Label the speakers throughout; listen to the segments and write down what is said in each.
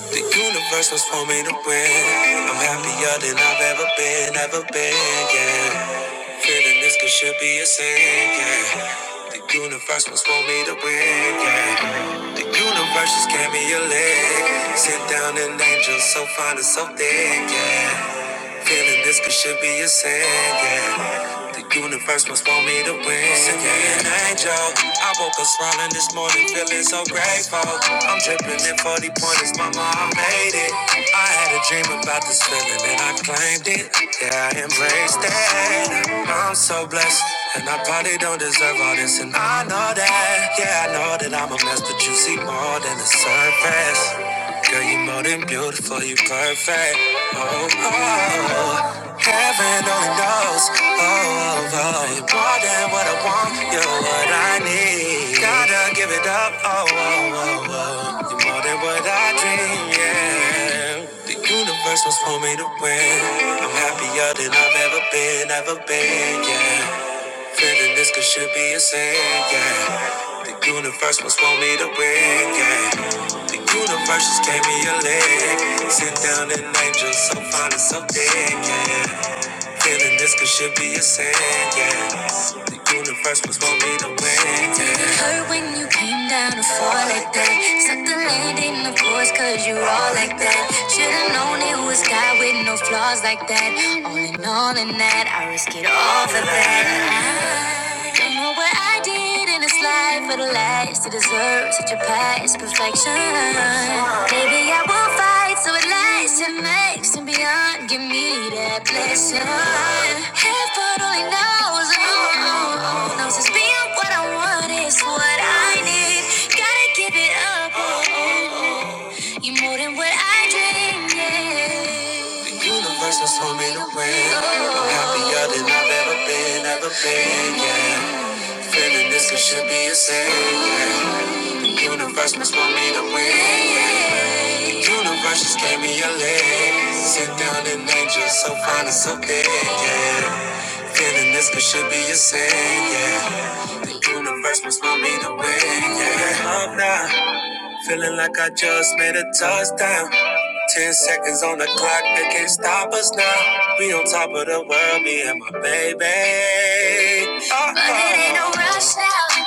Speaker 1: The universe was for me to win. I'm happier than I've ever been, ever been, yeah. Feeling this could should be a sin, yeah. The universe was for me to win, yeah. The universe just gave me a leg. Sit down an angel so fine and so thick, yeah. Feeling this could should be a sin, yeah. The universe must want me to win. Send me an angel. I woke up smiling this morning, feeling so grateful. I'm dripping in 40 pointers, mama, I made it. I had a dream about this feeling and I claimed it. Yeah, I embraced it. I'm so blessed. And I probably don't deserve all this, and I know that. Yeah, I know that I'm a mess, but you see more than the surface. Girl, you more than beautiful, you perfect. Oh, oh, oh. heaven only knows. Oh, oh, oh, you more than what I want, you're what I need. Gotta give it up. Oh, oh, oh, oh, you're more than what I dream. Yeah, the universe was for me to win. I'm happier than I've ever been, ever been. Yeah. Feeling this could should be a sin, yeah. The universe must want me to win, yeah. The universe just gave me a leg. Sit down an angel, so fine and so big, yeah. Feeling this could should be a sin, yeah. The universe must want me to win, yeah. It hurt when you came down to fall like that. Suck the land in the voice, cause you all like that. Should've known it was God with no flaws like that. All in all, in that, I risk it all for that. I don't know what I did in this life for the last to deserve such a past perfection. Maybe I will fight so it lasts and makes and beyond. Give me that blessing. Heaven only knows, oh, oh, oh, oh. knows it's being what I want is what I need. Gotta give it up, oh, oh. you more than what I dreamed. Yeah. The universe has told me to win. I'm happier than I've ever been, ever been, yeah. Feeling this could should be a sin. Universe must want me to win. Universe just gave me a leg. Sit down and angel, so fine and so big, yeah. Feeling this could should be a sin, yeah. Universe must want me to win, yeah. Up now. Feeling like I just made a touchdown. Ten seconds on the clock, they can't stop us now. We on top of the world, me and my baby. Uh-oh. But it ain't no rush now.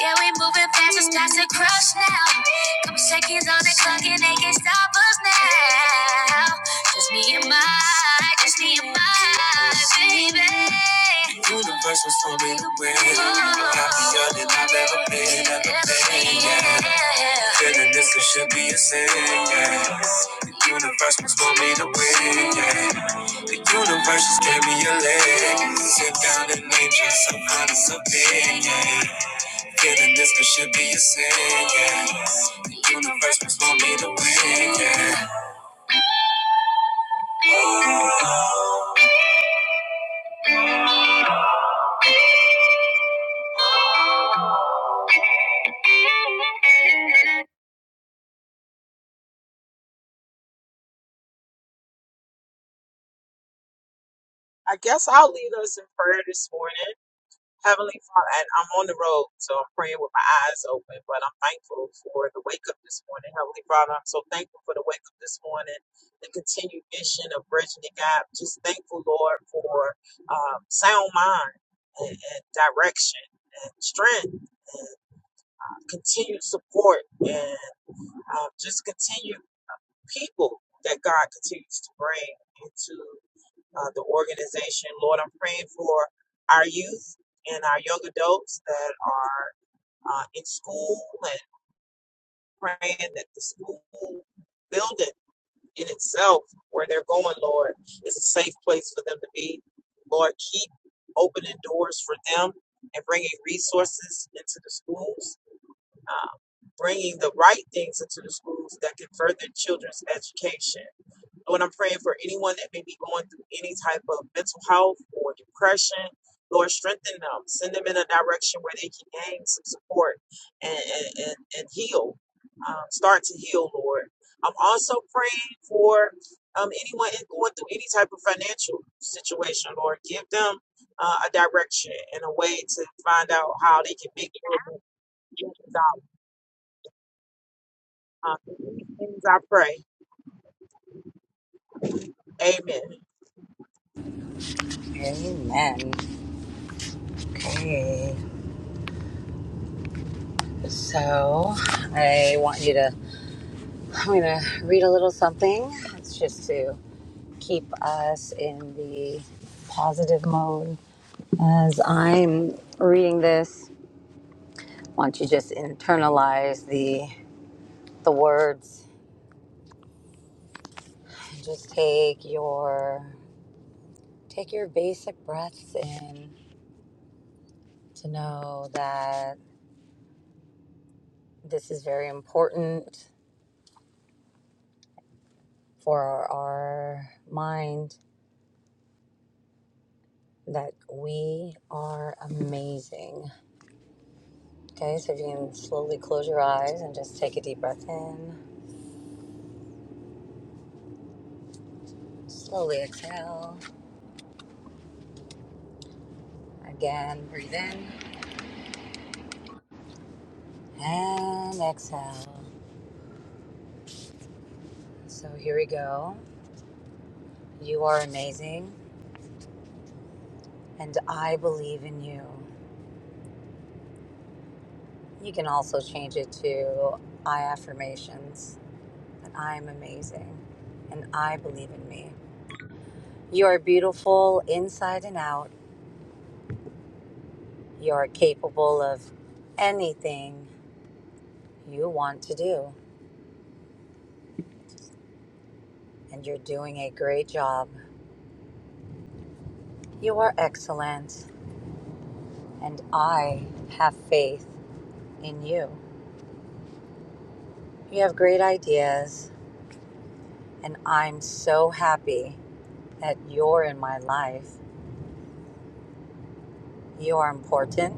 Speaker 1: Yeah, we moving fast, it's time to crush now. Couple seconds on the clock and they can't stop us now. Just me and my I just need my baby. The universe was for me to win. I'm happier than I've ever been, ever been. Yeah. Feeling this it should be a sin. Yeah. The universe was for me to win. Yeah. The universe just gave me a leg. Sit down and name just some honest opinion. Yeah. Feeling this could should be a sin, yeah. The universe was want me to win, yeah.
Speaker 2: I guess I'll lead us in prayer this morning. Heavenly Father, and I'm on the road, so I'm praying with my eyes open, but I'm thankful for the wake up this morning. Heavenly Father, I'm so thankful for the wake up this morning, the continued mission of bridging the gap. Just thankful, Lord, for um, sound mind and, and direction and strength and continued support and uh, just continued people that God continues to bring into uh, the organization. Lord, I'm praying for our youth and our young adults that are uh, in school and praying that the school building in itself, where they're going, Lord, is a safe place for them to be. Lord, keep opening doors for them and bringing resources into the schools, uh, bringing the right things into the schools that can further children's education Lord, I'm praying for anyone that may be going through any type of mental health or depression. Lord, strengthen them. Send them in a direction where they can gain some support and, and, and, and heal. Um, start to heal, Lord. I'm also praying for um, anyone going through any type of financial situation, Lord. Give them uh, a direction and a way to find out how they can make it. Um, these things I pray. Amen.
Speaker 3: Amen. Okay. So I want you to, I'm going to read a little something. It's just to keep us in the positive mode. As I'm reading this, I want you to just internalize the, the words. Just take your, take your basic breaths in to know that this is very important for our mind that we are amazing. Okay, so if you can slowly close your eyes and just take a deep breath in, slowly exhale. Again, breathe in and exhale. So here we go. You are amazing, and I believe in you. You can also change it to I affirmations that I am amazing and I believe in me. You are beautiful inside and out. You are capable of anything you want to do, and you're doing a great job. You are excellent, and I have faith in you. You have great ideas, and I'm so happy that you're in my life. You are important,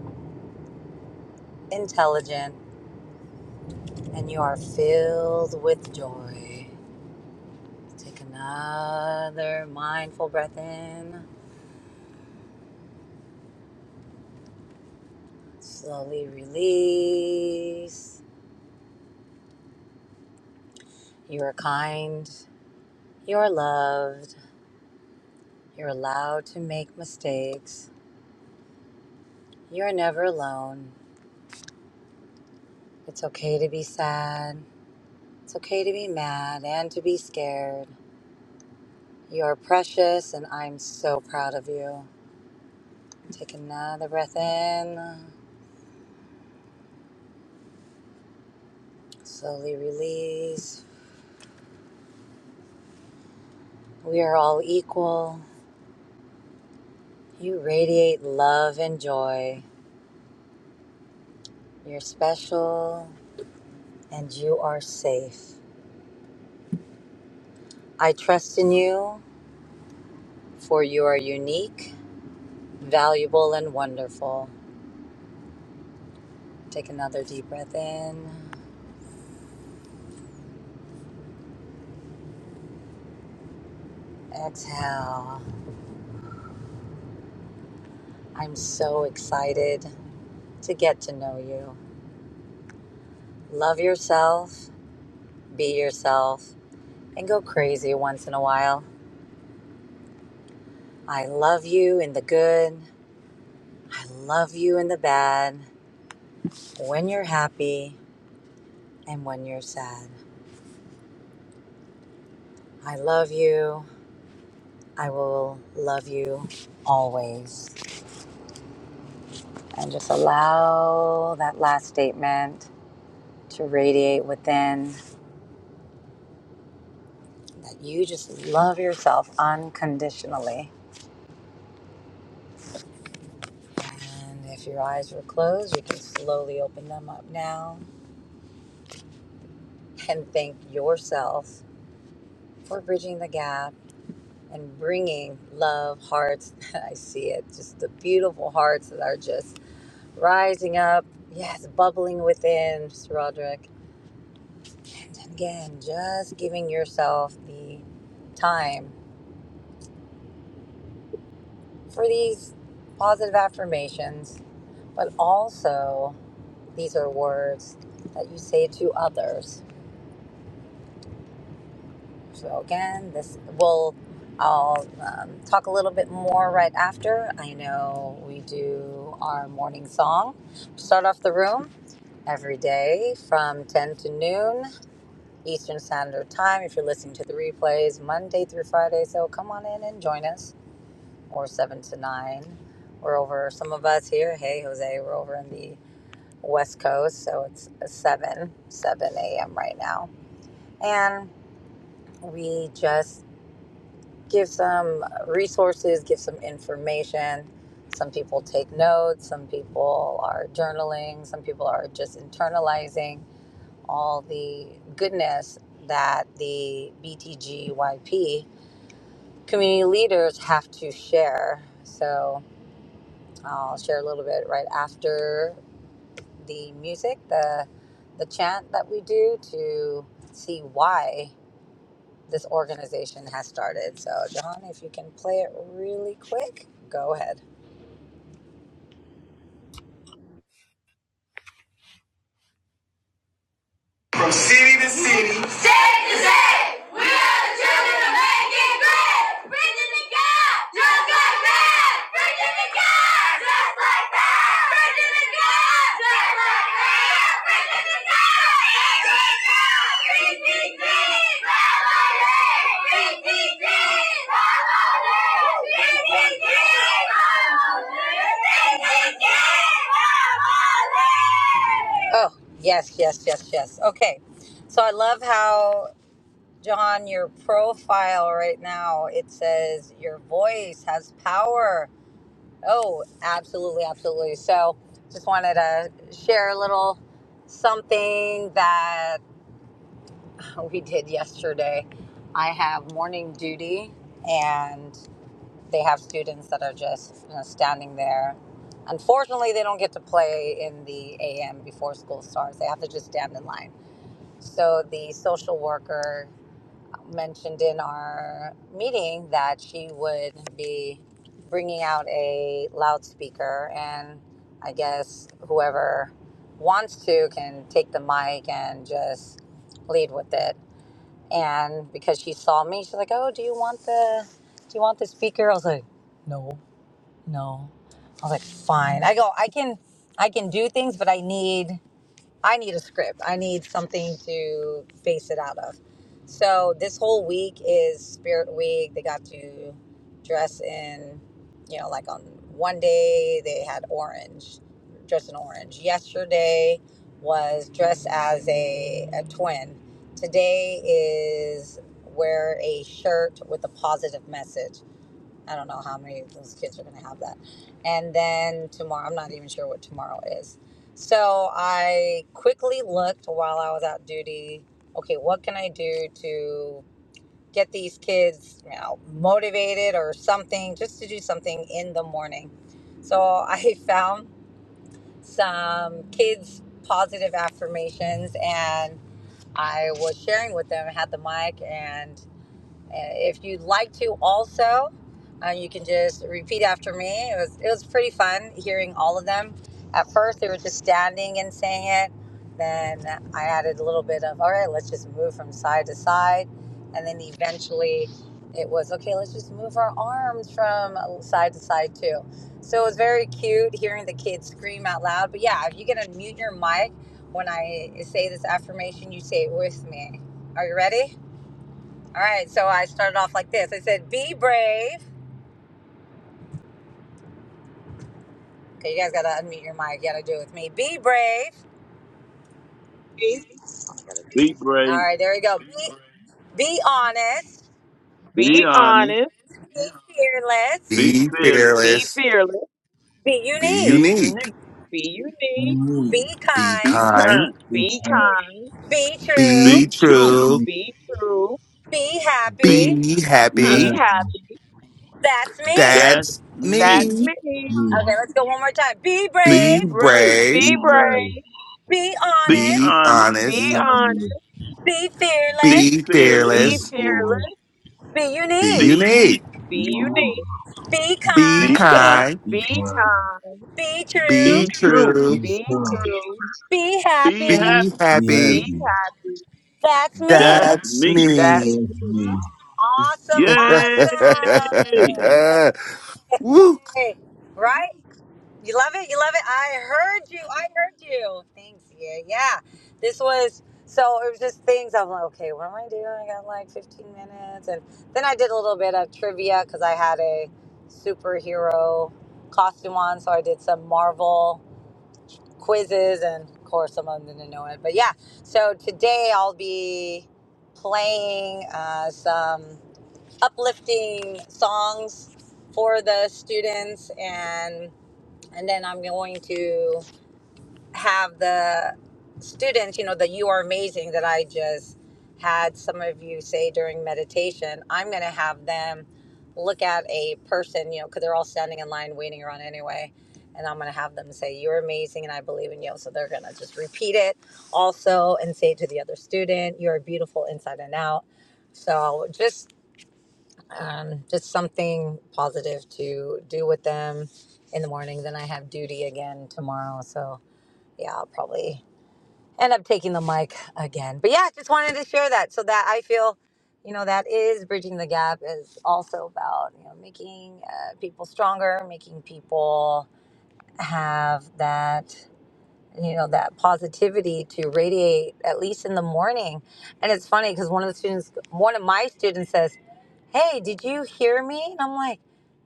Speaker 3: intelligent, and you are filled with joy. Take another mindful breath in, slowly release. You are kind, you are loved. You're allowed to make mistakes. You're never alone. It's okay to be sad. It's okay to be mad and to be scared. You're precious, and I'm so proud of you. Take another breath in, slowly release. We are all equal. You radiate love and joy. You're special, and you are safe. I trust in you, for you are unique, valuable, and wonderful. Take another deep breath in. Exhale. I'm so excited to get to know you. Love yourself, be yourself, and go crazy once in a while. I love you in the good. I love you in the bad. When you're happy and when you're sad. I love you. I will love you always. And just allow that last statement to radiate within that you just love yourself unconditionally. And if your eyes were closed, you can slowly open them up now and thank yourself for bridging the gap and bringing love, hearts. I see it, just the beautiful hearts that are just rising up. Yes, bubbling within, Mr. Roderick. And again, just giving yourself the time for these positive affirmations, but also These are words that you say to others. So, again, this will, I'll um, talk a little bit more right after. I know we do our morning song. Start off the room every day from 10 to noon Eastern Standard Time. If you're listening to the replays, Monday through Friday. So, come on in and join us, or 7 to 9. We're over, some of us here, hey, Jose, we're over in the West Coast, so it's 7, 7 a.m. right now and we just give some resources, give some information. Some people take notes, some people are journaling, some people are just internalizing all the goodness that the BTGYP community leaders have to share. So I'll share a little bit right after the music, the the chant that we do to see why this organization has started. So, John, if you can play it really quick, go ahead.
Speaker 1: we are the children of making great. Virginia God, just like that. Virginia God, just like that. Virginia God, just like that. Virginia God, PTG, family. PTG, family. PTG, family.
Speaker 3: Oh,
Speaker 1: PTG,
Speaker 3: yes, yes, yes, yes. Okay. So, I love how, John, your profile right now it says your voice has power. Oh, absolutely, absolutely. So, just wanted to share a little something that we did yesterday. I have morning duty and. they have students that are just you know, standing there. Unfortunately, they don't get to play in the AM before school starts. They have to just stand in line. So the social worker mentioned in our meeting that she would be bringing out a loudspeaker, and I guess whoever wants to can take the mic and just lead with it. And because she saw me, she's like, "Oh, do you want the do you want the speaker?" I was like, "No." no. I was like, fine. I go, I can, I can do things, but I need, I need a script. I need something to base it out of. So this whole week is Spirit Week. They got to dress in, you know, like on one day they had orange, dress in orange. Yesterday was dress as a, a twin. Today is wear a shirt with a positive message I don't know how many of those kids are going to have that. And then tomorrow, I'm not even sure what tomorrow is. So I quickly looked while I was out duty. Okay, what can I do to get these kids, you know, motivated or something, just to do something in the morning? So I found some kids' positive affirmations, and I was sharing with them. had the mic and uh, If you'd like to, also, uh, you can just repeat after me. It was it was pretty fun hearing all of them. At first, they were just standing and saying it. Then I added a little bit of all right, let's just move from side to side, and then eventually it was okay. Let's just move our arms from side to side too. So it was very cute hearing the kids scream out loud. But yeah, if you can unmute your mic when I say this affirmation, you say it with me. Are you ready? All right, so I started off like this. I said, "Be brave." Okay, you guys gotta unmute your mic. You gotta do it with me. Be brave.
Speaker 4: Be
Speaker 3: All
Speaker 4: brave.
Speaker 3: right, there we go. Be, be honest.
Speaker 4: Be
Speaker 2: Be
Speaker 4: honest.
Speaker 2: honest.
Speaker 3: Be fearless.
Speaker 4: Be
Speaker 5: Be
Speaker 4: fearless.
Speaker 2: Be
Speaker 5: fearless.
Speaker 2: fearless,
Speaker 3: Be
Speaker 5: Be
Speaker 4: Be
Speaker 3: unique.
Speaker 5: unique.
Speaker 4: unique.
Speaker 2: be unique,
Speaker 1: family. Mm,
Speaker 3: Be
Speaker 5: Be
Speaker 4: Be
Speaker 3: kind.
Speaker 5: kind.
Speaker 4: kind.
Speaker 1: we
Speaker 2: be
Speaker 1: promise.
Speaker 2: kind,
Speaker 3: Be true.
Speaker 5: Be
Speaker 4: Be true.
Speaker 5: true.
Speaker 1: We,
Speaker 2: be true,
Speaker 3: Be happy.
Speaker 4: Be
Speaker 5: Be
Speaker 2: be
Speaker 1: yeah.
Speaker 5: happy.
Speaker 4: happy.
Speaker 2: happy.
Speaker 3: That's me.
Speaker 4: That's
Speaker 5: That's
Speaker 2: That's
Speaker 4: me.
Speaker 5: me.
Speaker 2: me.
Speaker 1: You
Speaker 3: Okay, let's go one more time. Be
Speaker 4: Be
Speaker 5: Be
Speaker 3: brave.
Speaker 4: brave.
Speaker 2: Be
Speaker 5: brave.
Speaker 1: be brave,
Speaker 2: brave,
Speaker 3: Be
Speaker 4: Be
Speaker 5: Be
Speaker 3: honest.
Speaker 4: honest.
Speaker 2: be
Speaker 1: be
Speaker 5: honest.
Speaker 2: honest,
Speaker 1: hungry,
Speaker 3: Be
Speaker 4: Be
Speaker 5: Be
Speaker 3: fearless.
Speaker 4: fearless.
Speaker 2: be
Speaker 1: be
Speaker 5: fearless.
Speaker 1: foolish,
Speaker 2: fearless,
Speaker 3: Be
Speaker 5: Be
Speaker 4: Be
Speaker 3: unique.
Speaker 4: unique.
Speaker 5: unique.
Speaker 1: be
Speaker 2: be
Speaker 1: new,
Speaker 2: unique,
Speaker 3: Be
Speaker 5: Be
Speaker 4: Be
Speaker 3: kind.
Speaker 4: kind.
Speaker 5: kind.
Speaker 2: be
Speaker 1: be kind,
Speaker 2: kind,
Speaker 3: Be true.
Speaker 5: Be
Speaker 4: Be true.
Speaker 5: true.
Speaker 1: be
Speaker 2: be
Speaker 1: strong,
Speaker 2: true,
Speaker 3: Be
Speaker 4: Be
Speaker 3: happy.
Speaker 4: happy.
Speaker 5: Be
Speaker 1: be
Speaker 2: be
Speaker 1: happy.
Speaker 5: happy.
Speaker 1: And
Speaker 2: happy.
Speaker 3: That's
Speaker 4: That's
Speaker 3: me.
Speaker 5: That's
Speaker 4: me.
Speaker 2: That's
Speaker 5: me.
Speaker 1: that's
Speaker 2: me.
Speaker 1: me.
Speaker 3: Awesome,
Speaker 4: Yay!
Speaker 3: awesome.
Speaker 5: Woo!
Speaker 3: Hey, right? You love it? You love it? I heard you. I heard you. Thanks. Yeah, yeah. This was so it was just things I'm like, okay, what am I doing? I got like 15 minutes. And then I did a little bit of trivia because I had a superhero costume on. So I did some Marvel quizzes and of course someone didn't know it. But yeah, so today I'll be playing uh, some uplifting songs for the students and and then I'm going to have the students, you know, the you are amazing that I just had some of you say during meditation. I'm going to have them look at a person, you know, cuz they're all standing in line waiting around anyway. And I'm going to have them say, You're amazing and I believe in you. So they're going to just repeat it also and say it to the other student, You're beautiful inside and out. So just um, just something positive to do with them in the morning. Then I have duty again tomorrow. So, yeah, I'll probably end up taking the mic again. But yeah, just wanted to share that so that I feel, you know, that is bridging the gap is also about, you know, making uh, people stronger, making people have that you know that positivity to radiate at least in the morning and it's funny because one of the students one of my students says hey did you hear me and i'm like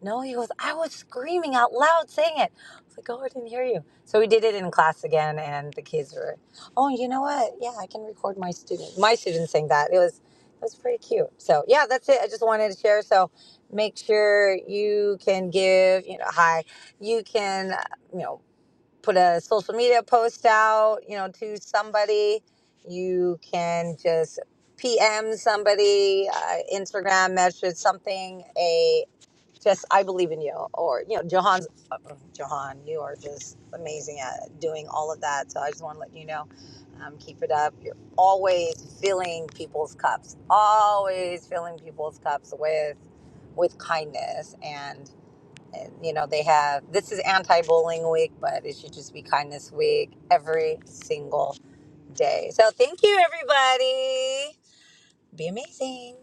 Speaker 3: no he goes i was screaming out loud saying it i was like oh i didn't hear you so we did it in class again and the kids were oh you know what yeah i can record my student my student saying that it was it was pretty cute so yeah that's it i just wanted to share so make sure you can give you know hi you can uh, you know put a social media post out, you know, to somebody. You can just PM somebody, uh, Instagram message something. A just I believe in you, or you know, Johan's uh, Johan, you are just amazing at doing all of that. So I just want to let you know. Um, keep it up. You're always filling people's cups. Always filling people's cups with with kindness and and, you know, they have this is anti bullying week, but it should just be kindness week every single day. So thank you, everybody. Be amazing.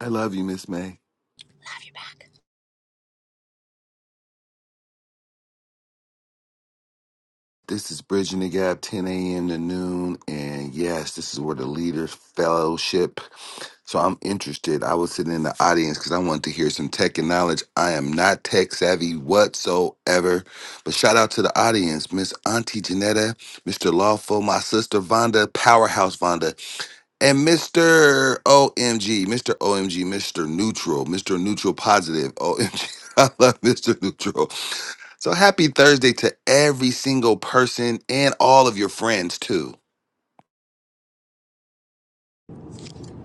Speaker 5: I love you, Miss May.
Speaker 3: Have your back.
Speaker 5: This is Bridging the Gap, 10 a.m. to noon. And yes, this is where the leaders fellowship. So I'm interested. I was sitting in the audience because I wanted to hear some tech and knowledge. I am not tech savvy whatsoever. But shout out to the audience, Miss Auntie Janetta, Mr. Lawful, my sister Vonda, Powerhouse Vonda, and Mr. OMG, Mr. OMG, Mr. Neutral, Mr. Neutral Positive, O M G, I love Mr. Neutral. So happy Thursday to every single person and all of your friends too.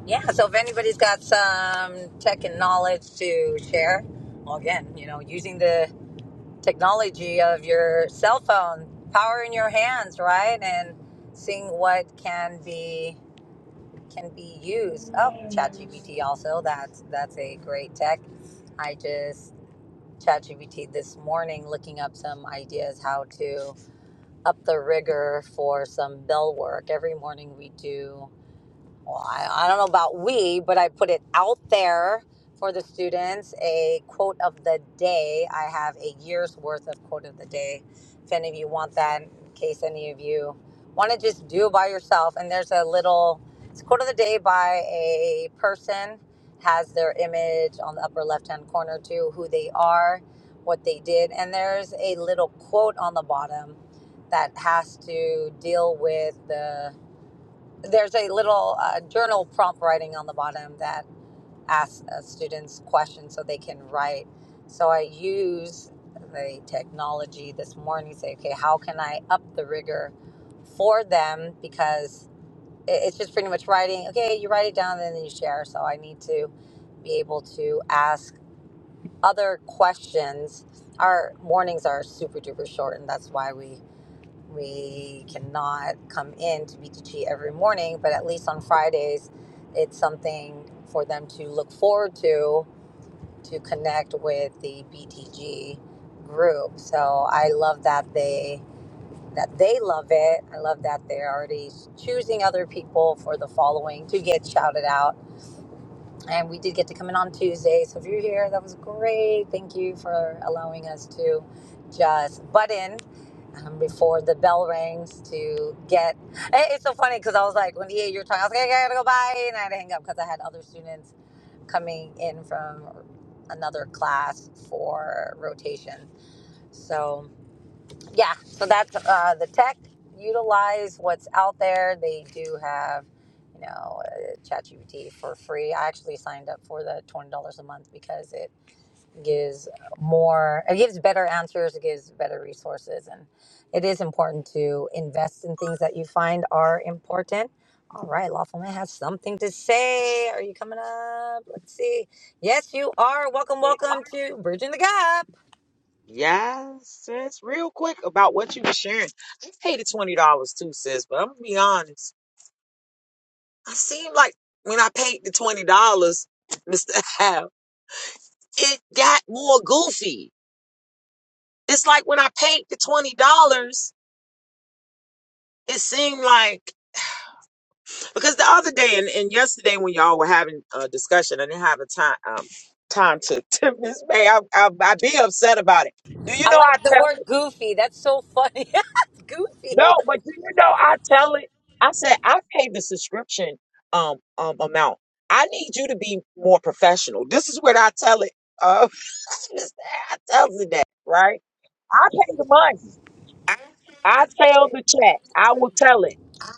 Speaker 3: Yeah. So if anybody's got some tech and knowledge to share, well, again, you know, using the technology of your cell phone, power in your hands, right? And seeing what can be can be used. Oh, ChatGPT also. That's that's a great tech. I just ChatGPT this morning looking up some ideas how to up the rigor for some bell work. Every morning we do well, I, I don't know about we, but I put it out there for the students a quote of the day. I have a year's worth of quote of the day. If any of you want that, in case any of you want to just do it by yourself, and there's a little it's quote of the day by a person has their image on the upper left hand corner too, who they are, what they did, and there's a little quote on the bottom that has to deal with the there's a little uh, journal prompt writing on the bottom that asks uh, students questions so they can write. So I use the technology this morning to say, okay, how can I up the rigor for them? Because it- it's just pretty much writing, okay, you write it down and then you share. So I need to be able to ask other questions. Our mornings are super duper short, and that's why we we cannot come in to BTG every morning, but at least on Fridays, it's something for them to look forward to to connect with the BTG group. So I love that they that they love it. I love that they're already choosing other people for the following to get shouted out and we did get to come in on Tuesday. So if you're here, that was great. Thank you for allowing us to just butt in um, before the bell rings to get. It- It's so funny because I was like, when yeah, you're talking, I was like, I gotta go bye, and I had to hang up because I had other students coming in from another class for rotation. So yeah so that's uh, the tech utilize what's out there they do have you know uh, ChatGPT for free i actually signed up for the $20 a month because it gives more it gives better answers it gives better resources and it is important to invest in things that you find are important all right lawful man has something to say are you coming up let's see yes you are welcome welcome to bridging the gap
Speaker 2: Yes, sis. Real quick about what you were sharing. I paid the twenty dollars too, sis. But I'm gonna be honest. I seem like when I paid the twenty dollars, Mister Hal, it got more goofy. It's like when I paid the twenty dollars, it seemed like because the other day and, and yesterday when y'all were having a discussion, I didn't have a time um time to to Miss May. I, I I'd be upset about it. Do you
Speaker 3: I
Speaker 2: know I
Speaker 3: like the
Speaker 2: tell
Speaker 3: word
Speaker 2: it?
Speaker 3: goofy. That's so funny.
Speaker 2: No,
Speaker 3: goofy.
Speaker 2: but do you know I tell it? I said I paid the subscription um um amount. I need you to be more professional. This is what I tell it. Uh, I tell it that right. I paid the money. I tell the chat. I will tell it.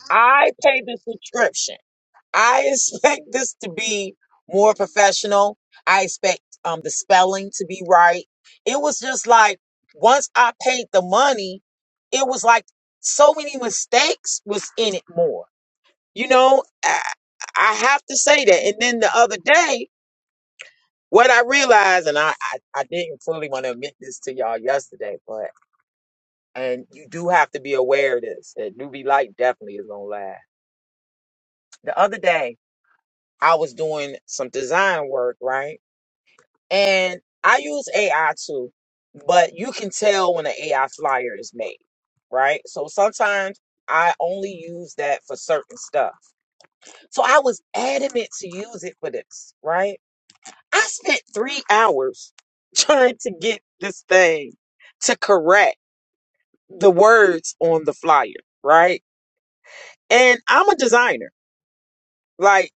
Speaker 2: I pay the subscription. I expect this to be more professional. I expect um the spelling to be right. It was just like once I paid the money, it was like so many mistakes was in it more. You know, I, I have to say that. And then the other day, what I realized, and I, I, I didn't fully want to admit this to y'all yesterday, but. And you do have to be aware of this. That UV light definitely is gonna last. The other day, I was doing some design work, right? And I use AI too, but you can tell when an AI flyer is made, right? So sometimes I only use that for certain stuff. So I was adamant to use it for this, right? I spent three hours trying to get this thing to correct the words on the flyer, right? And I'm a designer, like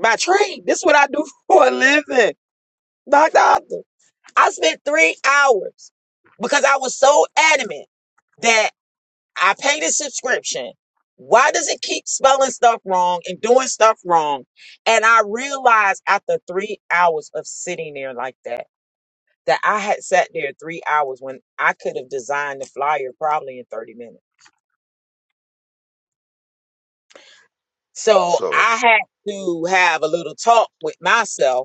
Speaker 2: by trade. This is what I do for a living. Dr. Octa. I spent three hours because I was so adamant that I paid a subscription. Why does it keep spelling stuff wrong and doing stuff wrong? And I realized after three hours of sitting there like that, that I had sat there three hours when I could have designed the flyer probably in 30 minutes. So
Speaker 6: So,
Speaker 2: I had to have a little talk with myself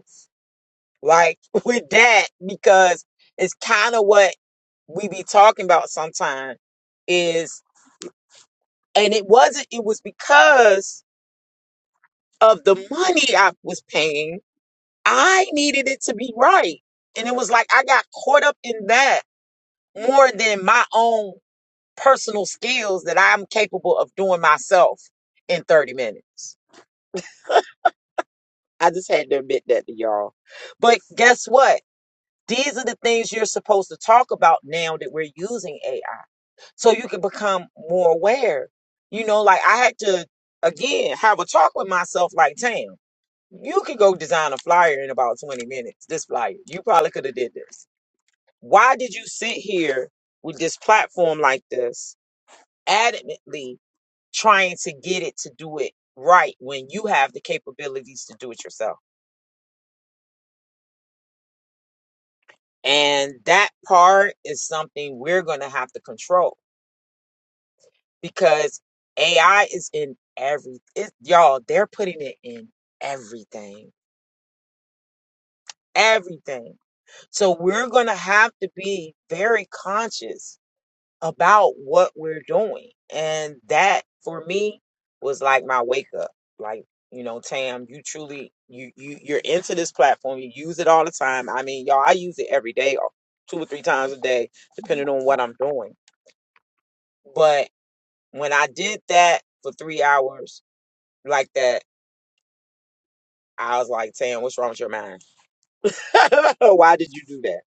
Speaker 2: like with that because it's kind of what we be talking about sometimes is and it wasn't it was because of the money I was paying I needed it to be right and it was like I got caught up in that more than my own personal skills that I'm capable of doing myself in 30 minutes I just had to admit that to y'all but guess what these are the things you're supposed to talk about now that we're using AI so you can become more aware. You know, like I had to again have a talk with myself. Like, Tam, you could go design a flyer in about twenty minutes. This flyer, you probably could have did this. Why did you sit here with this platform like this, adamantly trying to get it to do it right when you have the capabilities to do it yourself? And that part is something we're going to have to control because AI is in every it, y'all. They're putting it in everything, everything. So we're gonna have to be very conscious about what we're doing, and that for me was like my wake up. Like you know, Tam, you truly you you you're into this platform. You use it all the time. I mean, y'all, I use it every day, or two or three times a day, depending on what I'm doing. But when I did that for three hours like that I was like, Tam, what's wrong with your mind? Why did you do that?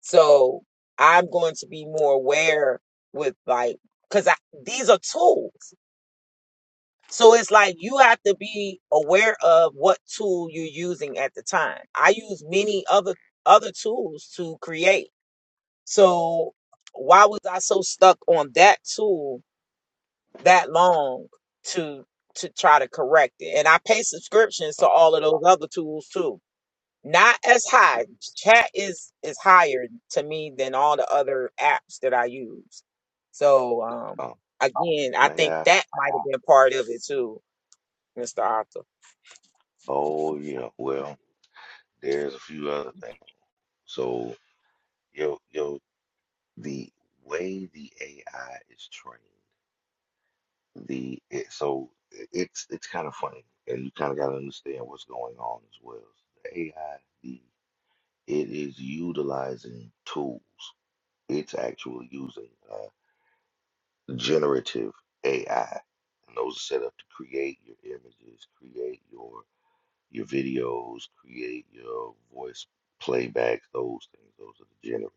Speaker 2: So I'm going to be more aware with like, because these are tools. So it's like you have to be aware of what tool you're using at the time. I use many other other tools to create. So why was I so stuck on that tool that long to to try to correct it? And I pay subscriptions
Speaker 6: uh,
Speaker 2: to all of those other tools too. Not as high. Chat is is higher to me than all the other apps that I use. So um
Speaker 6: uh,
Speaker 2: again, I
Speaker 6: may
Speaker 2: think
Speaker 6: I?
Speaker 2: that might have been part of it too, Mr. Arthur.
Speaker 6: Oh, yeah. Well, there's a few other things. So, yo, yo, the way the AI is trained, the it, so it's it's kind of funny, and you kind of got to understand what's going on as well. So, The AI, the it is utilizing tools. It's actually using uh, generative AI, and those are set up to create your images, create your your videos, create your voice playbacks, those things. Those are the generatives.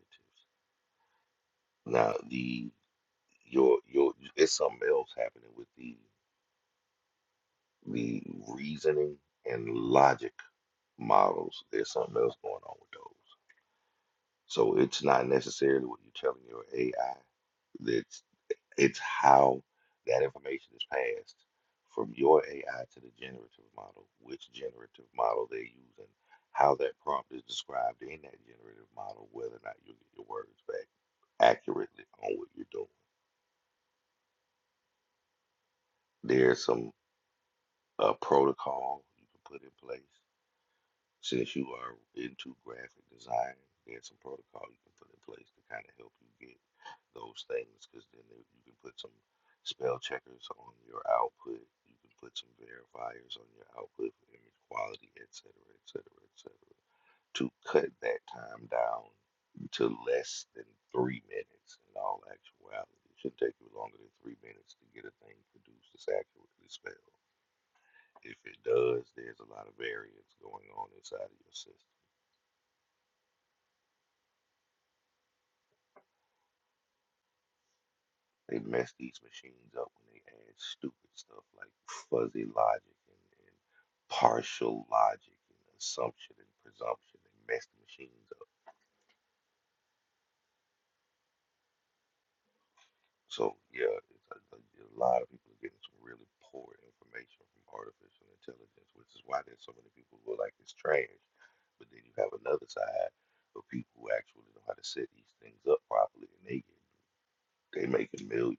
Speaker 6: Now the your your it's something else happening with the the reasoning and logic models. There's something else going on with those. So it's not necessarily what you're telling your AI. that's. It's how that information is passed from your AI to the generative model, which generative model they're using, how that prompt is described in that generative model, whether or not you get your words back accurately on what you're doing. There's some uh, protocol you can put in place Since you are into graphic design, there's some protocol you can put in place to kind of help you get those things because then there- you can put some spell checkers on your output. You can put some verifiers on your output for image quality, et cetera, et cetera, et cetera, to cut that time down to less than three minutes in all actuality. It shouldn't take you longer than three minutes to get a thing produced that's accurately spelled. If it does, there's a lot of variance going on inside of your system. They mess these machines up when they add stupid stuff like fuzzy logic and, and partial logic and assumption and presumption. They mess the machines up. So yeah, it's a, a lot of people are getting some really poor information from artificial intelligence, which is why there's so many people who are like it's trash. But then you have another side of people who actually know how to set these things up properly, and they get they making millions.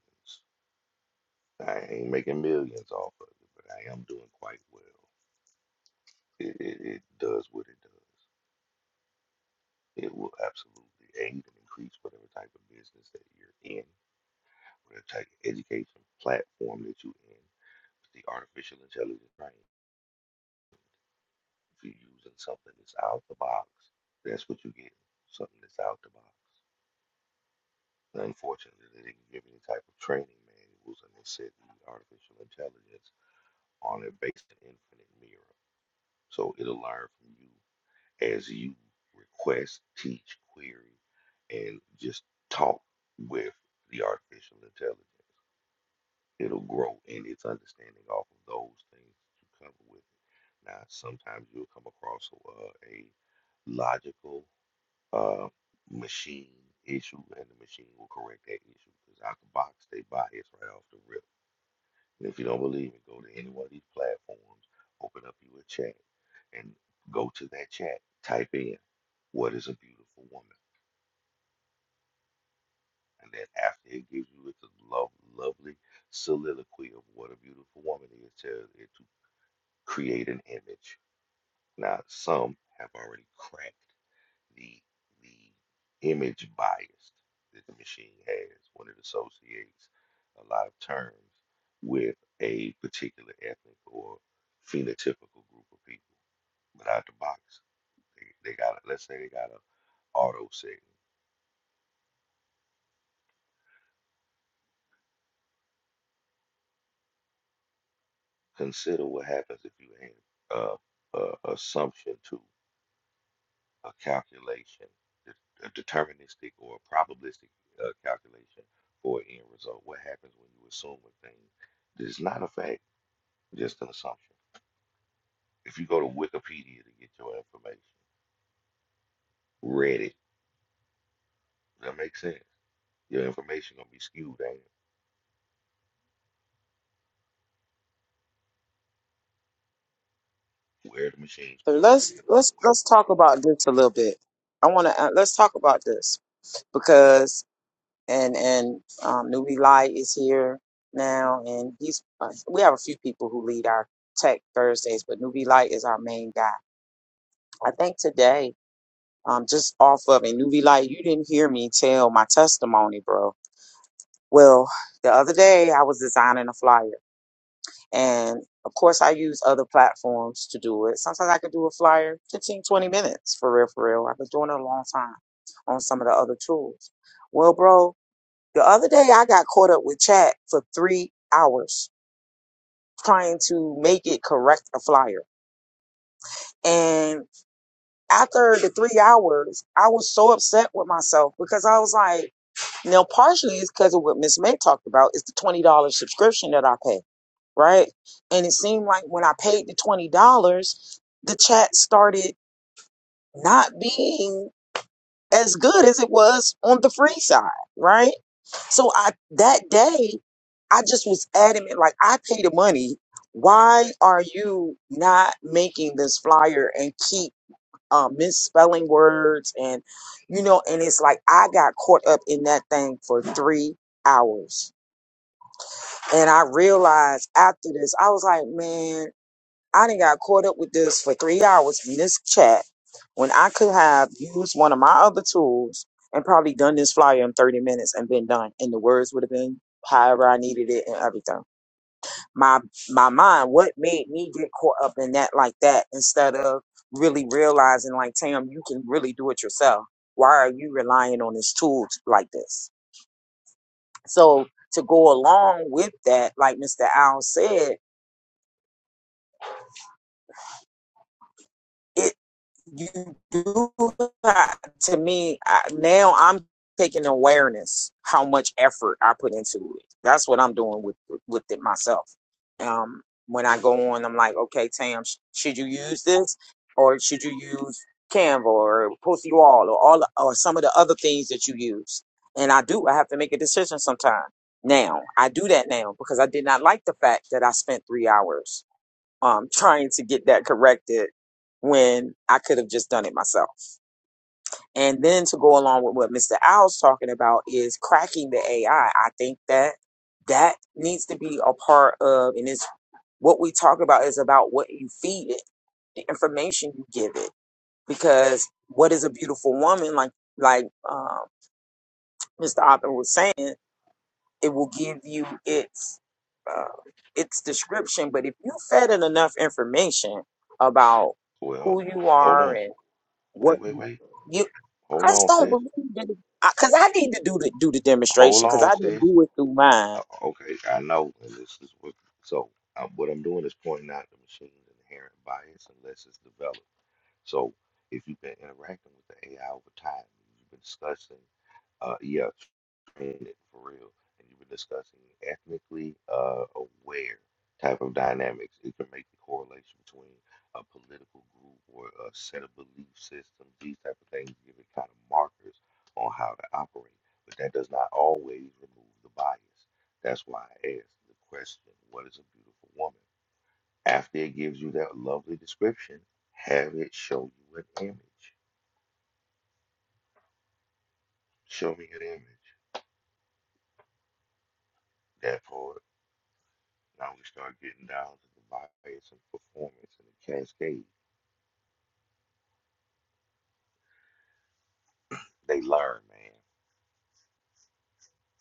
Speaker 6: I ain't making millions off of it, but I am doing quite well. It, it, it does what it does. It will absolutely aid and increase whatever type of business that you're in, whatever type of education platform that you're in. It's the artificial intelligence, right? If you're using something that's out the box, that's what you get. Something that's out the box. Unfortunately, they didn't give any type of training manuals, and they said the artificial intelligence on it based an infinite mirror. So it'll learn from you as you request, teach, query, and just talk with the artificial intelligence. It'll grow in its understanding off of those things that you cover with it. Now, sometimes you'll come across uh, a logical uh, machine issue, and the machine will correct that issue because out the box they bias right off the rip. And if you don't believe me, go to any one of these platforms, open up you a chat, and go to that chat, type in what is a beautiful woman? And then after it gives you the love, lovely soliloquy of what a beautiful woman is to, is to create an image. Now, some have already cracked the the image bias that the machine has when it associates a lot of terms with a particular ethnic or phenotypical group of people. But out the box, they, they got let's say they got a auto setting. Consider what happens if you add uh, uh, assumption to a calculation, a deterministic or a probabilistic uh, calculation for an end result. What happens when you assume a thing that is not a fact, just an assumption? If you go to Wikipedia to get your information, Reddit, does that makes sense? Your information gonna be skewed, ain't it? Where the machine's
Speaker 2: So
Speaker 6: pulling
Speaker 2: let's
Speaker 6: it.
Speaker 2: let's let's talk about this a little bit. I want to uh, let's talk about this because and and um, Newbie Light is here now, and he's uh, we have a few people who lead our Tech Thursdays, but Newbie Light is our main guy. I think today um, just off of it. Newbie Light, you didn't hear me tell my testimony, bro. Well, the other day I was designing a flyer, and of course I use other platforms to do it. Sometimes I could do a flyer 15, 20 minutes for real, for real. I've been doing it a long time on some of the other tools. Well, bro, the other day I got caught up with chat for three hours trying to make it correct a flyer. And after the three hours, I was so upset with myself because I was like, Now, partially it's because of what Miss May talked about. It's the twenty dollars subscription that I pay, right? And it seemed like when I paid the twenty dollars, the chat started not being as good as it was on the free side, right? So I that day, I just was adamant, like I pay the money. Why are you not making this flyer and keep um, misspelling words and you know and it's like i got caught up in that thing for three hours and i realized after this i was like man i didn't got caught up with this for three hours in this chat when i could have used one of my other tools and probably done this flyer in 30 minutes and been done and the words would have been however i needed it and everything my my mind what made me get caught up in that like that instead of really realizing like tam you can really do it yourself why are you relying on this tool t- like this so to go along with that like mr Al said it. you do that to me I, now i'm taking awareness how much effort i put into it that's what i'm doing with with it myself um when i go on i'm like okay tam sh- should you use this or should you use canva or pussy wall or all or some of the other things that you use and i do i have to make a decision sometime now i do that now because i did not like the fact that i spent three hours um, trying to get that corrected when I could have just done it myself. And then to go along with what Mr. Owl's talking about is cracking the AI. I I think that that needs to be a part of, and it's what we talk about is about what you feed it, the information you give it. Because what is a beautiful woman, like like um, Mr. Oppen was saying, it will give you its uh, its description. But if you fed it enough information about
Speaker 6: Well,
Speaker 2: who you
Speaker 6: hold
Speaker 2: are
Speaker 6: on.
Speaker 2: and
Speaker 6: Wait,
Speaker 2: what
Speaker 6: wait, wait.
Speaker 2: you, I
Speaker 6: Hold
Speaker 2: just
Speaker 6: on,
Speaker 2: don't
Speaker 6: sis.
Speaker 2: believe that. Because I, 'cause I need to do the do the
Speaker 6: Hold
Speaker 2: demonstration because
Speaker 6: on,
Speaker 2: I didn't
Speaker 6: sis.
Speaker 2: do it through mine.
Speaker 6: o- okay, I know, and this is what, so uh, what I'm doing is pointing out the machine's inherent bias unless it's developed. So if you've been interacting with the AI over time, you've been discussing uh, yeah, training it for real. And you were discussing ethnically uh, aware type of dynamics. It can make the correlation between a political group or a set of belief systems. These type of things give it kind of markers on how to operate. But that does not always remove the bias. That's why I asked the question, what is a beautiful woman? After it gives you that lovely description, have it show you an image. Show me an image. That part. Now we start getting down to the bias and performance and the cascade. They learn, man.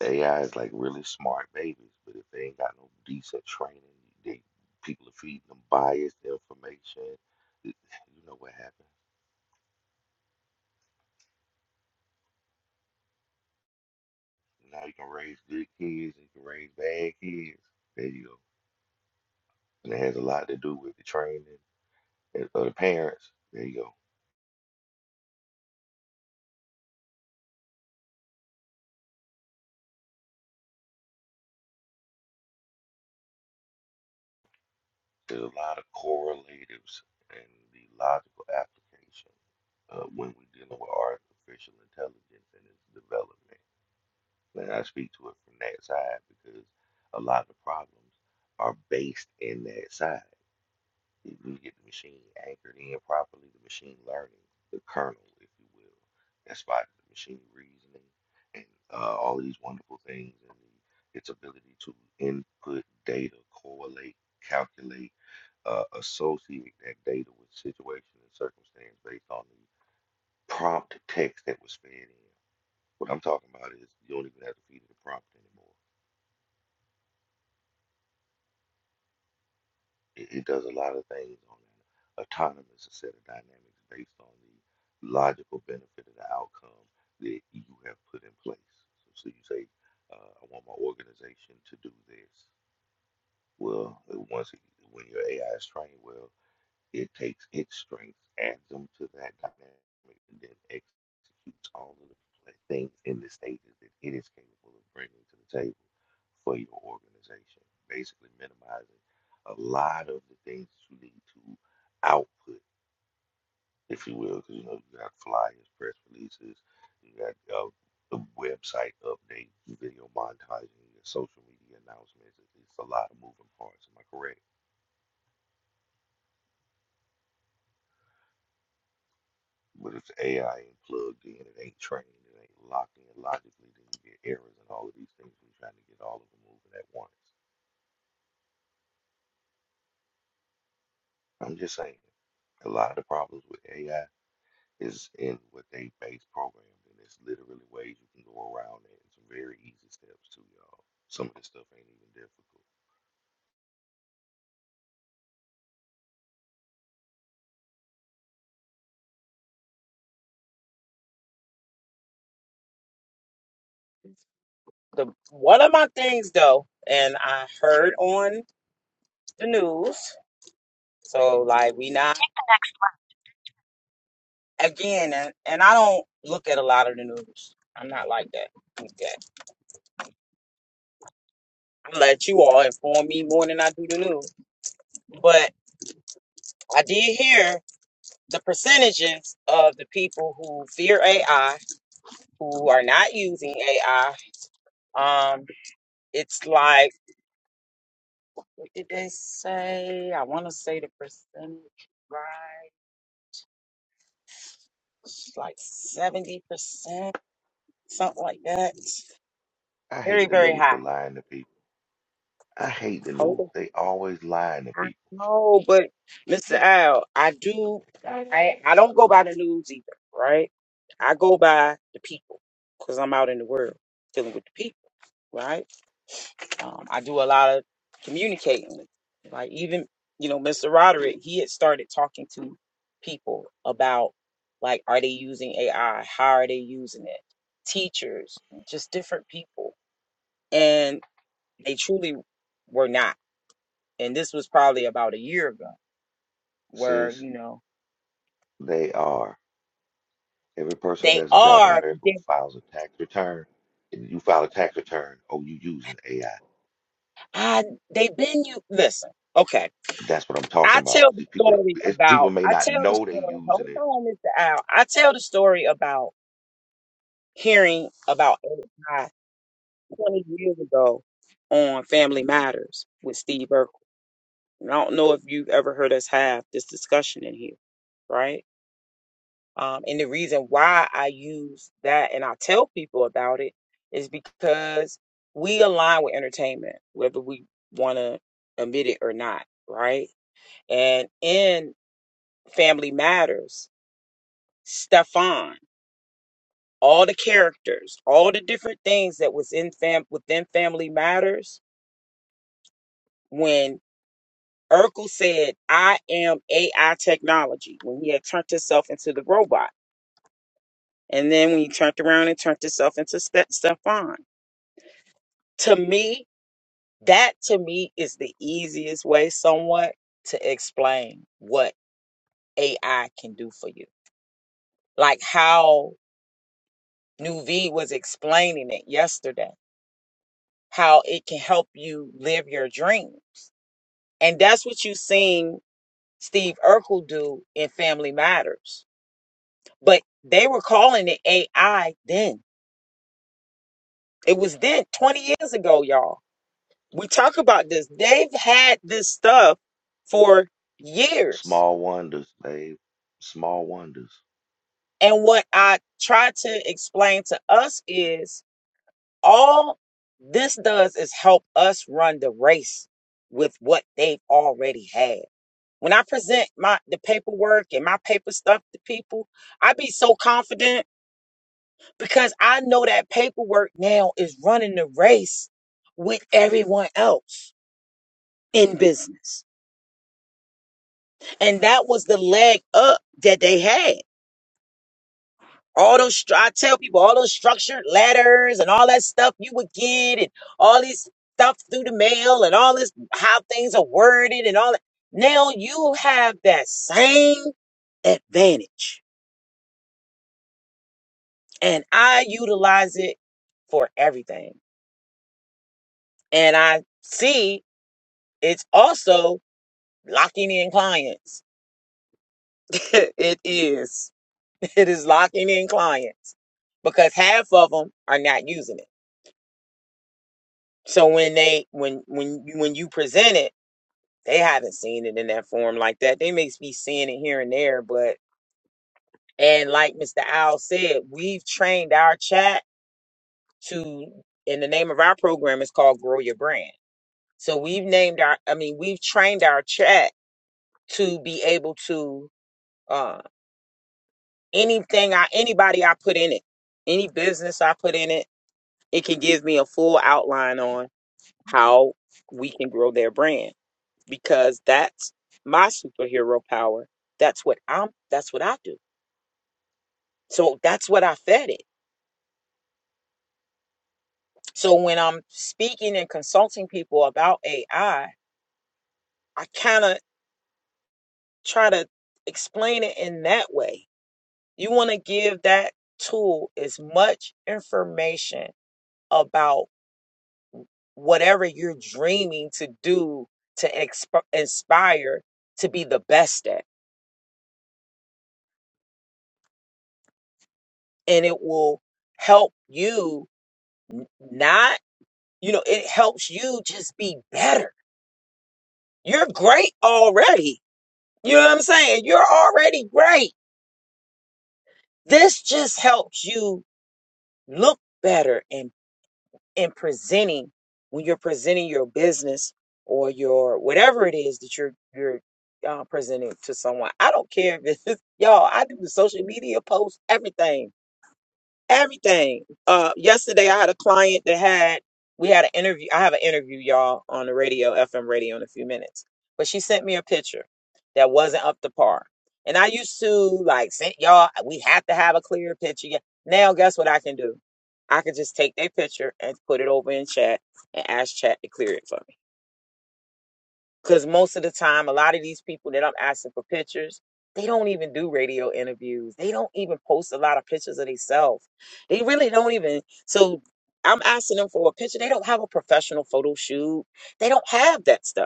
Speaker 6: The AI is like really smart babies, but if they ain't got no decent training, they people are feeding them biased information. It- You know what happened? Now you can raise good kids, and you can raise bad kids. There you go. And it has a lot to do with the training and- of the parents. There you go. There's a lot of correlatives and the logical application. uh, when we're dealing with artificial intelligence and its development. And I speak to it from that side because a lot of problems are based in that side. If you get the machine anchored in properly, the machine learning, the kernel, if you will. That's why the machine reasoning and uh, all these wonderful things and the, its ability to input data, correlate, calculate, uh, associate that data with situation and circumstance based on the prompt text that was fed in. What I'm talking about is you don't even have to feed it a prompt anymore. It, it does a lot of things on an autonomous set of dynamics based on the logical benefit of the outcome that you have put in place. So, so you say, uh, I want my organization to do this. Well, uh, once it, when your AI is trained well, It takes its strengths, adds them to that dynamic, and then executes all of the pla- things in the stages that it is capable of bringing to the table for your organization. Basically, minimizing a lot of the things that you need to output, if you will, because you know you got flyers, press releases, you got uh, the website updates, video montages, your social media announcements. It's it's a lot of moving parts. Am I correct? But if the AI ain't plugged in, it ain't trained, it ain't locked in logically, then you get errors and all of these things. We're trying to get all of them moving at once. I'm just saying, a lot of the problems with AI is in what they base programmed, and it's literally ways you can go around it. and some very easy steps too, y'all. Some of this stuff ain't even difficult.
Speaker 2: The one of my things though, and I heard on the news. So like we not again, and, and I don't look at a lot of the news. I'm not like that. Okay. I let you all inform me more than I do the news. but. I did hear the percentages of the people who fear AI, who are not using AI. Um, it's like, what did they say? I want to say the percentage right, it's like 70%, something like that.
Speaker 6: I hate
Speaker 2: Very,
Speaker 6: the
Speaker 2: very
Speaker 6: news for
Speaker 2: high.
Speaker 6: lying to people. I hate the
Speaker 2: Hold
Speaker 6: news.
Speaker 2: on.
Speaker 6: They always lying to
Speaker 2: I
Speaker 6: people.
Speaker 2: know, but Mr. Al, I do, I don't go by the news either, right? I go by the people because I'm out in the world dealing with the people, right? Um, I do a lot of communicating with, like even you know Mr. Roderick. He had started talking to people about like, are they using AI? How are they using it? Teachers, just different people, and they truly were not. And this was probably about a year ago, where
Speaker 6: Sis,
Speaker 2: you know
Speaker 6: they are. Every person who
Speaker 2: they
Speaker 6: has a job in
Speaker 2: are.
Speaker 6: America who
Speaker 2: They,
Speaker 6: files a tax return, and you file a tax return, oh, you using AI.
Speaker 2: I they've been you. Listen, okay.
Speaker 6: That's what I'm talking
Speaker 2: I
Speaker 6: about.
Speaker 2: tell the
Speaker 6: See, people,
Speaker 2: story
Speaker 6: it's, people
Speaker 2: about.
Speaker 6: may
Speaker 2: I
Speaker 6: not
Speaker 2: tell the
Speaker 6: know they
Speaker 2: story.
Speaker 6: using
Speaker 2: Hold
Speaker 6: it.
Speaker 2: on, Mr. Al. I tell the story about hearing about NHI 20 years ago on Family Matters with Steve Urkel. And I don't know if you've ever heard us have this discussion in here, right? Um, and the reason why I use that and I tell people about it is because we align with entertainment, whether we want to admit it or not, right? And in Family Matters, Stefan, all the characters, all the different things that was in fam within Family Matters when Urkel said, I am AI technology, when he had turned himself into the robot. And then when he turned around and turned himself into Ste- Stefan. To me, that to me is the easiest way somewhat to explain what AI can do for you. Like how New V was explaining it yesterday, how it can help you live your dreams. And that's what you seen Steve Urkel do in Family Matters But they were calling it AI then. It was then 20 years ago, y'all. We talk about this. They've had this stuff for years.
Speaker 6: Small wonders, babe. Small wonders.
Speaker 2: And what I try to explain to us is all this does is help us run the race with what they've already had. When I present my the paperwork and my paper stuff to people, I be so confident because I know that paperwork now is running the race with everyone else in business. And that was the leg up that they had. All those, stru- I tell people, all those structured letters and all that stuff you would get and all these stuff through the mail and all this, how things are worded and all that. Now you have that same advantage and I utilize it for everything. And I see it's also locking in clients. it is. It is locking in clients because half of them are not using it. So when they when when you when you present it, they haven't seen it in that form like that. They may be seeing it here and there, but and like Mr. Owl said, we've trained our chat to in the name of our program it's called Grow Your Brand. So we've named our I mean we've trained our chat to be able to um anything I anybody I put in it, any business I put in it, it can give me a full outline on how we can grow their brand because that's my superhero power. That's what I'm that's what I do. So that's what I fed it. So when I'm speaking and consulting people about AI, I I kind of try to explain it in that way. You want to give that tool as much information about. whatever you're dreaming to do to exp- inspire to be the best at and it will help you n- not you know it helps you just be better you're great already you know what i'm saying you're already great this just helps you look better and. in presenting when you're presenting your business or your whatever it is that you're you're uh, presenting to someone. I don't care if it's y'all. I do the social media posts, everything everything. Uh, yesterday I had a client that had we had an interview. I have an interview, y'all, on the radio, FM radio, in a few minutes. But she sent me a picture that wasn't up to par, and I used to like sent y'all. We have to have a clear picture. Yeah. Now, guess what I can do? I can just take their picture and put it over in chat and ask chat to clear it for me. Because most of the time, a lot of these people that I'm asking for pictures, they don't even do radio interviews. They don't even post a lot of pictures of themselves. They really don't even. So I'm asking them for a picture. They don't have a professional photo shoot. They don't have that stuff.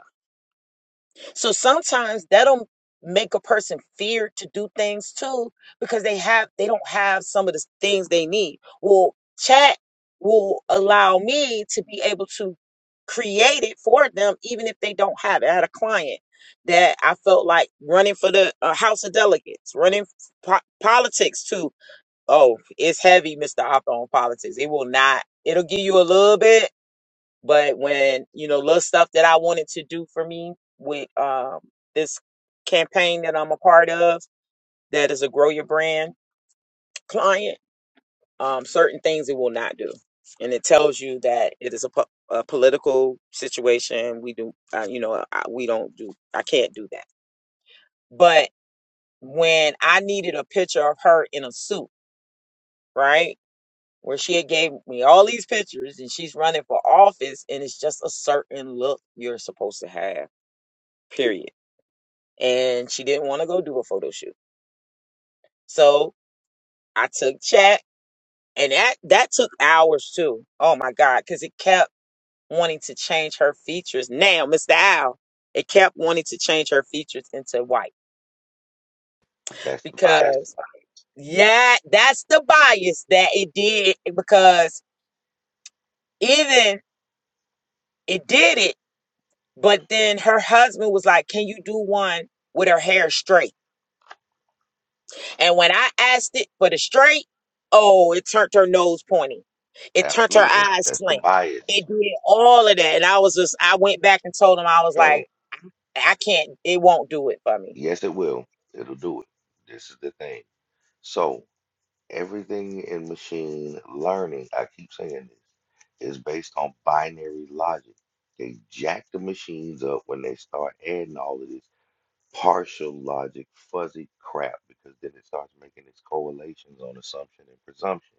Speaker 2: So sometimes that'll make a person fear to do things too because they have they don't have some of the things they need. Well, chat will allow me to be able to create it for them even if they don't have it. I had a client that I felt like running for the uh, House of Delegates, running po- politics too. Oh, it's heavy, Mr. Hopper, on politics. It will not. It'll give you a little bit but when, you know, little stuff that I wanted to do for me with um, this campaign that I'm a part of, that is a grow your brand client, um, certain things it will not do. And it tells you that it is a, po- a political situation. We do, uh, you know, I, we don't do, I can't do that. But when I needed a picture of her in a suit, right? Where she had gave me all these pictures and she's running for office and it's just a certain look you're supposed to have, period and she didn't want to go do a photo shoot. So I took chat and that that took hours too. Oh my god, cuz it kept wanting to change her features. Now, Mr. Al, it kept wanting to change her features into white
Speaker 6: That's the bias.
Speaker 2: because yeah, that's the bias that it did because even it did it, but then her husband was like, "Can you do one with her hair straight?" And when I asked it for the straight, oh, it turned her nose pointy. It turned her
Speaker 6: Absolutely.
Speaker 2: eyes
Speaker 6: That's the
Speaker 2: slant.
Speaker 6: bias.
Speaker 2: It did all of that. And I was just, I went back and told him, I was
Speaker 6: So,
Speaker 2: like, I can't, it won't do it for me.
Speaker 6: yes, it will. It'll do it. This is the thing. So, Everything in machine learning, I keep saying this, is based on binary logic. They jack the machines up when they start adding all of this partial logic, fuzzy crap, because then it starts making its correlations on assumption and presumption.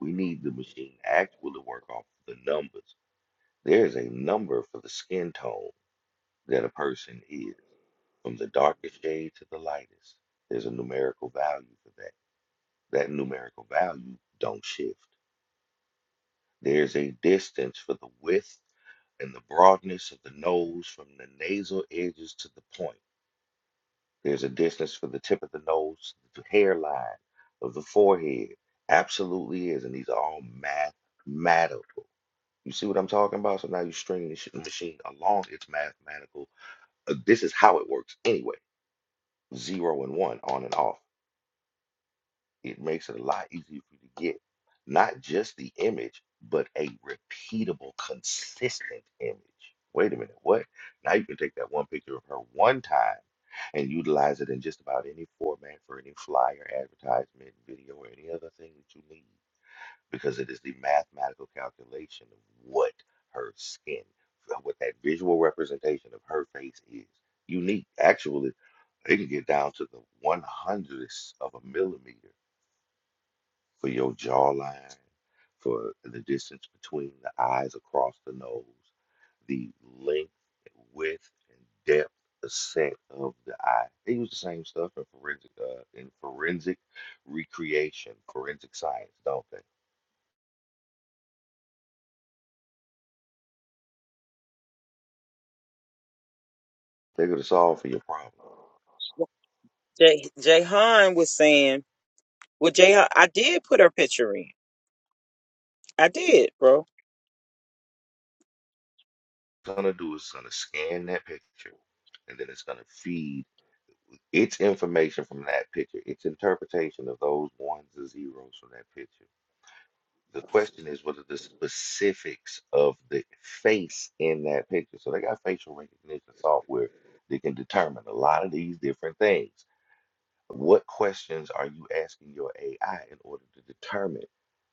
Speaker 6: We need the machine to actually work off the numbers. There is a number for the skin tone that a person is, from the darkest shade to the lightest. There's a numerical value for that. That numerical value don't shift. There's a distance for the width and the broadness of the nose from the nasal edges to the point. There's a distance for the tip of the nose to the hairline of the forehead. Absolutely is. And these are all mathematical. You see what I'm talking about? So now you string this machine along its mathematical. uh, this is how it works anyway. Zero and one, on and off. it makes it a lot easier for you to get not just the image, but a repeatable, consistent image. Wait a minute, what? Now you can take that one picture of her one time and utilize it in just about any format for any flyer, advertisement, video, or any other thing that you need because it is the mathematical calculation of what her skin, what that visual representation of her face is. Unique. Actually, they can get down to the one hundredths of a millimeter for your jawline, for the distance between the eyes across the nose, the length, width, and depth, the set of the eye. They use the same stuff in forensic uh, in forensic recreation, forensic science, don't they? They're gonna solve for your problem. What
Speaker 2: Jay Jahan was saying, well, Jahan, I did put her picture in. I did, bro.
Speaker 6: it's gonna do is it's gonna scan that picture, and then it's gonna feed its information from that picture, its interpretation of those ones and zeros from that picture The question is, what are the specifics of the face in that picture? So they got facial recognition software that can determine a lot of these different things. What questions are you asking your AI in order to determine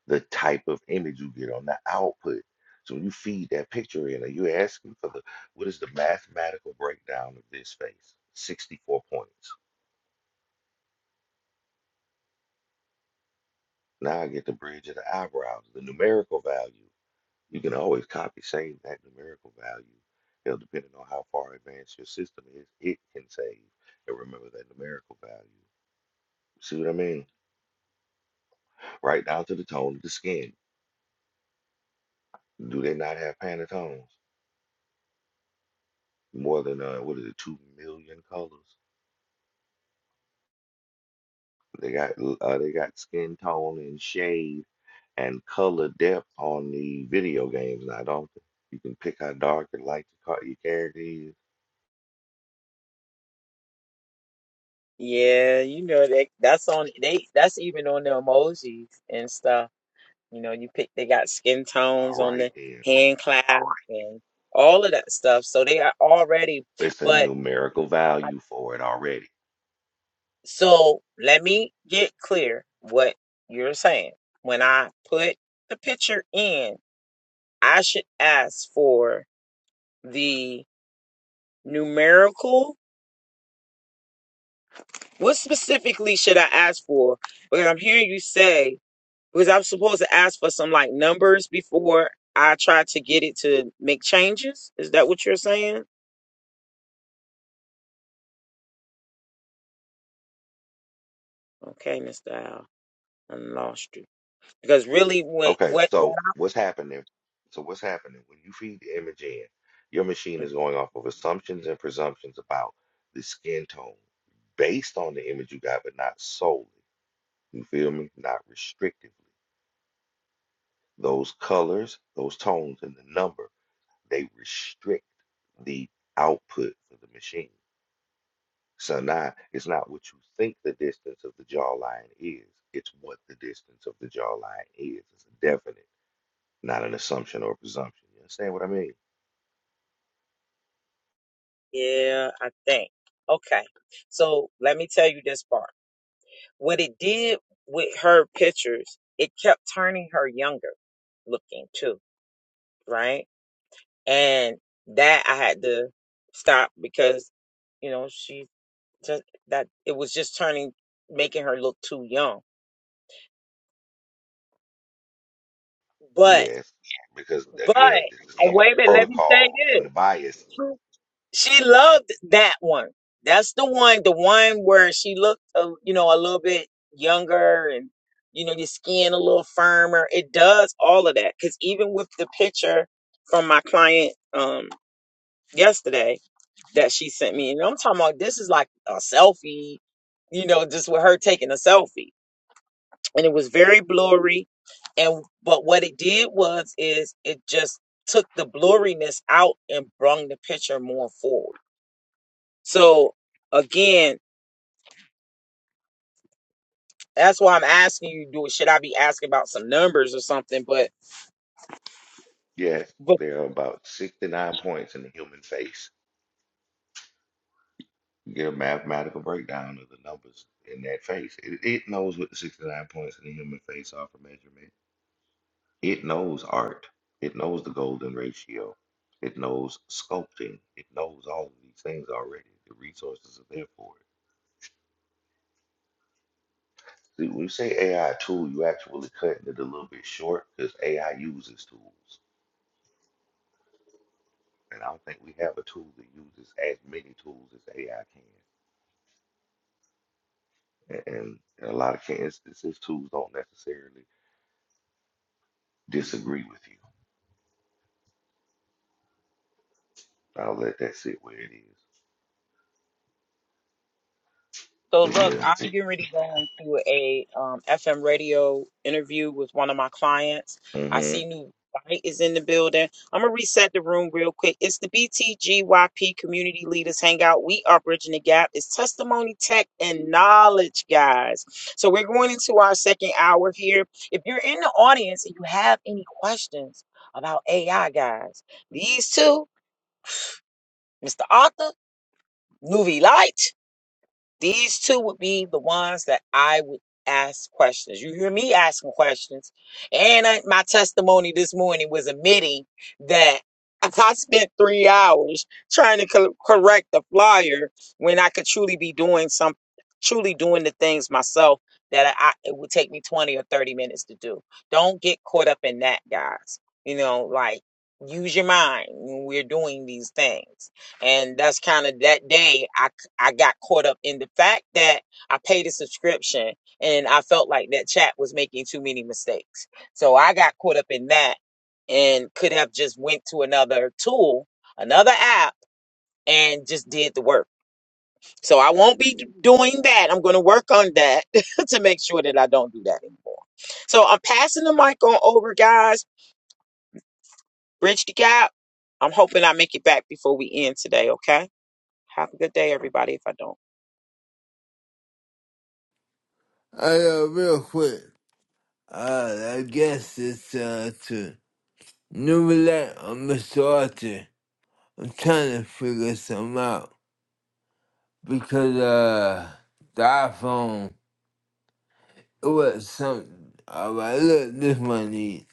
Speaker 6: the type of image you get on the output? So when you feed that picture in, are you asking for the what is the mathematical breakdown of this face? 64 points. Now I get the bridge of the eyebrows, the numerical value. You can always copy save that numerical value. You know, depending on how far advanced your system is, it can save and remember that numerical value. See what I mean? Right down to the tone of the skin. Do they not have Pantones? More than uh, what is it, two million colors? They got uh, they got skin tone and shade and color depth on the video games now, don't they? You can pick how dark and light your, car- your character is.
Speaker 2: Yeah, you know that that's on they that's even on the emojis and stuff. You know, you pick, they got skin tones
Speaker 6: All
Speaker 2: on
Speaker 6: right
Speaker 2: the
Speaker 6: then,
Speaker 2: hand clasp and all of that stuff. So they are already,
Speaker 6: it's a
Speaker 2: but
Speaker 6: numerical
Speaker 2: I-
Speaker 6: value for it already.
Speaker 2: so let me get clear what you're saying. When I put the picture in, I should ask for the numerical. What specifically should I ask for? Because I'm hearing you say, because I'm supposed to ask for some like numbers before I try to get it to make changes. Is that what you're saying? Okay, Mr. Al, I lost you because really, what
Speaker 6: Okay,
Speaker 2: what what?
Speaker 6: so
Speaker 2: I,
Speaker 6: what's happening? So what's happening when you feed the image in? Your machine
Speaker 2: Mm.
Speaker 6: is going off of assumptions and presumptions about the skin tone based on the image you got, but not solely. You feel me? Not restrictively. Those colors, those tones, and the number, they restrict the output for the machine. So now it's not what you think the distance of the jawline is, it's what the distance of the jawline is. It's definite. not an assumption or presumption. You understand what I mean?
Speaker 2: yeah, I think. Okay, so let me tell you this part. What it did with her pictures, it kept turning her younger looking too, right? and that I had to stop because you know she just that it was just turning making her look too young. But
Speaker 6: Yes, because
Speaker 2: but
Speaker 6: again, this is
Speaker 2: oh,
Speaker 6: some of the
Speaker 2: wait a minute, let me say
Speaker 6: protocol and
Speaker 2: this.
Speaker 6: the bias.
Speaker 2: She she loved that one. That's the one, the one where she looked, a, you know, a little bit younger and you know your skin a little firmer. It does all of that because even with the picture from my client um yesterday that she sent me. And I'm talking about this is like a selfie, you know, just with her taking a selfie. And it was very blurry. And but what it did was is it just took the blurriness out and brung the picture more forward. So again, that's why I'm asking you, do should I be asking about some numbers or something? But
Speaker 6: Yes, there are about 69 points in the human face. You get a mathematical breakdown of the numbers in that face. It, it knows what the 69 points in the human face are for measurement. It knows art. It knows the golden ratio. It knows sculpting. It knows all of these things already. The resources are there for it See, when you say AI tool, you actually cutting it a little bit short because AI uses tools. And I don't think we have a tool that uses as many tools as AI can. A- And in a lot of ca- instances, tools don't necessarily disagree with you. I'll let that sit where it is.
Speaker 2: So
Speaker 6: But
Speaker 2: look,
Speaker 6: yeah.
Speaker 2: I'm getting ready to go into a um, FM radio interview with one of my clients. I
Speaker 6: Mm-hmm.
Speaker 2: see new light is in the building. I'm gonna reset the room real quick. It's the BTGYP Community Leaders Hangout. We are bridging the gap. It's testimony, tech, and knowledge, guys. So we're going into our second hour here. If you're in the audience and you have any questions about AI, guys, these two, Mr. Arthur, Nuvi Light. These two would be the ones that I would ask questions. You hear me asking questions. And I, my testimony this morning was admitting that I spent three hours trying to co- correct the flyer when I could truly be doing some, truly doing the things myself that I, it would take me 20 or 30 minutes to do. Don't get caught up in that, guys. You know, like use your mind when we're doing these things. And that's kind of that day. I. I got caught up in the fact that I paid a subscription and I felt like that chat was making too many mistakes. So I got caught up in that and could have just went to another tool, another app and just did the work. So I won't be doing that. I'm going to work on that to make sure that I don't do that anymore. So I'm passing the mic on over guys, bridge the gap. I'm hoping I make it back before we end today, okay? Have a good day everybody if I don't.
Speaker 1: I uh, real quick. Uh, I guess it's uh to numerate or Mr. Archer. I'm trying to figure some out because uh the iPhone it was something. All right, look, this money.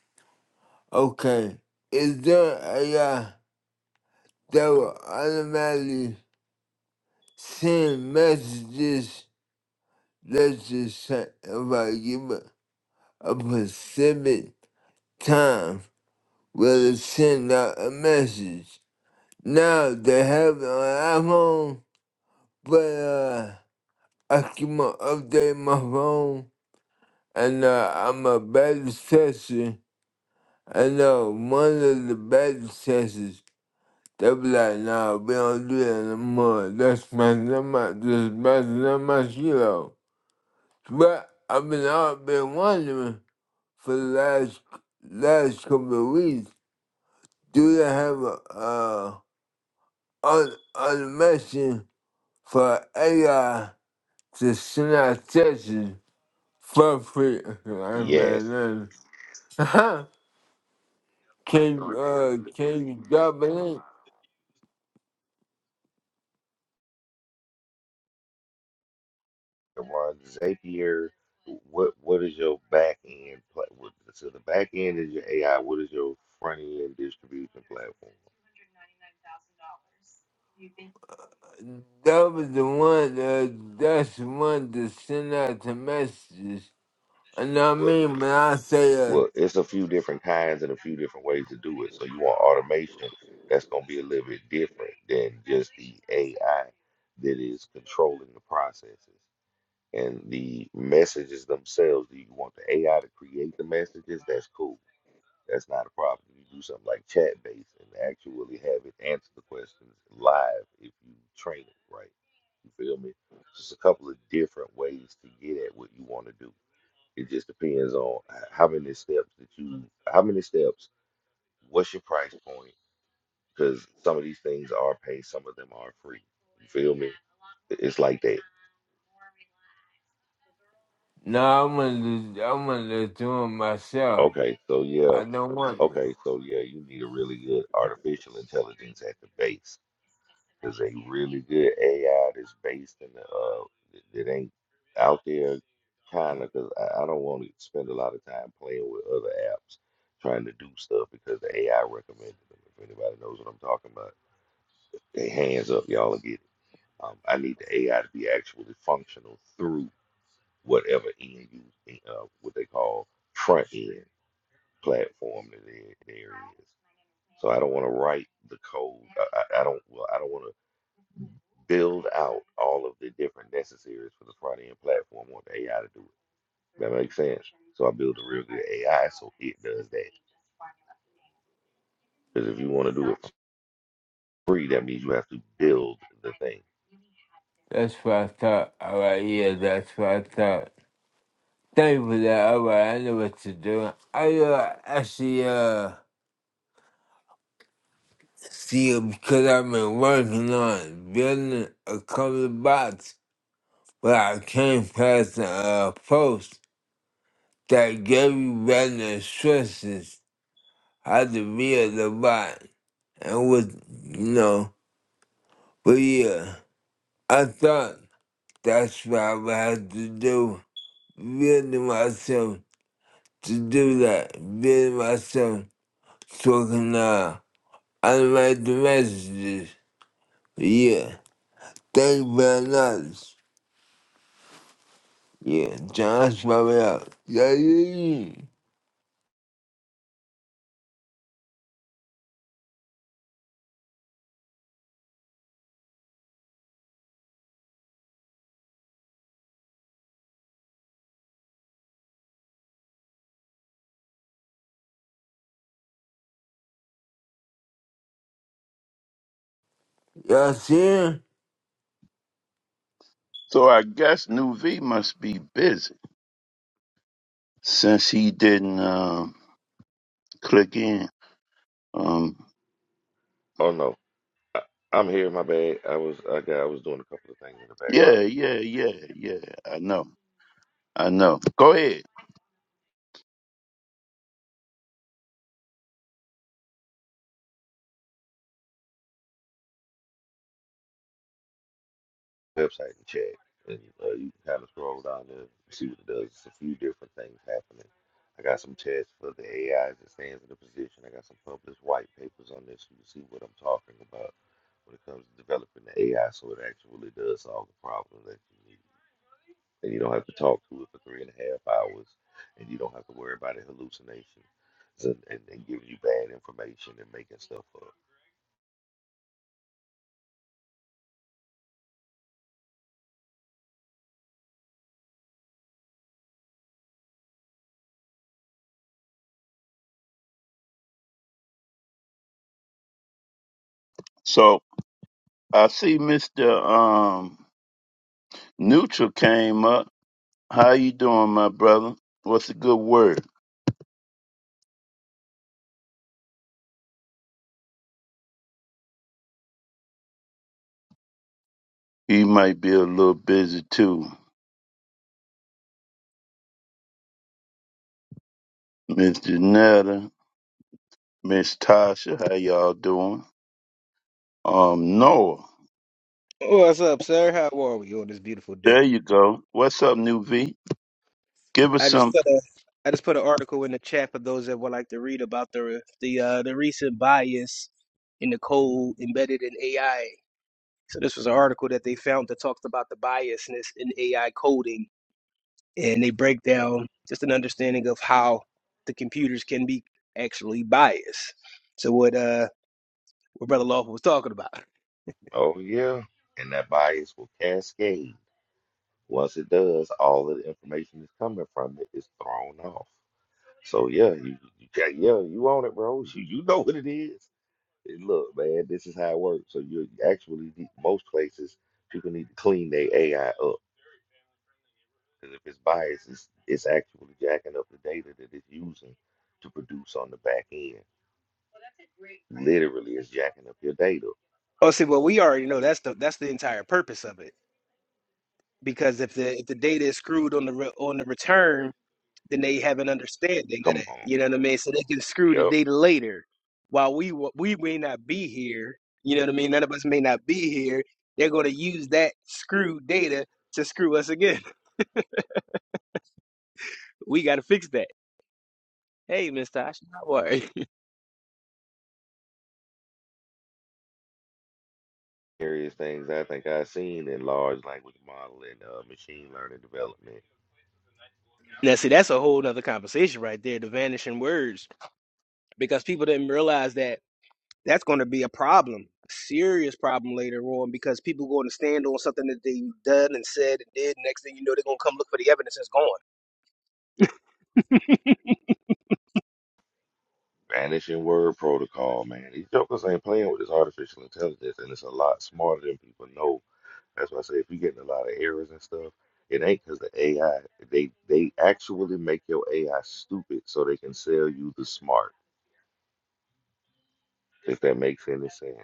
Speaker 1: Okay, is there a uh, that will automatically send messages that's just sent if I give a, a specific time will send out a message. Now they have it on iPhone, but uh, I keep on update my phone and uh, I'm a better tester. I know one of the better testers they be like, nah, we don't do that no more. That's messing up my, that's messing up my kilo. But I've been out been wondering for the last last couple of weeks, do they have a uh on automation for AI to send out texts for free? I
Speaker 6: Yes.
Speaker 1: mean, uh, can uh can you drop a link?
Speaker 6: Ron Zapier, what what is your back end pla- what So the back end is your AI. What is your front end distribution platform?
Speaker 1: That was the one uh, that's the one to send out the messages. And I
Speaker 6: What?
Speaker 1: mean when I say uh,
Speaker 6: Well, it's a few different kinds and a few different ways to do it. So you want automation that's going to be a little bit different than just the AI that is controlling the processes and the messages themselves. Do you want the AI to create the messages? That's cool. That's not a problem. You do something like chat based and actually have it answer the questions live if you train it right. You feel me? Just a couple of different ways to get at what you want to do. It just depends on h- how many steps that you, how many steps, what's your price point? Because some of these things are paid, some of them are free. You feel me? It's like that.
Speaker 1: no, I'm gonna I'm gonna do it myself.
Speaker 6: Okay, so yeah.
Speaker 1: I no wonder.
Speaker 6: Okay, so yeah, you need a really good artificial intelligence at the base. There's a really good AI that's based in the uh that that ain't out there kind of because I, I don't want to spend a lot of time playing with other apps trying to do stuff because the AI recommended them. If anybody knows what I'm talking about, they hands up, y'all will get it. Um, I need the AI to be actually functional through whatever end you uh, what they call front end platform that there, there is. So I don't want to write the code. I, I I don't. Well, I don't want to build out all of the different necessaries for the front end platform. I want the AI to do it. That makes sense. So I build a real good AI so it does that. Because if you want to do it for free, that means you have to build the thing.
Speaker 1: That's what I thought. All right, yeah, that's what I thought. Thank you for that. All right, I know what you're doing. I uh, actually uh, see you because I've been working on building a cover box, but I came past a uh, post that gave you better instructions how to build the box and what, you know. But yeah, I thought that's what I would have to do, building myself to do that via myself talking. I uh, I write the messages. Yeah. Thank you very much. Yeah, John's probably out. Yeah, yeah, yeah. Y'all see him?
Speaker 4: So I guess New V must be busy since he didn't um, click in. Um,
Speaker 6: Oh no, I, I'm here. My bad. I was I got I was doing a couple of things in the background.
Speaker 4: yeah, yeah, yeah, yeah. I know. I know. Go ahead.
Speaker 6: website and check. And uh, you can kind of scroll down there and see what it does. It's a few different things happening. I got some tests for the AI as it stands in the position. I got some published white papers on this. so You can see what I'm talking about when it comes to developing the AI so it actually does solve the problem that you need. And you don't have to talk to it for three and a half hours. And you don't have to worry about it hallucinations and, and, and giving you bad information and making stuff up.
Speaker 4: So I see Mr. Um, Neutral came up. How you doing, my brother? What's a good word? He might be a little busy too. Mr. Netta, Miss Tasha, how y'all doing? Um, Noah,
Speaker 7: Oh, What's up, sir? How are we on this beautiful
Speaker 4: there
Speaker 7: day?
Speaker 4: you go. What's up, New V? Give us
Speaker 7: I just
Speaker 4: some.
Speaker 7: put a I just put an article in the chat for those that would like to read about the the uh, the recent bias in the code embedded in AI. So this was an article that they found that talks about the biasness in AI coding, and they break down just an understanding of how the computers can be actually biased. So what uh what Brother Lawful was talking about.
Speaker 6: Oh, yeah. And that bias will cascade Once it does, all of the information that's coming from it is thrown off. So yeah, you, you got- yeah, you on it, bro. You, you know what it is. And look, man, this is how it works. So you actually need, most places people need to clean their AI up because if it's biased, it's, it's actually jacking up the data that it's using to produce on the back end. Literally, it's jacking up your data.
Speaker 7: Oh, see, well, we already know that's the that's the entire purpose of it. Because if the if the data is screwed on the re, on the return, then they have an understanding of that.
Speaker 6: Come
Speaker 7: You know what
Speaker 6: on.
Speaker 7: I mean? So they can screw the
Speaker 6: Yep.
Speaker 7: data later. While we wa- we may not be here, you know what I mean. None of us may not be here. They're going to use that screwed data to screw us again. We got to fix that. Hey, Mister, I should not worry.
Speaker 6: Various things I think I've seen in large language model and uh, machine learning development
Speaker 7: Now, see, that's a whole nother conversation right there. The vanishing words, because people didn't realize that that's going to be a problem, serious problem later on, because people going to stand on something that they done and said and did. Next thing you know, they're going to come look for the evidence. It's gone.
Speaker 6: vanishing word protocol, man. These jokers ain't playing with this artificial intelligence, and it's a lot smarter than people know. That's why I say if you're getting a lot of errors and stuff, it ain't because the AI they they actually make your AI stupid so they can sell you the smart. If that makes any sense.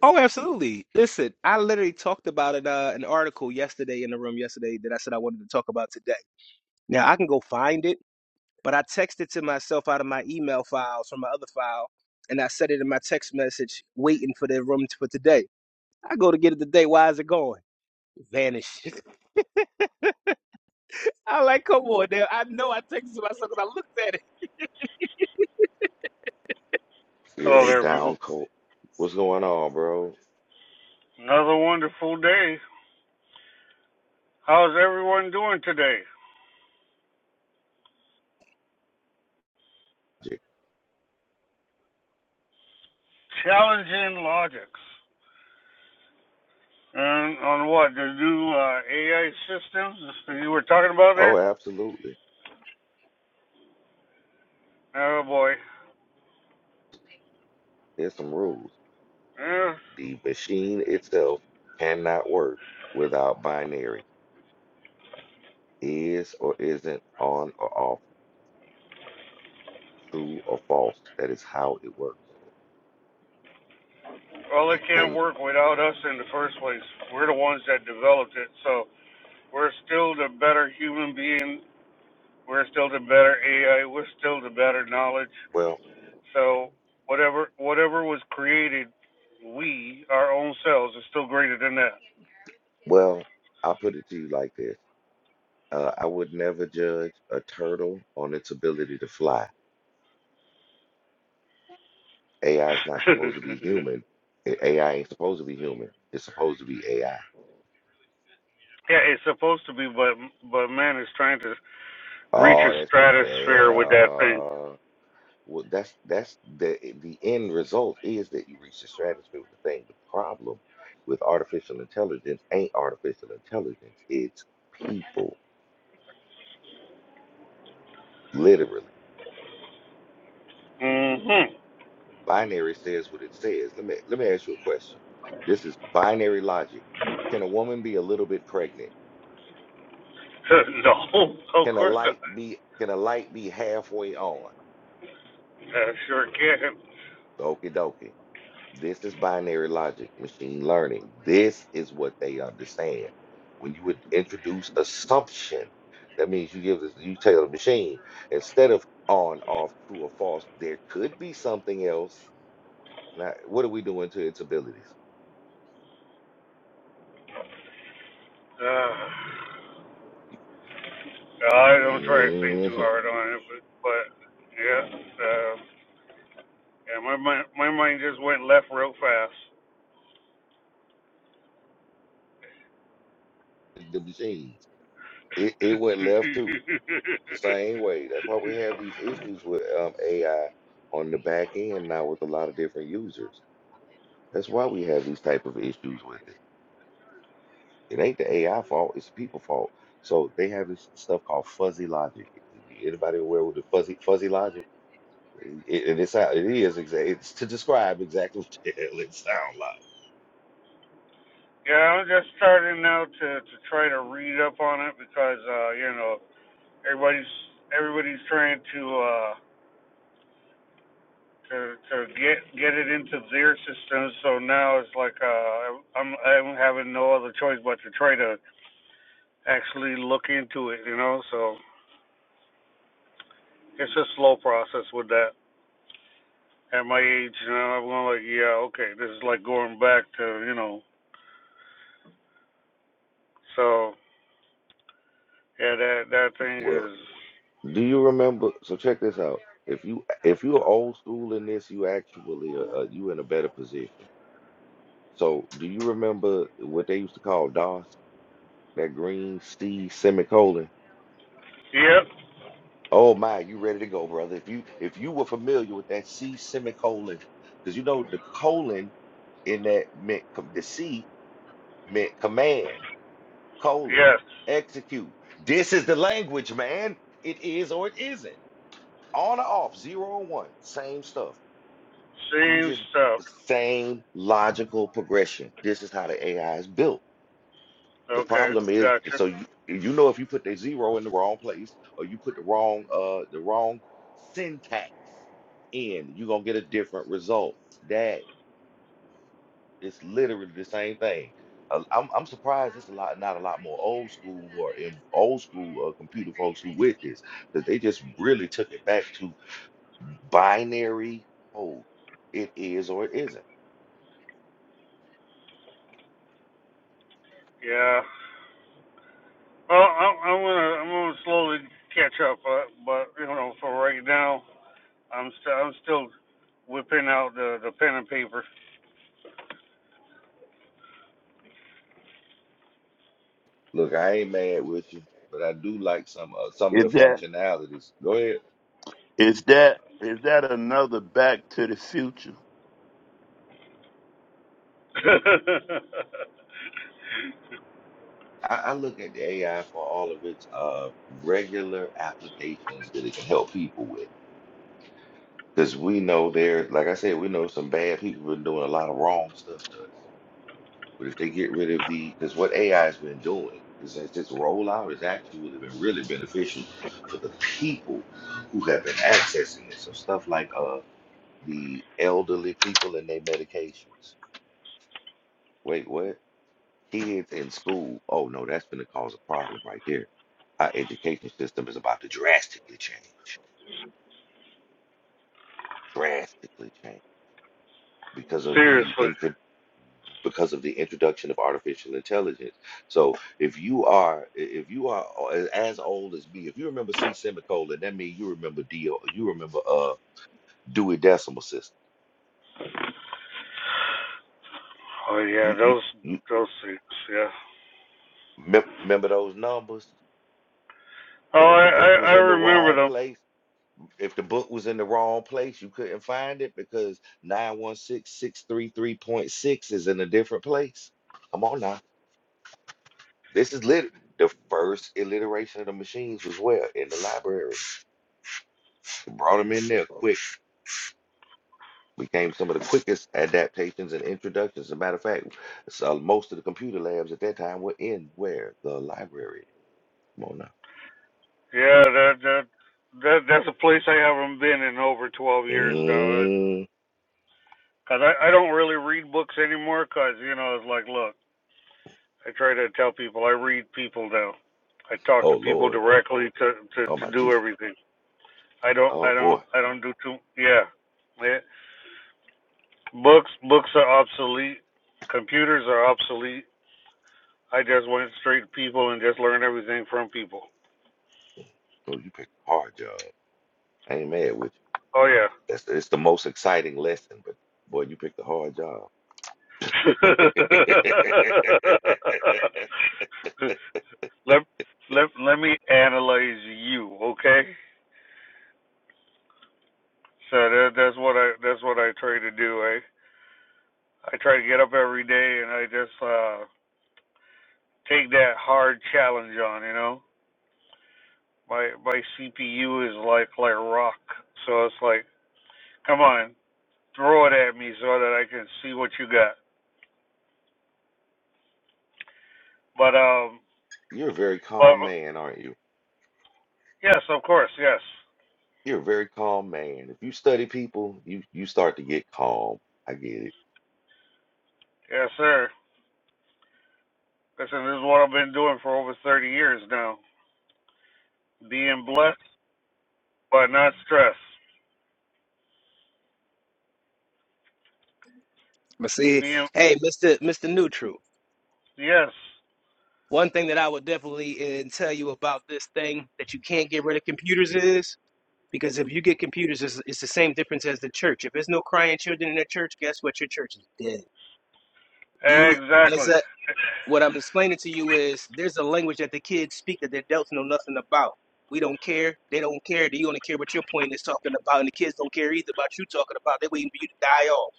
Speaker 7: Oh, absolutely. Listen, I literally talked about it uh an article yesterday in the room yesterday that I said I wanted to talk about today. Now I can go find it, but I texted to myself out of my email files from my other file, and I said it in my text message, waiting for the room t- for today. I go to get it today. Why is it going? Vanished. I like, come on, now. I know I texted to myself because I looked at it.
Speaker 6: Yeah,
Speaker 8: Hello
Speaker 6: they
Speaker 8: there, people.
Speaker 6: down coat. What's going on, bro?
Speaker 8: Another wonderful day. How's everyone doing today?
Speaker 6: Yeah.
Speaker 8: Challenging logics. And on what? The new uh, AI systems you were talking about there?
Speaker 6: Oh, absolutely.
Speaker 8: Oh boy.
Speaker 6: There's some rules.
Speaker 8: Eh,
Speaker 6: The machine itself cannot work without binary. Is or isn't on or off true or false. That is how it works.
Speaker 8: well, it
Speaker 6: It
Speaker 8: can't
Speaker 6: can
Speaker 8: work without us in the first place. We're the ones that developed it, so we're still the better human being. We're still the better AI. We're still the better knowledge.
Speaker 6: well
Speaker 8: So whatever whatever was created, we our own selves is still greater than that.
Speaker 6: well, I'll put it to you like this. Uh, I would never judge a turtle on its ability to fly. AI is not
Speaker 8: yeah,
Speaker 6: supposed to be human. A- AI ain't supposed to be human. It's supposed to be AI.
Speaker 8: it's supposed to be, but but man is trying to reach a
Speaker 6: Oh, that's people.
Speaker 8: stratosphere with that thing.
Speaker 6: Yeah. Well, that's that's the the end result is that you reach the stratosphere with the thing. The problem with artificial intelligence ain't artificial intelligence. It's people, literally.
Speaker 8: hmm
Speaker 6: Binary says what it says. Let me let me ask you a question. This is binary logic. Can a woman be a little bit pregnant?
Speaker 8: no, of
Speaker 6: Can a
Speaker 8: course not.
Speaker 6: light be can a light be halfway on?
Speaker 8: I sure can.
Speaker 6: Okie dokie. This is binary logic, machine learning. This is what they understand. When you would introduce assumption, that means you give this you tell the machine instead of on, off, true or false, there could be something else. Now, what are we doing to its abilities?
Speaker 8: Uh, I don't try to think too
Speaker 6: Mhm.
Speaker 8: hard on it, but, but yeah, uh, yeah, my mind my mind just went left real fast.
Speaker 6: The machine. it, it went left too the same way. That's why we have these issues with um, AI on the back end now with a lot of different users. That's why we have these type of issues with it. It ain't the AI fault; it's the people fault. So they have this stuff called fuzzy logic. Anybody aware with the fuzzy fuzzy logic? It, and it's how it is exactly. It's to describe exactly what the hell it sound like.
Speaker 8: yeah, I'm just starting now to to try to read up on it because uh, you know everybody's everybody's trying to. uh, to to get get it into their system. So now it's like uh, I'm I'm having no other choice but to try to actually look into it, you know. So it's a slow process with that. At my age, you know, I'm going like, yeah, okay, this is like going back to, you know. So yeah, that that thing
Speaker 6: Well,
Speaker 8: is,
Speaker 6: do you remember? So check this out. If you if you're old school in this, you actually uh, you in a better position So, do you remember what they used to call DOS? That green C semicolon.
Speaker 8: yep,
Speaker 6: Oh my, you ready to go, brother? If you if you were familiar with that C semicolon, because you know the colon in that meant com- the C meant command colon
Speaker 8: yes,
Speaker 6: execute. This is the language, man. It is or it isn't. On or off, zero or one, same stuff. You
Speaker 8: same
Speaker 6: just
Speaker 8: stuff.
Speaker 6: same logical progression. This is how the AI is built. The
Speaker 8: Okay,
Speaker 6: problem is,
Speaker 8: gotcha.
Speaker 6: so you you know if you put the zero in the wrong place or you put the wrong uh the wrong syntax in, you're gonna get a different result. That is literally the same thing. Uh, I'm I'm surprised it's a lot not a lot more old school or in old school uh, computer folks who with this because they just really took it back to binary code. It is or it isn't.
Speaker 8: Yeah. Well, I'm, I'm gonna I'm gonna slowly catch up, uh, but you know, for right now. I'm still I'm still whipping out the the pen and paper.
Speaker 6: Look, I ain't mad with you, but I do like some uh, some of
Speaker 4: Is
Speaker 6: the
Speaker 4: that
Speaker 6: functionalities. Go ahead.
Speaker 4: is that is that another Back to the Future?
Speaker 6: I, I look at the AI for all of its uh, regular applications that it can help people with. Because we know there, like I said, we know some bad people been doing a lot of wrong stuff to us. But if they get rid of the, because what AI has been doing is that this rollout has actually been really beneficial for the people who have been accessing it. So stuff like uh the elderly people and their medications. Wait, what? kids in school, oh no, that's going to cause a problem right there. Our education system is about to drastically change, drastically change because of the
Speaker 8: Seriously.
Speaker 6: intro, because of the introduction of artificial intelligence. So if you are i- if you are o- a- as old as me, if you remember C semicolon, that means you remember D, O, you remember uh Dewey Decimal System.
Speaker 8: Oh
Speaker 6: You
Speaker 8: yeah,
Speaker 6: you,
Speaker 8: those
Speaker 6: you
Speaker 8: those seats. Yeah.
Speaker 6: mem- remember those numbers? And
Speaker 8: Oh,
Speaker 6: if the book
Speaker 8: I, I
Speaker 6: was
Speaker 8: I
Speaker 6: in the wrong
Speaker 8: remember them.
Speaker 6: place if the book was in the wrong place, you couldn't find it because 916633.6 is in a different place. Come on now. This is lit the first alliteration of the machines was where? In the library. We brought them in there quick. Became some of the quickest adaptations and introductions. As a matter of fact, so most of the computer labs at that time were in where? The library. Come on now.
Speaker 8: Yeah, that that that that's a place I haven't been in over 12 years now.
Speaker 6: Mm.
Speaker 8: Cause I I don't really read books anymore. Cause you know it's like look, I try to tell people I read people now. I talk
Speaker 6: Oh
Speaker 8: to people
Speaker 6: Lord.
Speaker 8: directly to to
Speaker 6: Oh my
Speaker 8: to do
Speaker 6: Jesus.
Speaker 8: everything. I don't
Speaker 6: Oh
Speaker 8: I don't
Speaker 6: boy.
Speaker 8: I don't do too yeah. Yeah, Books books are obsolete. Computers are obsolete. I just went straight to people and just learned everything from people.
Speaker 6: Oh, you picked a hard job. I ain't mad with you.
Speaker 8: Oh yeah.
Speaker 6: That's it's the most exciting lesson, but boy, you picked a hard job.
Speaker 8: let let let me analyze you, okay? So that, that's what I that's what I try to do. I I try to get up every day and I just uh take that hard challenge on. You know, my my CPU is like like rock, so it's like come on. throw it at me so that I can see what you got. But um,
Speaker 6: You're a very
Speaker 8: but
Speaker 6: calm man, aren't you?
Speaker 8: yes, of course, yes,
Speaker 6: You're a very calm man. If you study people, you you start to get calm. I get it.
Speaker 8: yes, sir. Listen, this is what I've been doing for over thirty years now. Being blessed, but not stressed.
Speaker 7: But see,
Speaker 8: Being
Speaker 7: hey, Mister Mister Neutral.
Speaker 8: yes,
Speaker 7: One thing that I would definitely uh, tell you about this thing that you can't get rid of computers is. Because if you get computers, it's, it's the same difference as the church. If there's no crying children in the church, guess what? Your church is dead. You, it's
Speaker 8: exactly.
Speaker 7: a, what I'm explaining to you is there's a language that the kids speak that the adults know nothing about. We don't care. They don't care. They only care what your point is talking about, and the kids don't care either about you talking about. They're waiting for you to die off.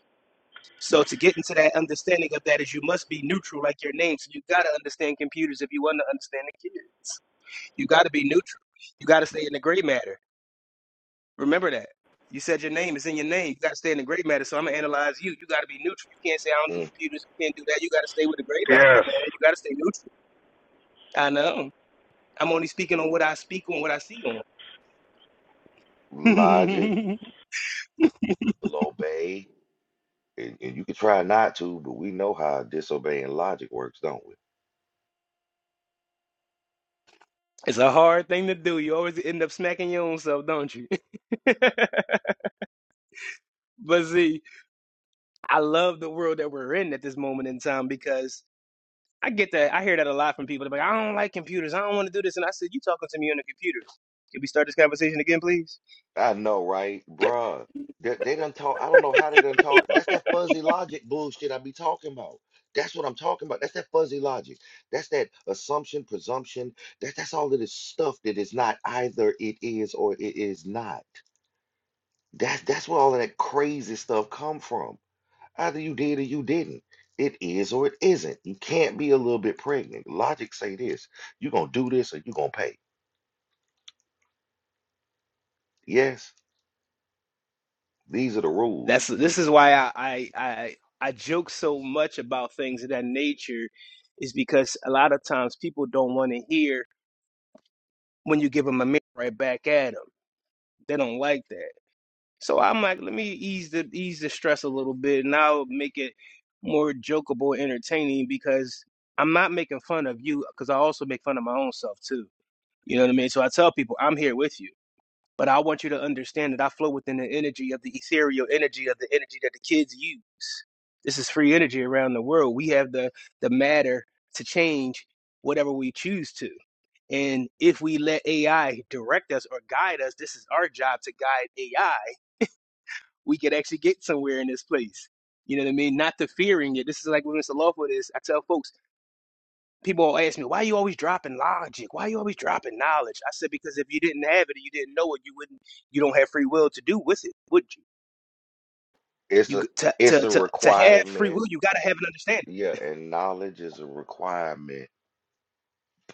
Speaker 7: So to get into that understanding of that is you must be neutral, like your name. So you gotta understand computers if you want to understand the kids. You gotta be neutral. You gotta stay in the gray matter. Remember that. You said your name. It's in your name. You got to stay in the gray matter. So I'm gonna analyze you. You got to be neutral. You can't say I don't do
Speaker 6: Mm.
Speaker 7: computers. You can't do that. You got to stay with the gray matter, my man.
Speaker 8: Yes.
Speaker 7: You got to stay neutral. I know. I'm only speaking on what I speak on, what I see on.
Speaker 6: Logic will obey, and, and you can try not to, but we know how disobeying logic works, don't we?
Speaker 7: it's a hard thing to do. You always end up smacking your own self, don't you? but see, I love the world that we're in at this moment in time because I get that. I hear that a lot from people. They're like, I don't like computers. I don't want to do this. And I said, you talking to me on the computers? Can we start this conversation again, please?
Speaker 6: I know, right, bruh? They, they done talk. I don't know how they done talk. That's that fuzzy logic bullshit I be talking about. That's what I'm talking about. That's that fuzzy logic. That's that assumption, presumption. That that's all of this stuff that is not either it is or it is not. That's that's where all of that crazy stuff come from. Either you did or you didn't. It is or it isn't. You can't be a little bit pregnant. Logic say this: you gonna do this or you gonna pay. Yes, these are the rules.
Speaker 7: That's this is why I I I, I joke so much about things of that nature, is because a lot of times people don't want to hear when you give them a mirror right back at them. They don't like that. So I'm like, let me ease the ease the stress a little bit, and I'll make it more jokeable, entertaining because I'm not making fun of you because I also make fun of my own self too. You know what I mean? So I tell people I'm here with you. But I want you to understand that I flow within the energy of the ethereal energy of the energy that the kids use. This is free energy around the world. We have the the matter to change whatever we choose to. And if we let AI direct us or guide us, this is our job to guide AI. We could actually get somewhere in this place. You know what I mean? Not the fearing it. This is like when Mr. Lawford is. I tell folks people ask me, why are you always dropping logic? Why are you always dropping knowledge? I said, because if you didn't have it and you didn't know it, you wouldn't, you don't have free will to do with it, would you?
Speaker 6: It's
Speaker 7: You
Speaker 6: a
Speaker 7: to
Speaker 6: it's
Speaker 7: to
Speaker 6: a
Speaker 7: to, to have free
Speaker 6: requirement.
Speaker 7: will, you got to have an understanding.
Speaker 6: Yeah, and knowledge is a requirement.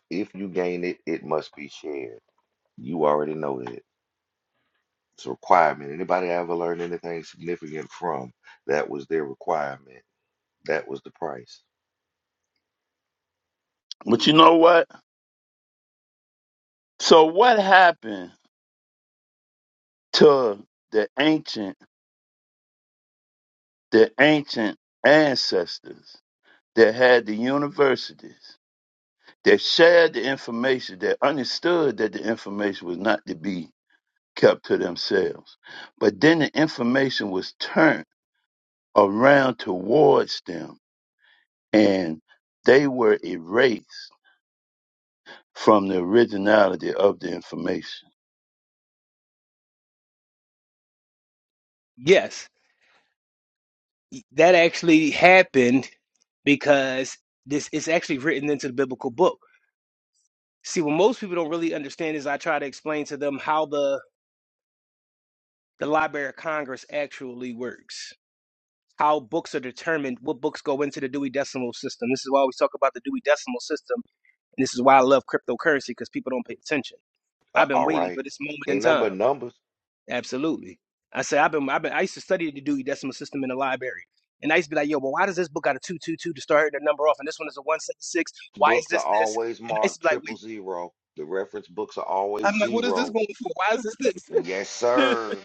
Speaker 6: If you gain it, it must be shared. You already know that. It's a requirement. Anybody I ever learned anything significant from, that was their requirement. That was the price.
Speaker 4: But you know what? So what happened to the ancient the ancient ancestors? that had the universities that shared the information, that understood that the information was not to be kept to themselves. But then the information was turned around towards them and they were erased from the originality of the information.
Speaker 7: Yes, that actually happened because this is actually written into the biblical book. See, what most people don't really understand is I try to explain to them how the the Library of Congress actually works, how books are determined, what books go into the Dewey Decimal System. This is why we talk about the Dewey Decimal System And this is why I love cryptocurrency because people don't pay attention.
Speaker 6: Uh,
Speaker 7: I've been
Speaker 6: all
Speaker 7: waiting
Speaker 6: right.
Speaker 7: for this moment in
Speaker 6: Ain't nothing
Speaker 7: time.
Speaker 6: but numbers.
Speaker 7: Absolutely. I say I've been I've been I used to study the Dewey Decimal System in the library. And I used to be like, yo, but why does this book got a two two two to start the number off and this one is a one seven six? Why is
Speaker 6: Books are
Speaker 7: this this?
Speaker 6: always
Speaker 7: And I used to
Speaker 6: marked
Speaker 7: be like,
Speaker 6: triple
Speaker 7: wait.
Speaker 6: zero. The reference books are always
Speaker 7: I'm like, what is this
Speaker 6: zero.
Speaker 7: going for? Why is this this?
Speaker 6: Yes, sir.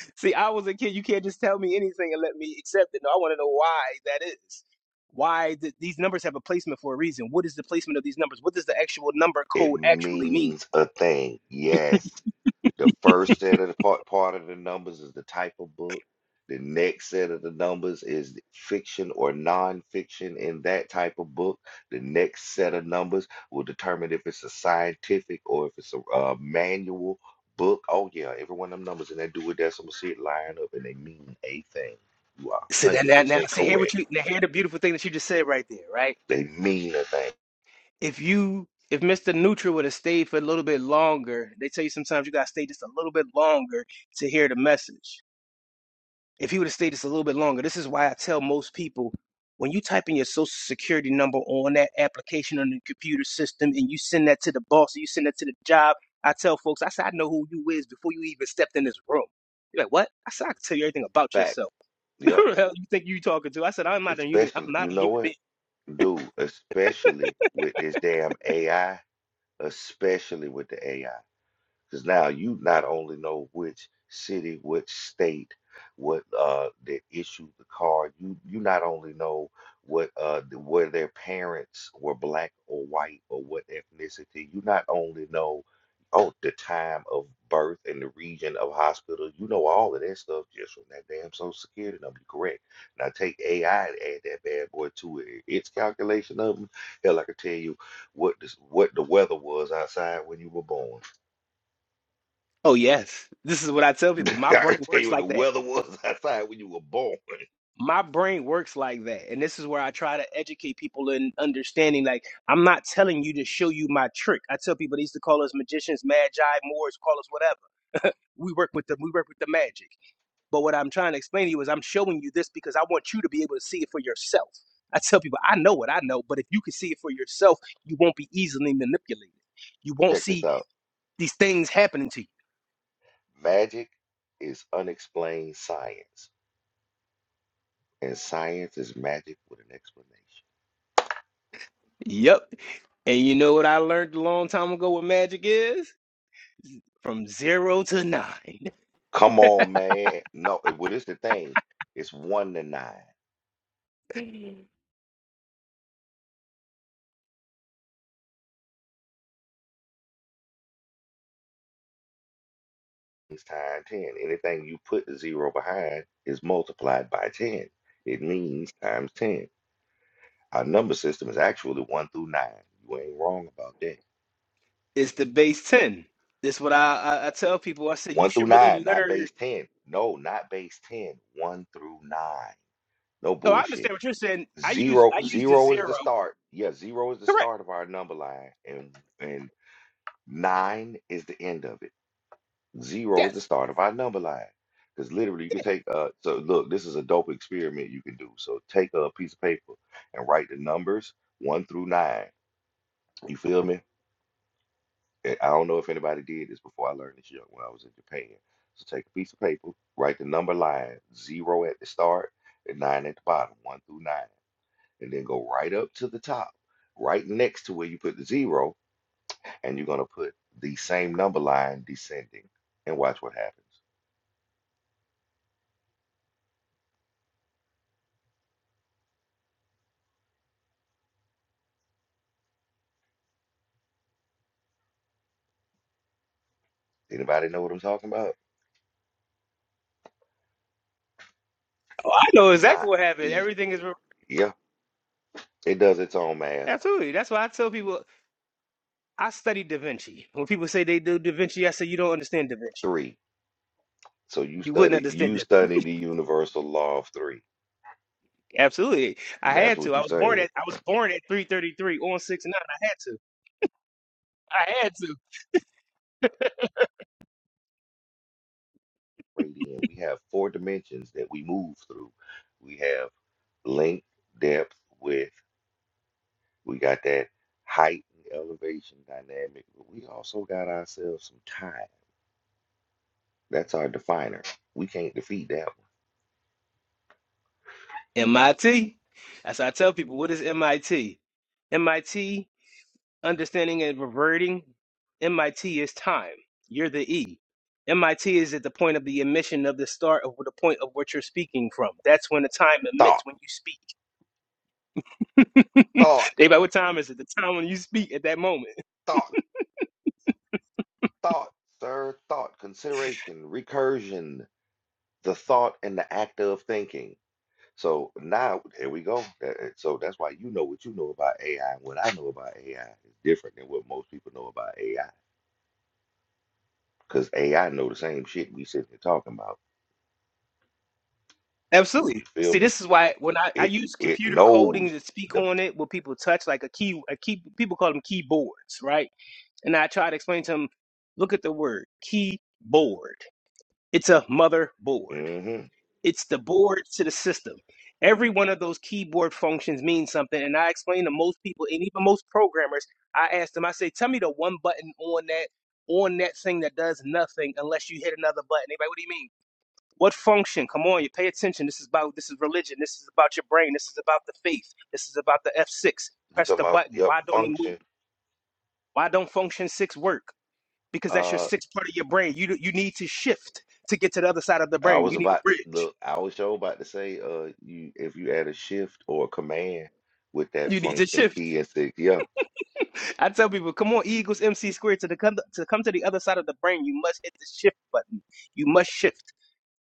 Speaker 7: See, I was a kid. You can't just tell me anything and let me accept it. No, I want to know why that is. Why th- these numbers have a placement for a reason? What is the placement of these numbers? What does the actual number
Speaker 6: It
Speaker 7: code actually mean?
Speaker 6: means a thing. Yes. The first set of the part, part of the numbers is the type of book. The next set of the numbers is fiction or nonfiction in that type of book. The next set of numbers will determine if it's a scientific or if it's a uh, manual book. Oh yeah, every one of them numbers in that Dewey Decimal shit line up and they mean a thing. You are
Speaker 7: So
Speaker 6: one
Speaker 7: then
Speaker 6: hundred
Speaker 7: now, now
Speaker 6: percent
Speaker 7: see here, what
Speaker 6: correct.
Speaker 7: you now hear the beautiful thing that you just said right there, right?
Speaker 6: They mean a thing.
Speaker 7: If you if Mr. Neutral would have stayed for a little bit longer, they tell you sometimes you gotta stay just a little bit longer to hear the message. If he would have stayed just a little bit longer, this is why I tell most people when you type in your social security number on that application on the computer system and you send that to the boss or you send that to the job, I tell folks, I said, I know who you is before you even stepped in this room. You're like, what? I said, I can tell you everything about
Speaker 6: Fact.
Speaker 7: yourself.
Speaker 6: Yep.
Speaker 7: Who the hell you think you talking to? I said, I'm not a human. I'm
Speaker 6: Especially,
Speaker 7: not
Speaker 6: you
Speaker 7: a human
Speaker 6: know
Speaker 7: being.
Speaker 6: what, dude? Especially with this damn AI especially with the AI. Because now you not only know which city, which state, what uh that issued the card, you you not only know what uh th- where their parents were black or white or what ethnicity, you not only know oh the time of birth and the region of hospital, you know all of that stuff just from that damn social security number, correct? Now take AI and add that bad boy to it, its calculation of them. Hell, I can tell you what this what the weather was outside when you were born.
Speaker 7: Oh, yes. This is what I tell people. My
Speaker 6: I
Speaker 7: brain
Speaker 6: tell
Speaker 7: works
Speaker 6: you what the
Speaker 7: like that.
Speaker 6: weather was outside when you were born.
Speaker 7: My brain works like that. And this is where I try to educate people in understanding. Like, I'm not telling you to show you my trick. I tell people they used to call us magicians, magi, moors, call us whatever. We work with the we work with the magic. But what I'm trying to explain to you is I'm showing you this because I want you to be able to see it for yourself. I tell people I know what I know, but if you can see it for yourself, you won't be easily manipulated. You won't
Speaker 6: Check this
Speaker 7: see
Speaker 6: out.
Speaker 7: these things happening to you.
Speaker 6: Magic is unexplained science, and science is magic with an explanation.
Speaker 7: Yep. And you know what I learned a long time ago what magic is? From zero to nine.
Speaker 6: Come on, man. No, it- well, it's the thing. It's one to nine. It's times ten. Anything you put the zero behind is multiplied by ten. It means times ten. Our number system is actually one through nine. You ain't wrong about that.
Speaker 7: It's the base 10. This is what I, I, I tell people. I said you
Speaker 6: One
Speaker 7: should
Speaker 6: through
Speaker 7: really
Speaker 6: nine, not
Speaker 7: learn.
Speaker 6: base ten. No, not base ten. One through nine. No
Speaker 7: No, I understand
Speaker 6: bullshit.
Speaker 7: what you're saying. I use
Speaker 6: Zero,
Speaker 7: I use the
Speaker 6: zero is the
Speaker 7: zero.
Speaker 6: start. Yeah, zero is the
Speaker 7: Correct.
Speaker 6: start of our number line, and and nine is the end of it. Zero is the
Speaker 7: Yes.
Speaker 6: start of our number line. Because literally, you can
Speaker 7: yes.
Speaker 6: take uh. So look, this is a dope experiment you can do. So take a piece of paper and write the numbers one through nine. You feel me? And I don't know if anybody did this before. I learned this young when I was in Japan. So take a piece of paper, write the number line zero at the start and nine at the bottom, one through nine. and then go right up to the top, right next to where you put the zero, and you're gonna put the same number line descending. And watch what happens. Anybody know what I'm talking about?
Speaker 7: Oh, I know
Speaker 6: It's
Speaker 7: exactly
Speaker 6: not
Speaker 7: what happened.
Speaker 6: the
Speaker 7: Everything is re-
Speaker 6: yeah, it does its own math.
Speaker 7: absolutely. That's why I tell people I study Da Vinci. When people say they do Da Vinci, I say you don't understand Da Vinci.
Speaker 6: Three. So you
Speaker 7: You wouldn't
Speaker 6: study
Speaker 7: understand
Speaker 6: you
Speaker 7: it.
Speaker 6: study the universal law of three.
Speaker 7: Absolutely. I
Speaker 6: That's
Speaker 7: had to.
Speaker 6: what
Speaker 7: I
Speaker 6: you
Speaker 7: was born
Speaker 6: saying.
Speaker 7: at I was born at 333 on 6 9. I had to. I had to.
Speaker 6: Right in. We have four dimensions that we move through. We have length, depth, width. We got that height and elevation dynamic, but we also got ourselves some time That's our definer. We can't defeat that one.
Speaker 7: MIT. That's how I tell people what is MIT? MIT, understanding and reverting. MIT is time. You're the E. MIT is at the point of the emission of the start of the point of what you're speaking from. That's when the time emits
Speaker 6: Thought,
Speaker 7: when you speak.
Speaker 6: thought,
Speaker 7: they like, what time is it? The time when you speak at that moment.
Speaker 6: thought, thought, sir, thought, consideration, recursion, the thought and the act of thinking. So now, there we go. Uh, uh, So that's why you know what you know about AI. and What I know about AI is different than what most people know about AI. Because AI know the same shit we sitting here talking about.
Speaker 7: Absolutely.
Speaker 6: You feel
Speaker 7: See,
Speaker 6: me?
Speaker 7: this is why when I, I
Speaker 6: It
Speaker 7: use
Speaker 6: it
Speaker 7: computer coding to
Speaker 6: knows
Speaker 7: speak
Speaker 6: the.
Speaker 7: on it, when people touch, like a key, a key, people call them keyboards, right? And I try to explain to him, look at the word keyboard. It's a motherboard.
Speaker 6: hmm
Speaker 7: It's the board to the system. Every one of those keyboard functions means something. And I explain to most people and even most programmers, I ask them, I say, tell me the one button on that on that thing that does nothing unless you hit another button. Everybody, what do you mean? What function? Come on, you pay attention. This is about this is religion. This is about your brain. This is about the faith. This is about the F6.
Speaker 6: You
Speaker 7: Press
Speaker 6: talking
Speaker 7: the
Speaker 6: about
Speaker 7: button.
Speaker 6: yep
Speaker 7: Why don't it move?
Speaker 6: function?
Speaker 7: Why don't function six work? because that's your
Speaker 6: Uh,
Speaker 7: sixth part of your brain. You you need to shift to get to the other side of the
Speaker 6: I
Speaker 7: brain.
Speaker 6: was
Speaker 7: You need a
Speaker 6: about to
Speaker 7: bridge.
Speaker 6: look, I was sure about to say, uh, you if you add a shift or a command with that
Speaker 7: You need to
Speaker 6: function
Speaker 7: shift.
Speaker 6: key and six, yeah,
Speaker 7: I tell people, come on, E equals MC squared to the come to come to the other side of the brain. You must hit the shift button. You must shift.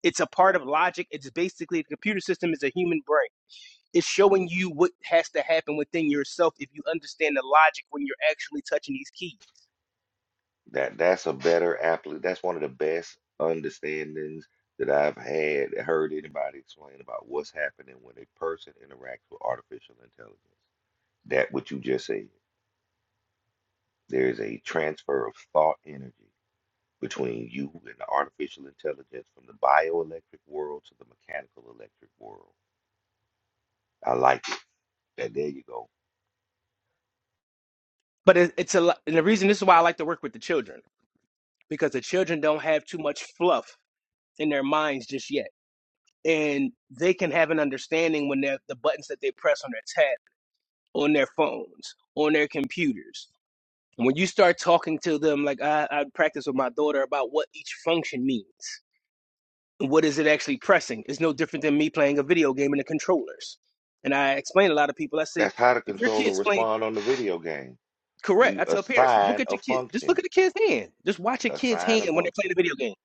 Speaker 7: It's a part of logic. It's basically the computer system is a human brain. It's showing you what has to happen within yourself if you understand the logic when you're actually touching these keys.
Speaker 6: that that's a better appli That's one of the best understandings that I've had heard anybody explain about what's happening when a person interacts with artificial intelligence. That what you just said. There is a transfer of thought energy between you and the artificial intelligence from the bioelectric world to the mechanical electric world. I like it. That there you go
Speaker 7: But it, it's a lo- and the reason this is why I like to work with the children because the children don't have too much fluff in their minds just yet and they can have an understanding when they're the buttons that they press on their tab, on their phones, on their computers. And when you start talking to them, like I, I practice with my daughter about what each function means, and what is it actually pressing? It's no different than me playing a video game in the controllers. And I explain to a lot of people, I say,
Speaker 6: That's how the
Speaker 7: if your
Speaker 6: controller
Speaker 7: kids play
Speaker 6: respond on the video game.
Speaker 7: correct,
Speaker 6: We
Speaker 7: I tell parents, look
Speaker 6: assign
Speaker 7: at
Speaker 6: a
Speaker 7: your kid, just look
Speaker 6: function.
Speaker 7: at the kid's hand, just watch a kid's
Speaker 6: Assign
Speaker 7: hand
Speaker 6: a
Speaker 7: when they're playing
Speaker 6: function.
Speaker 7: a video game.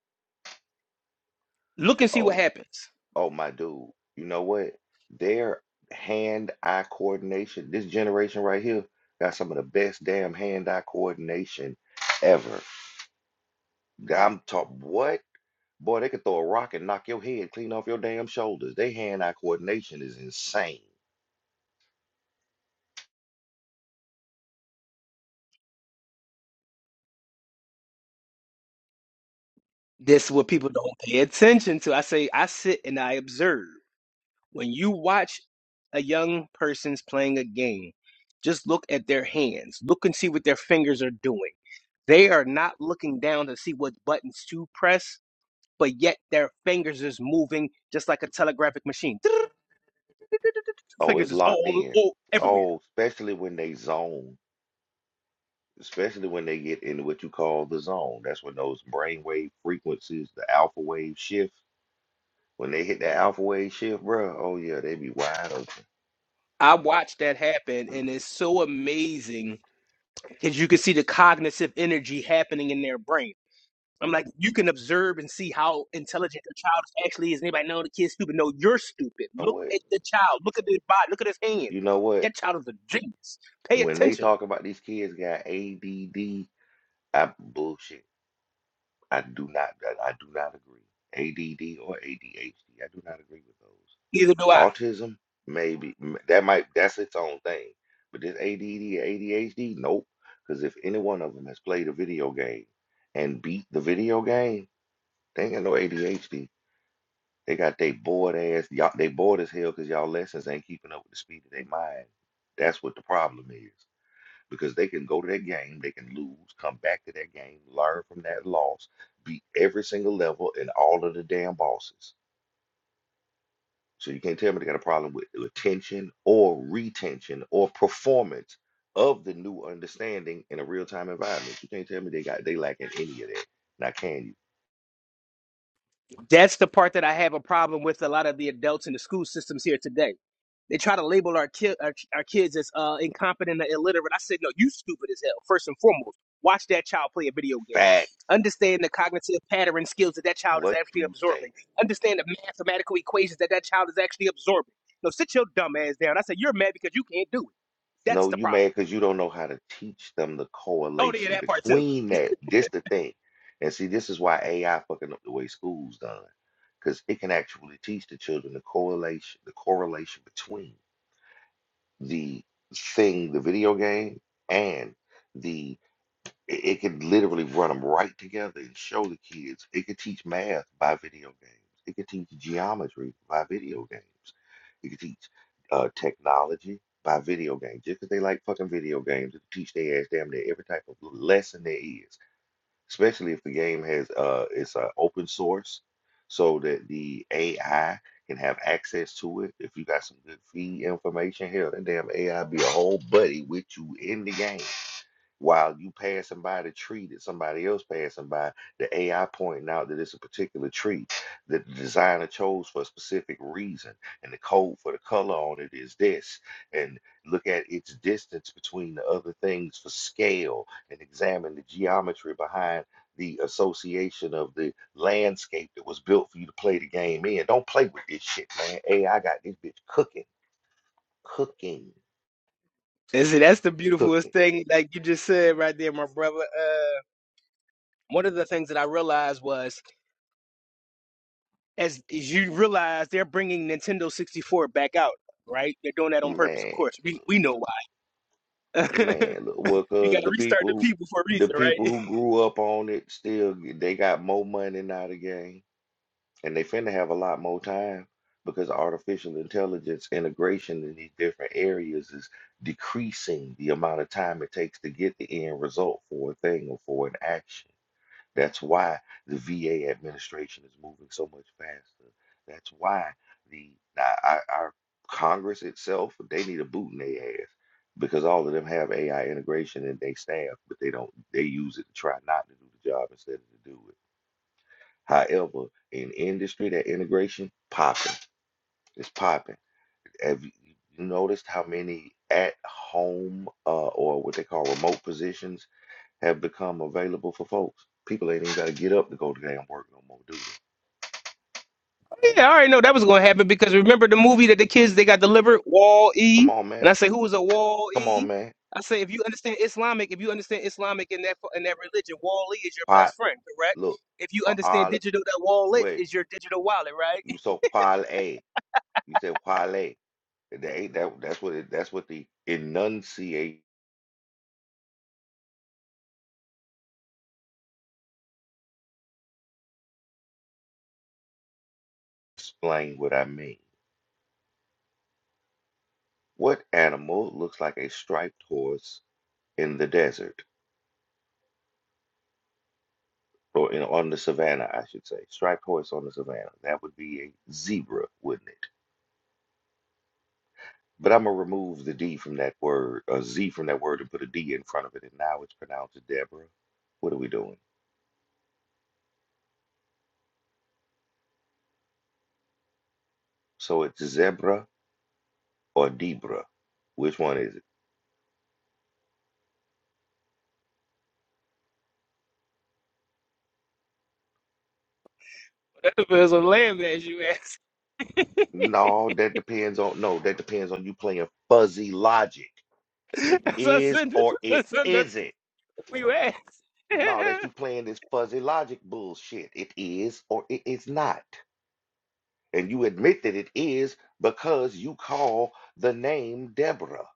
Speaker 7: Look and see what
Speaker 6: Oh,
Speaker 7: happens.
Speaker 6: oh my dude. You know what? Their hand-eye coordination, this generation right here, got some of the best damn hand-eye coordination ever. I'm talk what? Boy, they could throw a rock and knock your head clean off your damn shoulders. They hand-eye coordination is insane.
Speaker 7: This what people don't pay attention to. I say I sit and I observe. When you watch a young person's playing a game, just look at their hands. Look and see what their fingers are doing. They are not looking down to see what buttons to press, but yet their fingers is moving just like a telegraphic machine.
Speaker 6: Oh,
Speaker 7: Fingers
Speaker 6: it's
Speaker 7: is
Speaker 6: locked
Speaker 7: all,
Speaker 6: in.
Speaker 7: all everywhere.
Speaker 6: Oh, especially when they zone. especially when they get into what you call the zone. That's when those brainwave frequencies, the alpha wave shift, when they hit that alpha wave shift, bro, oh yeah, they be wide open.
Speaker 7: I watched that happen, and it's so amazing because you can see the cognitive energy happening in their brain. I'm like, you can observe and see how intelligent the child actually is. And anybody know the kid's stupid? No, you're stupid.
Speaker 6: You know
Speaker 7: Look
Speaker 6: what?
Speaker 7: at the child. Look at his body. Look at his hands.
Speaker 6: You know what?
Speaker 7: That child is a genius. Pay
Speaker 6: When they
Speaker 7: attention.
Speaker 6: talk about these kids got ADD, I bullshit. I do not. I, I do not agree. ADD or ADHD, I do not agree with those.
Speaker 7: Neither do I.
Speaker 6: Autism, maybe m- that might that's its own thing. But this ADD, ADHD, nope. Because if any one of them has played a video game and beat the video game, they ain't got no ADHD. They got they bored ass. Y'all, they bored as hell because y'all lessons ain't keeping up with the speed of their mind. That's what the problem is. Because they can go to that game, they can lose, come back to that game, learn from that loss, beat every single level and all of the damn bosses So you can't tell me they got a problem with retention or retention or performance of the new understanding in a real time environment. You can't tell me they got they lacking any of that. Now can you?
Speaker 7: That's the part that I have a problem with a lot of the adults in the school systems here today. They try to label our, ki- our, our kids as uh, incompetent and illiterate. I said, no, you stupid as hell, first and foremost. Watch that child play a video game.
Speaker 6: Facts,
Speaker 7: Understand the cognitive pattern skills that that child is
Speaker 6: what
Speaker 7: actually
Speaker 6: you
Speaker 7: absorbing.
Speaker 6: say.
Speaker 7: Understand the mathematical equations that that child is actually absorbing. No, sit your dumb ass down. I said, you're mad because you can't do it. That's
Speaker 6: No,
Speaker 7: the
Speaker 6: you
Speaker 7: problem.
Speaker 6: mad because you don't know how to teach them the
Speaker 7: Oh, yeah,
Speaker 6: correlation
Speaker 7: that part too.
Speaker 6: between that. This the thing. And see, this is why AI fucking up the way school's done. Because it can actually teach the children the correlation, the correlation between the thing, the video game, and the It, it could literally run them right together and show the kids. It could teach math by video games. It could teach geometry by video games. It could teach uh, technology by video games. Just 'cause they like fucking video games, it could teach their ass damn near every type of lesson there is. Especially if the game has uh, it's uh, open source, so that the AI can have access to it. If you got some good feed information, hell, that damn AI be a whole buddy with you in the game. While you passing by the tree that somebody else passing by, the AI pointing out that it's a particular tree that the designer chose for a specific reason, and the code for the color on it is this. And look at its distance between the other things for scale, and examine the geometry behind the association of the landscape that was built for you to play the game in. Don't play with this shit, man. AI got this bitch cooking, cooking,
Speaker 7: Is it? that's the beautifulest
Speaker 6: cooking,
Speaker 7: thing, like you just said right there, my brother. Uh, one of the things that I realized was as, as you realize they're bringing Nintendo 64 back out, right? They're doing that on purpose, of
Speaker 6: man.
Speaker 7: course. We we know why.
Speaker 6: Man, look, well,
Speaker 7: you got
Speaker 6: cause
Speaker 7: to
Speaker 6: the
Speaker 7: restart
Speaker 6: people
Speaker 7: the
Speaker 6: who
Speaker 7: people for a
Speaker 6: the
Speaker 7: reason, right?
Speaker 6: people who grew up on it still g- they got more money now the game, and they finna have a lot more time because artificial intelligence integration in these different areas is decreasing the amount of time it takes to get the end result for a thing or for an action. That's why the VA administration is moving so much faster. That's why the our, our our Congress itself they need a boot in their ass because all of them have AI integration in their staff, but they don't. They use it to try not to do the job instead of to do it. However, in industry, that integration popping, it's popping. Have you you noticed how many at home uh, or what they call remote positions? have become available for folks. People ain't even got to get up to go to damn work no more, do they?
Speaker 7: Yeah, I already know that was gonna happen because remember the movie that the kids they got delivered, Wall
Speaker 6: Come
Speaker 7: E,
Speaker 6: on, man.
Speaker 7: and I say who is a Wall
Speaker 6: Come on,
Speaker 7: E?
Speaker 6: man.
Speaker 7: I say if you understand Islamic, if you understand Islamic in that in that religion, Wall E is your
Speaker 6: What?
Speaker 7: best friend, correct?
Speaker 6: Look.
Speaker 7: If you understand
Speaker 6: Wa'al.
Speaker 7: digital, that wallet
Speaker 6: Wait.
Speaker 7: is your digital wallet, right?
Speaker 6: You said wale. You said wale. That ain't that. That's what. It, that's what the enunciate. Explain what I mean. What animal looks like a striped horse in the desert or in on the savannah? I should say striped horse on the savannah. That would be a zebra, wouldn't it? But I'm gonna remove the D from that word, a Z from that word, and put a D in front of it, and now it's pronounced Deborah. What are we doing? So it's zebra or Debra. Which one is it?
Speaker 7: That was a lamb as you asked.
Speaker 6: No, that depends on no, that depends on you playing fuzzy logic. It
Speaker 7: That's what I
Speaker 6: is
Speaker 7: said. That's
Speaker 6: or
Speaker 7: what I
Speaker 6: it
Speaker 7: said, that's
Speaker 6: isn't.
Speaker 7: what you asked.
Speaker 6: No, that's you playing this fuzzy logic bullshit. It is or it is not. And you admit that it is because you call the name Deborah.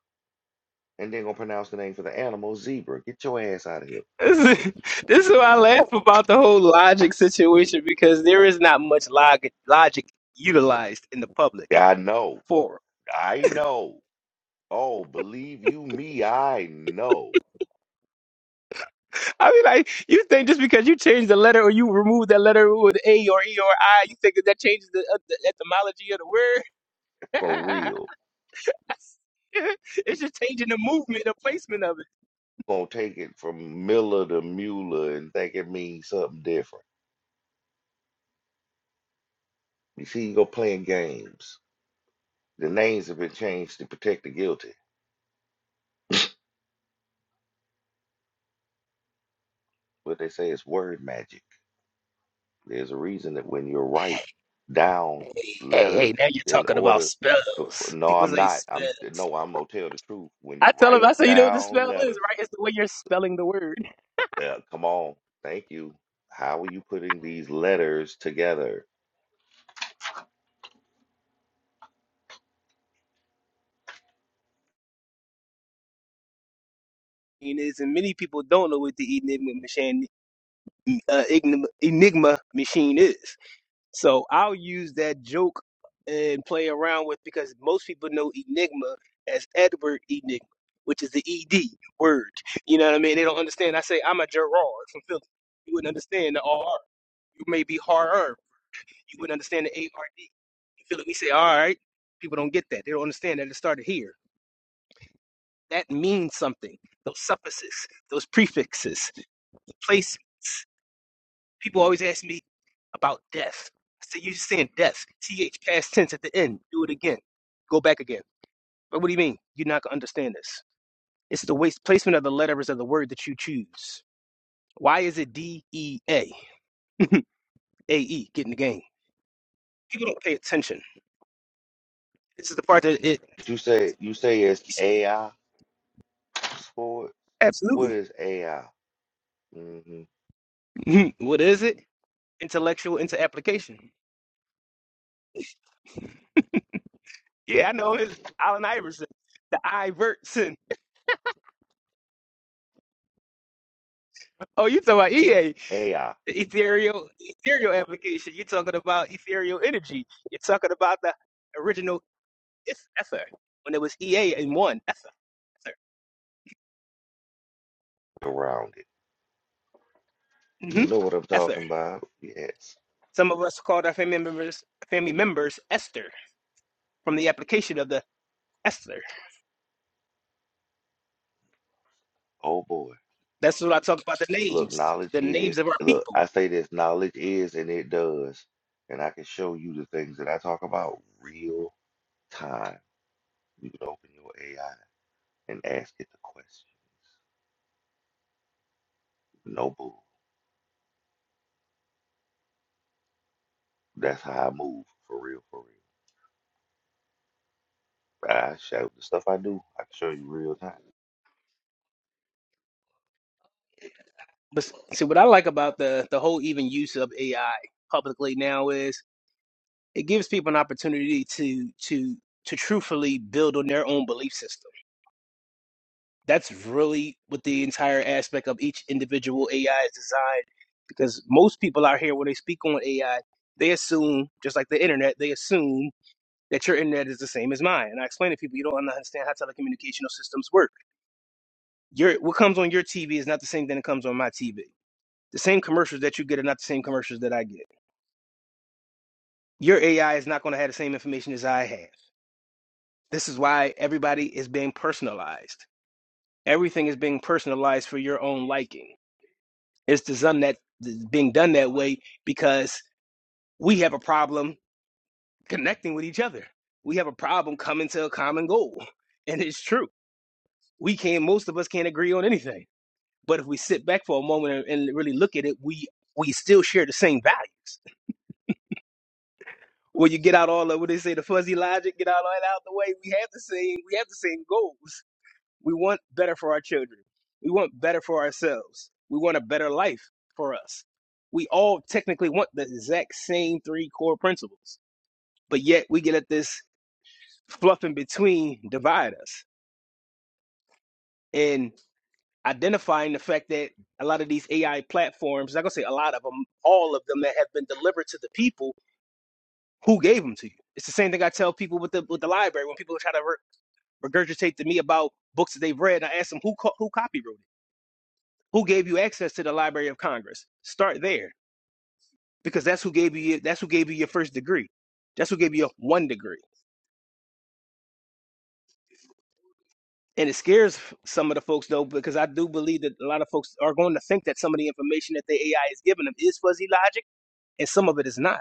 Speaker 6: And then gonna pronounce the name for the animal zebra. Get your ass out of here.
Speaker 7: this is this is why I laugh about the whole logic situation because there is not much log- logic utilized in the public
Speaker 6: I know.
Speaker 7: forum.
Speaker 6: I know. Oh, believe you me, I know.
Speaker 7: I mean, like you think just because you change the letter or you remove that letter with a or e or i, you think that that changes the, uh, the etymology of
Speaker 6: For
Speaker 7: the
Speaker 6: real.
Speaker 7: word? it's just changing the movement, the placement of it.
Speaker 6: Gonna take it from Miller to Mueller and think it means something different. You see, you go playing games. The names have been changed to protect the guilty. What they say is word magic. There's a reason that when you're right down
Speaker 7: Hey, hey,
Speaker 6: letters
Speaker 7: now you're
Speaker 6: in
Speaker 7: talking about
Speaker 6: order to
Speaker 7: spells.
Speaker 6: no,
Speaker 7: People
Speaker 6: I'm
Speaker 7: say
Speaker 6: not. I'm
Speaker 7: spells.
Speaker 6: no, I'm gonna tell the truth. When
Speaker 7: I
Speaker 6: you
Speaker 7: tell them,
Speaker 6: write
Speaker 7: I say, you know what the
Speaker 6: down
Speaker 7: spell is,
Speaker 6: letters
Speaker 7: right? It's the way you're spelling the word.
Speaker 6: Yeah, come on. Thank you. How are you putting these letters together?
Speaker 7: It is, and many people don't know what the enigma machine, uh, enigma, enigma machine is. So I'll use that joke and play around with because most people know Enigma as Edward Enigma, which is the ED word. You know what I mean? They don't understand. I say I'm a Gerard from Philly. You wouldn't understand the R. You may be harder. You wouldn't understand the A R D. You feel it? We say all right. People don't get that. They don't understand that it started here. That means something. Those suffixes, those prefixes, places. People always ask me about death. I say You're just saying death. TH past tense at the end. Do it again. Go back again. But what do you mean? You're not going to understand this. It's the waste placement of the letters of the word that you choose. Why is it D E A? A E, get in the game. People don't pay attention. This is the part that it.
Speaker 6: You say you say it's AI sport. What
Speaker 7: Absolutely.
Speaker 6: is AI? hmm
Speaker 7: what is it? Intellectual into application. Yeah, I know it's Allen Iverson, the Iverson. Oh, you talking about EA?
Speaker 6: AI
Speaker 7: ethereal ethereal application. You're talking about ethereal energy. You're talking about the original eth- ether when it was EA and one ether.
Speaker 6: around it.
Speaker 7: Ether. hmm
Speaker 6: You know what I'm
Speaker 7: Ether.
Speaker 6: talking about? Yes.
Speaker 7: Some of us called our family members family members Esther from the application of the Esther.
Speaker 6: Oh boy.
Speaker 7: That's what I talk about the
Speaker 6: Look,
Speaker 7: names,
Speaker 6: knowledge
Speaker 7: the names
Speaker 6: is
Speaker 7: of our
Speaker 6: look.
Speaker 7: people.
Speaker 6: I say this, knowledge is, and it does. And I can show you the things that I talk about real time. You can open your AI and ask it the question. No bull. That's how I move for real, for real. I show the stuff I do. I can show you real time.
Speaker 7: But see, what I like about the the whole even use of AI publicly now is it gives people an opportunity to to to truthfully build on their own belief system That's really what the entire aspect of each individual AI is designed. Because most people out here, when they speak on AI, they assume, just like the internet, they assume that your internet is the same as mine. And I explain to people, you don't understand how telecommunicational systems work. Your what comes on your TV is not the same thing that comes on my TV. The same commercials that you get are not the same commercials that I get. Your AI is not going to have the same information as I have. This is why everybody is being personalized. Everything is being personalized for your own liking It's to some that is being done that way because we have a problem connecting with each other. We have a problem coming to a common goal, and it's true. We can't. Most of us can't agree on anything. But if we sit back for a moment and, and really look at it, we we still share the same values. When you get out all of what they say, the fuzzy logic, get out all that out the way. We have the same. We have the same goals. We want better for our children. We want better for ourselves. We want a better life for us. We all technically want the exact same three core principles, but yet we get at this fluff in between divide us. And identifying the fact that a lot of these AI platforms, I'm gonna say a lot of them, all of them that have been delivered to the people who gave them to you. It's the same thing I tell people with the with the library when people try to re- regurgitate to me about books that they've read. I ask them who co- who copywrote it Who gave you access to the Library of Congress? Start there because that's who gave you that's who gave you your first degree. That's who gave you one degree. And it scares some of the folks though because I do believe that a lot of folks are going to think that some of the information that the AI is giving them is fuzzy logic and some of it is not.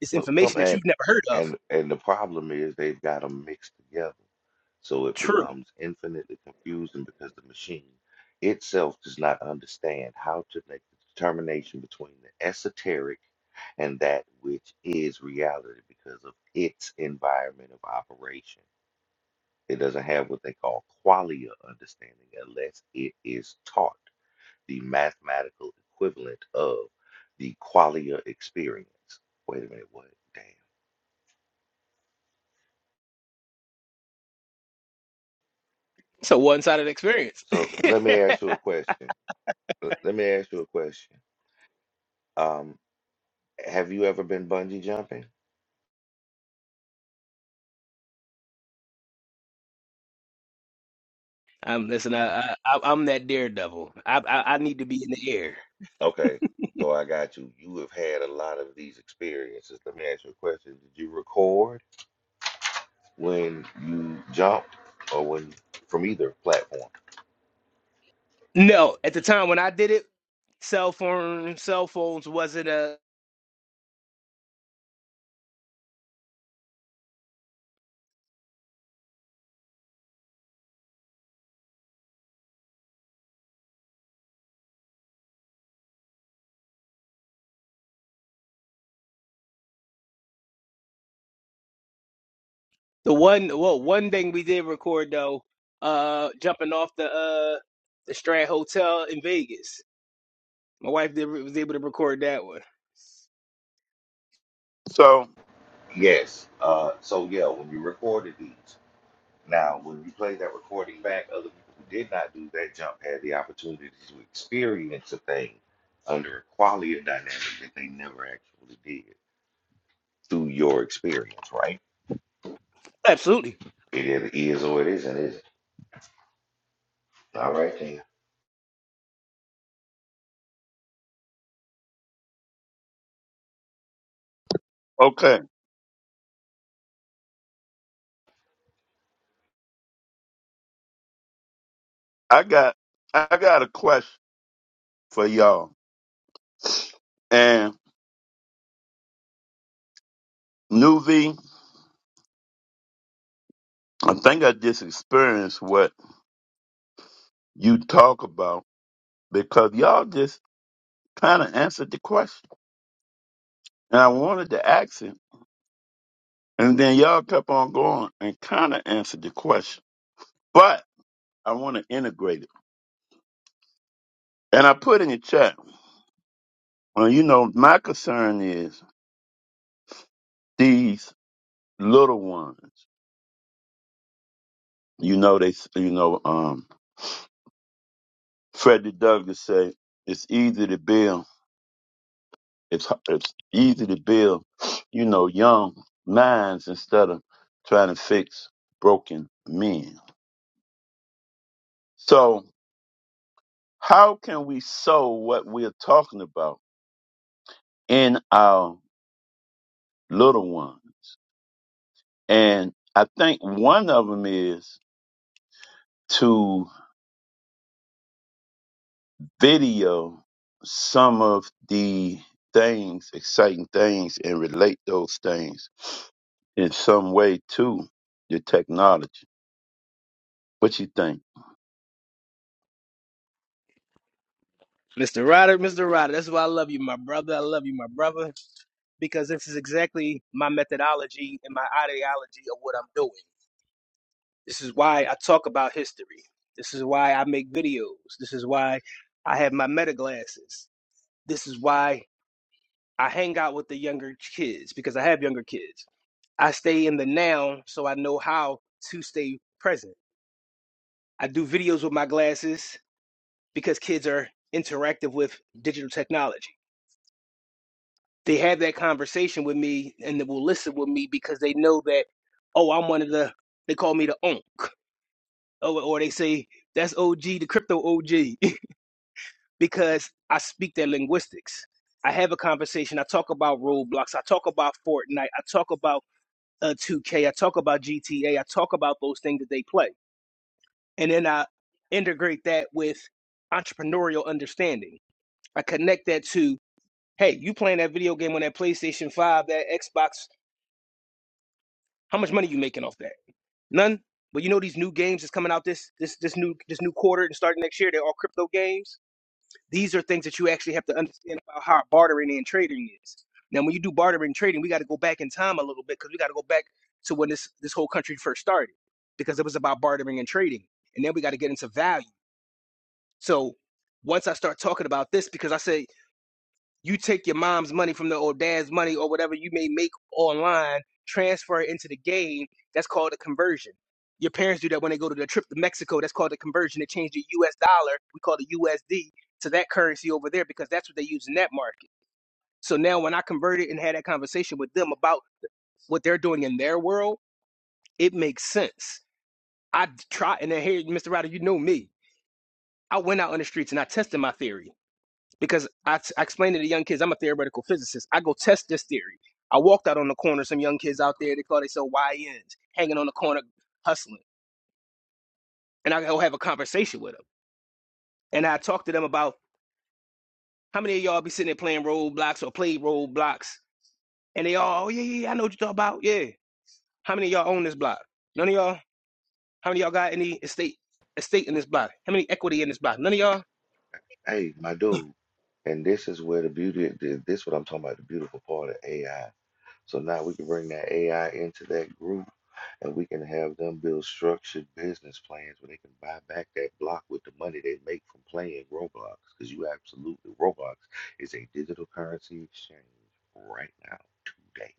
Speaker 7: It's
Speaker 6: No, some
Speaker 7: information that
Speaker 6: and
Speaker 7: you've never heard of.
Speaker 6: and and the problem is they've got them mixed together, so it
Speaker 7: True.
Speaker 6: becomes infinitely confusing because the machine itself does not understand how to make the determination between the esoteric and that which is reality because of its environment of operation. It doesn't have what they call qualia understanding unless it is taught the mathematical equivalent of the qualia experience. Wait a minute, what? Damn.
Speaker 7: It's a one-sided experience.
Speaker 6: So let me ask you a question. L- Let me ask you a question. Um, have you ever been bungee jumping?
Speaker 7: I'm listen. I, I I'm that daredevil. I, I I need to be in the air.
Speaker 6: Okay, so I got you. You have had a lot of these experiences. Let me ask you a question. Did you record when you jumped or when from either platform?
Speaker 7: No, at the time when I did it, cell phone cell phones wasn't a The one well one thing we did record though, uh jumping off the uh the Strand Hotel in Vegas. My wife did was able to record that one.
Speaker 4: So,
Speaker 6: Yes. Uh, so yeah, when you recorded these. Now, when you play that recording back, other people who did not do that jump had the opportunity to experience a thing under a quality of dynamic that they never actually did through your experience, right?
Speaker 7: Absolutely.
Speaker 6: It either is or it isn't, is it? All right, then.
Speaker 4: okay, I got I got a question for y'all. And Nuvi, I think I just experienced what you talk about because y'all just kind of answered the question. And I wanted to ask him. And then y'all kept on going and kind of answered the question. But I want to integrate it. And I put in the chat, well, you know, my concern is these little ones. You know, they, s- you know, um, Frederick Douglass say it's easy to build. It's, h- it's easy to build, you know, young minds instead of trying to fix broken men. So, How can we sow what we're talking about in our little ones? And I think one of them is to video some of the things, exciting things, and relate those things in some way to the technology. What you think?
Speaker 7: Mr. Rodder, Mr. Rodder, that's why I love you, my brother. I love you, my brother, because this is exactly my methodology and my ideology of what I'm doing. This is why I talk about history. This is why I make videos. This is why I have my meta glasses. This is why I hang out with the younger kids because I have younger kids. I stay in the now so I know how to stay present. I do videos with my glasses because kids are interactive with digital technology. They have that conversation with me and they will listen with me because they know that, oh, I'm one of the, they call me the onk. Or, or they say, that's OG, the crypto OG, because I speak their linguistics. I have a conversation. I talk about roadblocks. I talk about Fortnite. I talk about uh, 2K. I talk about GTA. I talk about those things that they play and then I integrate that with entrepreneurial understanding. I connect that to, hey, you playing that video game on that PlayStation 5, that Xbox, how much money you making off that? None. But you know these new games that's coming out this this this new this new quarter and starting next year, they're all crypto games. These are things that you actually have to understand about how bartering and trading is. Now when you do bartering and trading, we got to go back in time a little bit because we got to go back to when this this whole country first started because it was about bartering and trading. And then we got to get into value So once I start talking about this, because I say you take your mom's money from the or dad's money or whatever you may make online, transfer it into the game. That's called a conversion. Your parents do that when they go to the trip to Mexico. That's called a conversion. They change the U.S. dollar. We call the USD to that currency over there because that's what they use in that market. So now when I converted and had that conversation with them about what they're doing in their world, it makes sense. I try and then here, Mr. Ryder, you know me. I went out on the streets and I tested my theory. because I I explain to the young kids, I'm a theoretical physicist. I go test this theory. I walked out on the corner, some young kids out there, they call themselves YNs, hanging on the corner, hustling. And I go have a conversation with them. And I talk to them about how many of y'all be sitting there playing roadblocks or play roadblocks. And they all, oh, yeah, yeah, yeah, I know what you're talking about. Yeah. How many of y'all own this block? None of y'all? How many of y'all got any estate estate in this block? How many equity in this block? None of y'all?
Speaker 6: Hey, my dude. And this is where the beauty, this is what I'm talking about, the beautiful part of AI. So now we can bring that AI into that group and we can have them build structured business plans where they can buy back that block with the money they make from playing Roblox. Because you absolutely, Roblox is a digital currency exchange right now, today.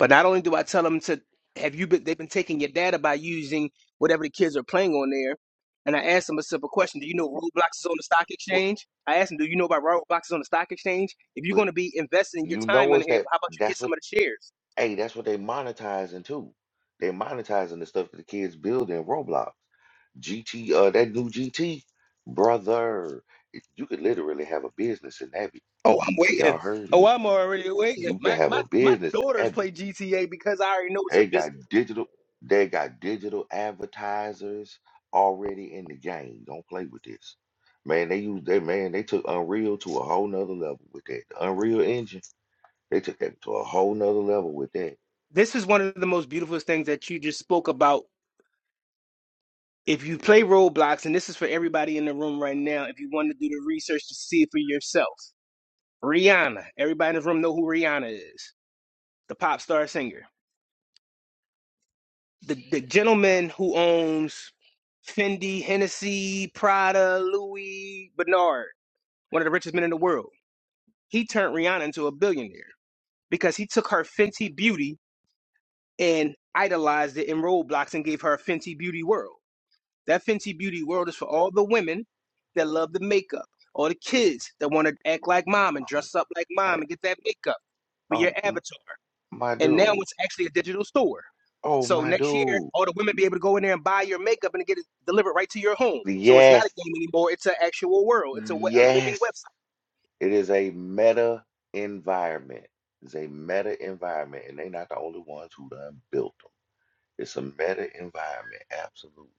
Speaker 7: But not only do I tell them to have you been, they've been taking your data by using whatever the kids are playing on there. And I asked them a simple question: Do you know Roblox is on the stock
Speaker 6: But,
Speaker 7: exchange? I asked them, Do you know about Roblox is on the stock exchange? If you're
Speaker 6: but
Speaker 7: going to be investing your
Speaker 6: you
Speaker 7: time
Speaker 6: know
Speaker 7: in
Speaker 6: it's
Speaker 7: here,
Speaker 6: that
Speaker 7: how about you get
Speaker 6: that's
Speaker 7: some
Speaker 6: what,
Speaker 7: of the shares?
Speaker 6: hey, that's what they monetizing too. They monetizing the stuff that the kids build in Roblox. GT, uh, that new GT, brother, it- you could literally have a business in that.
Speaker 7: Oh, I'm waiting.
Speaker 6: Y'all heard me.
Speaker 7: Oh, I'm already waiting.
Speaker 6: You can
Speaker 7: My
Speaker 6: have
Speaker 7: my
Speaker 6: a
Speaker 7: my
Speaker 6: business
Speaker 7: daughters
Speaker 6: admin.
Speaker 7: play GTA because I already know it's a
Speaker 6: They got
Speaker 7: business.
Speaker 6: digital, they got digital advertisers already in the game. Don't play with this. Man, they use they man, they took Unreal to a whole nother level with that. The Unreal Engine, they took that to a whole nother level with that.
Speaker 7: This is one of the most beautiful things that you just spoke about. If you play Roblox, and this is for everybody in the room right now, if you want to do the research to see it for yourself, Rihanna. Everybody in this room know who Rihanna is, the pop star singer. The the gentleman who owns Fendi, Hennessy, Prada, Louis Bernard, one of the richest men in the world. He turned Rihanna into a billionaire. because he took her Fenty Beauty and idolized it in Roblox and gave her a Fenty Beauty world. That Fenty Beauty world is for all the women that love the makeup, all the kids that want to act like mom and
Speaker 6: Um,
Speaker 7: dress up like
Speaker 6: hey,
Speaker 7: mom and get that makeup for your
Speaker 6: um, m-
Speaker 7: avatar.
Speaker 6: my
Speaker 7: And now
Speaker 6: dude.
Speaker 7: it's actually a digital store.
Speaker 6: Oh,
Speaker 7: So
Speaker 6: my
Speaker 7: next year,
Speaker 6: dude.
Speaker 7: all the women be able to go in there and buy your makeup and get it delivered right to your home. So it's not a
Speaker 6: Yes,
Speaker 7: game anymore. It's an actual world. It's a, we- a living
Speaker 6: yes.
Speaker 7: website.
Speaker 6: It is a meta environment. It's a meta environment, and they're not the only ones who done built them. It's a meta environment, absolutely.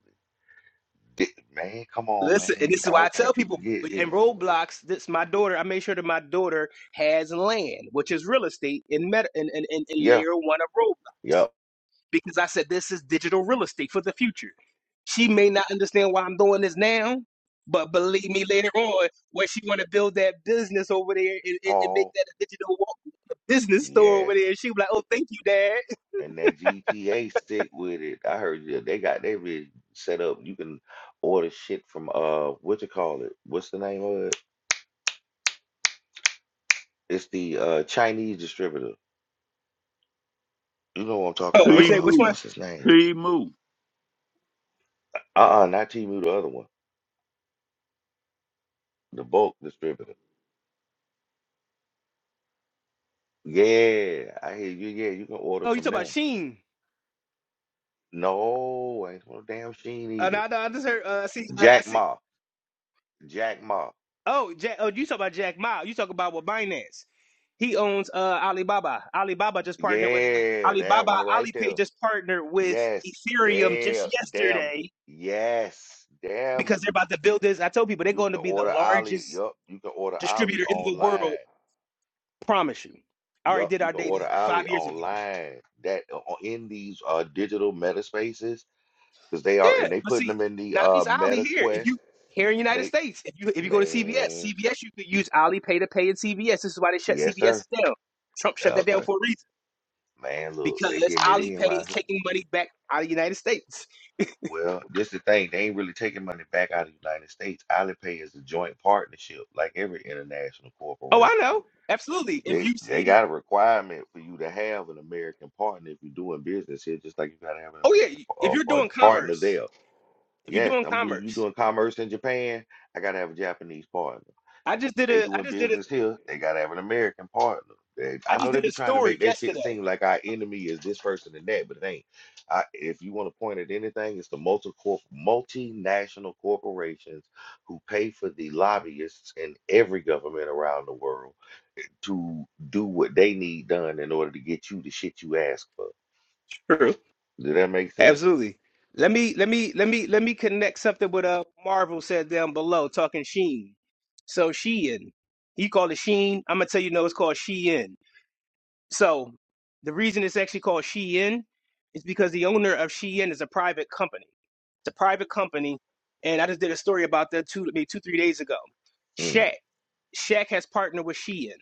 Speaker 6: Di- Man, come on,
Speaker 7: Listen, and
Speaker 6: man.
Speaker 7: this is
Speaker 6: I
Speaker 7: why I
Speaker 6: don't
Speaker 7: tell
Speaker 6: think people
Speaker 7: people
Speaker 6: get
Speaker 7: in
Speaker 6: this.
Speaker 7: Roblox. This my daughter. I made sure that my daughter has land, which is real estate in meta in, in, in, in
Speaker 6: Yeah,
Speaker 7: layer one of Roblox,
Speaker 6: yep.
Speaker 7: because I said this is digital real estate for the future. She may not understand why I'm doing this now, but believe me, later on, when she want to build that business over there and, and, and make
Speaker 6: Oh,
Speaker 7: that a digital wa- business store over
Speaker 6: yes.
Speaker 7: there, she be like, "Oh, thank you, Dad."
Speaker 6: And that GTA stick with it. I heard you. They got they rig set up. You can order shit from uh, what you call it? What's the name of it? It's the uh Chinese distributor. You know what I'm talking
Speaker 7: Oh, which
Speaker 4: He
Speaker 6: about? Uh,
Speaker 7: which one?
Speaker 4: move.
Speaker 6: what's his name?
Speaker 4: He move.
Speaker 6: Uh-uh, not Temu, the other one, the bulk distributor. Yeah, I hear you. Yeah, you can order
Speaker 7: Oh, you talk
Speaker 6: from
Speaker 7: about
Speaker 6: them.
Speaker 7: Sheen?
Speaker 6: No, ain't no damn Sheen
Speaker 7: Uh,
Speaker 6: either.
Speaker 7: no, no, I just heard. Uh, I see. Uh, I
Speaker 6: Jack
Speaker 7: see.
Speaker 6: Ma. Jack Ma.
Speaker 7: Oh, Jack. Oh, you talk about Jack Ma? You talk about what Binance? He owns uh, Alibaba. Alibaba just partnered with uh,
Speaker 6: Yeah, that
Speaker 7: Alibaba.
Speaker 6: one right there.
Speaker 7: Alipay just partnered with
Speaker 6: Yes.
Speaker 7: Ethereum just
Speaker 6: Damn. Damn.
Speaker 7: yesterday
Speaker 6: Yes.
Speaker 7: because
Speaker 6: Damn.
Speaker 7: they're about to build this. I told people they're
Speaker 6: You
Speaker 7: going to
Speaker 6: can
Speaker 7: be the
Speaker 6: order Ali.
Speaker 7: largest
Speaker 6: Yup. You can order Ali
Speaker 7: distributor in the world
Speaker 6: online.
Speaker 7: Promise you. I already
Speaker 6: Yup.
Speaker 7: did
Speaker 6: You
Speaker 7: our
Speaker 6: can
Speaker 7: dating
Speaker 6: order
Speaker 7: five
Speaker 6: Ali
Speaker 7: years ago.
Speaker 6: online. That uh, uh, in these uh digital meta spaces. Because they are
Speaker 7: Yeah,
Speaker 6: and they
Speaker 7: but
Speaker 6: putting
Speaker 7: see,
Speaker 6: them in the
Speaker 7: not
Speaker 6: uh
Speaker 7: just Ali
Speaker 6: meta
Speaker 7: here. If you
Speaker 6: quest.
Speaker 7: here in the United
Speaker 6: They
Speaker 7: States, if you if you go to CVS,
Speaker 6: man.
Speaker 7: CVS you could use Ali Pay to pay in CVS. This is why they shut
Speaker 6: Yes, sir.
Speaker 7: CVS down. Trump shut that down
Speaker 6: Okay.
Speaker 7: for a reason
Speaker 6: Man, look,
Speaker 7: because
Speaker 6: they getting
Speaker 7: Ali
Speaker 6: it in
Speaker 7: Pay
Speaker 6: right here.
Speaker 7: is taking money back out of the United States.
Speaker 6: Well, this the thing. They ain't really taking money back out of the United States. Alipay is a joint partnership, like every international
Speaker 7: Oh,
Speaker 6: corporation.
Speaker 7: I know, absolutely. If
Speaker 6: They
Speaker 7: you
Speaker 6: they
Speaker 7: see,
Speaker 6: got a requirement for you to have an American partner if you're doing business here, just like you gotta have an
Speaker 7: oh
Speaker 6: American
Speaker 7: yeah, if
Speaker 6: par- uh,
Speaker 7: you're
Speaker 6: par-
Speaker 7: doing
Speaker 6: partner
Speaker 7: commerce,
Speaker 6: there.
Speaker 7: if you're
Speaker 6: Yes,
Speaker 7: doing
Speaker 6: I'm do you
Speaker 7: commerce,
Speaker 6: doing commerce in Japan, I gotta have a Japanese partner.
Speaker 7: I
Speaker 6: If
Speaker 7: just did
Speaker 6: they
Speaker 7: a, I
Speaker 6: doing
Speaker 7: just did a,
Speaker 6: business here, they gotta have an American partner. They,
Speaker 7: I
Speaker 6: I know
Speaker 7: just
Speaker 6: they
Speaker 7: did
Speaker 6: be
Speaker 7: a
Speaker 6: trying to
Speaker 7: story
Speaker 6: make that shit
Speaker 7: yesterday.
Speaker 6: seem like our enemy is this person and that, but it ain't. I, if you want to point at anything, it's the multi multinational corporations who pay for the lobbyists in every government around the world to do what they need done in order to get you the shit you ask for.
Speaker 7: True
Speaker 6: Does that make sense?
Speaker 7: Absolutely. Let me let me let me let me connect something with uh Marvel said down below talking Sheen. So Shein. He called it Sheen. I'm gonna tell you no, it's called Shein. So the reason it's actually called Shein is because the owner of Shein is a private company. It's a private company, and I just did a story about that two maybe two, three days ago.
Speaker 6: Mm,
Speaker 7: Shaq. Shaq has partnered with Shein.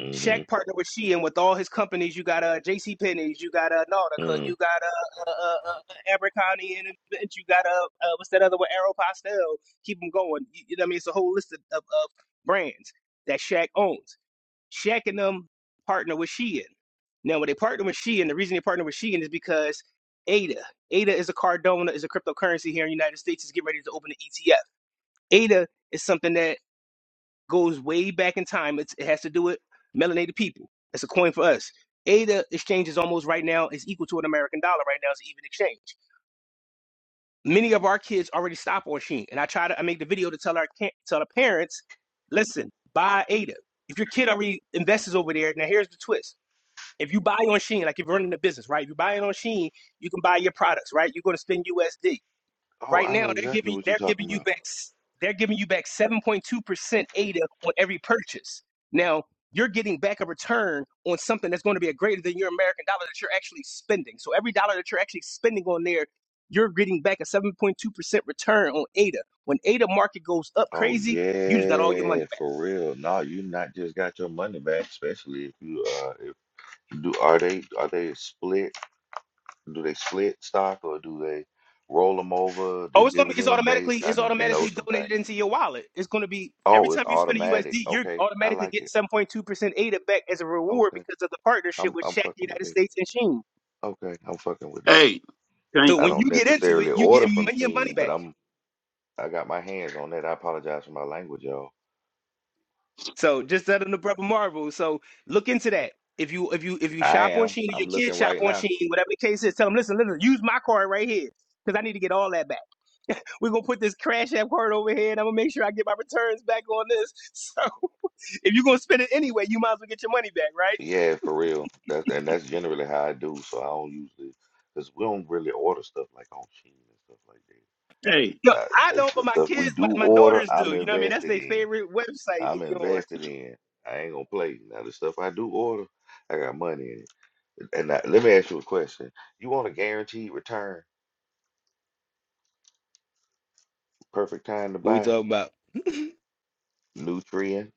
Speaker 6: hmm
Speaker 7: Shaq partnered with Shein with all his companies. You got uh, J.C. Penney's, you got uh, Nautica,
Speaker 6: mm.
Speaker 7: you got uh, uh, uh, uh, uh, Abercrombie and Fitch, you got uh, uh, what's that other one? Aero Keep them going. You, you know what I mean? It's a whole list of, of, of brands that Shaq owns. Shaq and them partner with Shein. Now, when they partner with Shein, the reason they partner with Shein is because ADA, ADA is a Cardona, is a cryptocurrency here in the United States. Is getting ready to open an ETF. ADA is something that goes way back in time. It's, it has to do with melanated people. It's a coin for us. ADA exchange is almost right now is equal to an American dollar right now. It's an even exchange. Many of our kids already stop on Sheen, and I try to I make the video to tell our ca- tell the parents, listen, buy ADA. If your kid already invests over there, now here's the twist. If you buy on Sheen, like if you're running a business, right? If you buy it on Sheen, you can buy your products, right? You're going to spend USD.
Speaker 6: Oh,
Speaker 7: Right
Speaker 6: I know
Speaker 7: now, they're
Speaker 6: exactly
Speaker 7: giving
Speaker 6: what you're
Speaker 7: they're giving
Speaker 6: talking
Speaker 7: you
Speaker 6: about.
Speaker 7: back s- they're giving you back 7.2% ADA on every purchase. Now, you're getting back a return on something that's going to be a greater than your American dollar that you're actually spending. So every dollar that you're actually spending on there, you're getting back a 7.2% return on ADA. When ADA market goes up
Speaker 6: Oh
Speaker 7: crazy, you just got all your money
Speaker 6: yeah,
Speaker 7: back.
Speaker 6: for real. No, you not just got your money back, especially if you uh if do are they are they split? Do they split stock or do they roll them over? The
Speaker 7: Oh, it's gonna be. It's
Speaker 6: dividend
Speaker 7: automatically.
Speaker 6: based? I
Speaker 7: It's
Speaker 6: need to know
Speaker 7: automatically
Speaker 6: something.
Speaker 7: donated into your wallet. It's gonna be every
Speaker 6: Oh, it's
Speaker 7: time you spend a
Speaker 6: automatic.
Speaker 7: USD, you're
Speaker 6: Okay, I
Speaker 7: automatically
Speaker 6: like
Speaker 7: getting
Speaker 6: it.
Speaker 7: seven point two percent ADA back as a reward
Speaker 6: Okay,
Speaker 7: because of the partnership
Speaker 6: I'm
Speaker 7: with
Speaker 6: I'm
Speaker 7: Shaq
Speaker 6: fucking with
Speaker 7: United
Speaker 6: it.
Speaker 7: States and Sheen.
Speaker 6: Okay, I'm fucking with it.
Speaker 4: Hey, can't,
Speaker 7: So
Speaker 6: I
Speaker 7: when
Speaker 6: don't
Speaker 7: you get into it,
Speaker 6: necessarily
Speaker 7: you get
Speaker 6: order from
Speaker 7: m- your money
Speaker 6: Sheen, but
Speaker 7: back.
Speaker 6: I'm I got my hands on that. I apologize for my language, y'all.
Speaker 7: So just that in the brother Marvel. So look into that. If you if you if you
Speaker 6: I
Speaker 7: shop on
Speaker 6: am.
Speaker 7: Sheen or
Speaker 6: I'm
Speaker 7: your
Speaker 6: looking
Speaker 7: kids shop
Speaker 6: right
Speaker 7: on
Speaker 6: now.
Speaker 7: Sheen, whatever the case is, tell them listen, listen, use my card right here because I need to get all that back. We're gonna put this Crash App card over here, and I'm gonna make sure I get my returns back on this. So. if you're gonna spend it anyway, you might as well get your money back, right?
Speaker 6: Yeah, for real. That's and that's generally how I do. So I don't usually, cause we don't really order stuff like on Shein and stuff like
Speaker 4: hey.
Speaker 6: that.
Speaker 7: No, I
Speaker 6: Now,
Speaker 7: don't,
Speaker 6: the,
Speaker 7: but
Speaker 6: the
Speaker 7: my
Speaker 6: stuff
Speaker 7: kids,
Speaker 6: we
Speaker 7: my,
Speaker 6: do
Speaker 7: my
Speaker 6: order,
Speaker 7: daughters
Speaker 6: I'm
Speaker 7: do. You know what I mean? That's
Speaker 6: invested
Speaker 7: their
Speaker 6: in.
Speaker 7: favorite website to
Speaker 6: I'm
Speaker 7: be on.
Speaker 6: invested in. I ain't gonna play. Now the stuff I do order, I got money in it. And now, let me ask you a question. You want a guaranteed return? Perfect time to
Speaker 7: What we
Speaker 6: buy?
Speaker 7: talking about?
Speaker 6: Nutrient,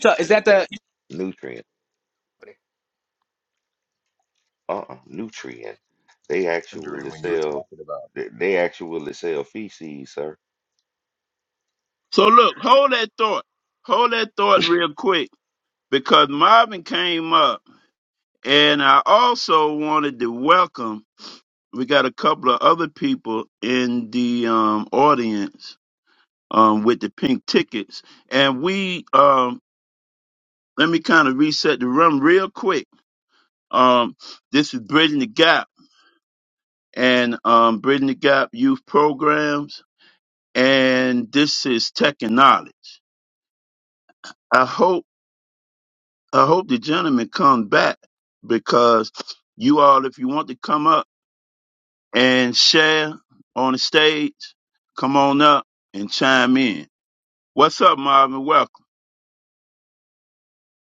Speaker 7: So is that the
Speaker 6: nutrient. Uh-uh, nutrient. They
Speaker 9: wondering
Speaker 6: actually
Speaker 9: when you were
Speaker 6: sell.
Speaker 9: talking about.
Speaker 6: They they actually sell feces, sir.
Speaker 4: So look, hold that thought. Hold that thought real quick because Marvin came up. And I also wanted to welcome, we got a couple of other people in the um, audience um, with the pink tickets. And we, um, let me kind of reset the room real quick. Um, this is Bridging the Gap and um, Bridging the Gap Youth Programs. And this is Tech and Knowledge. I hope, I hope the gentleman come back because you all, if you want to come up. and Cher on the stage, come on up and chime in. What's up, Marvin? Welcome.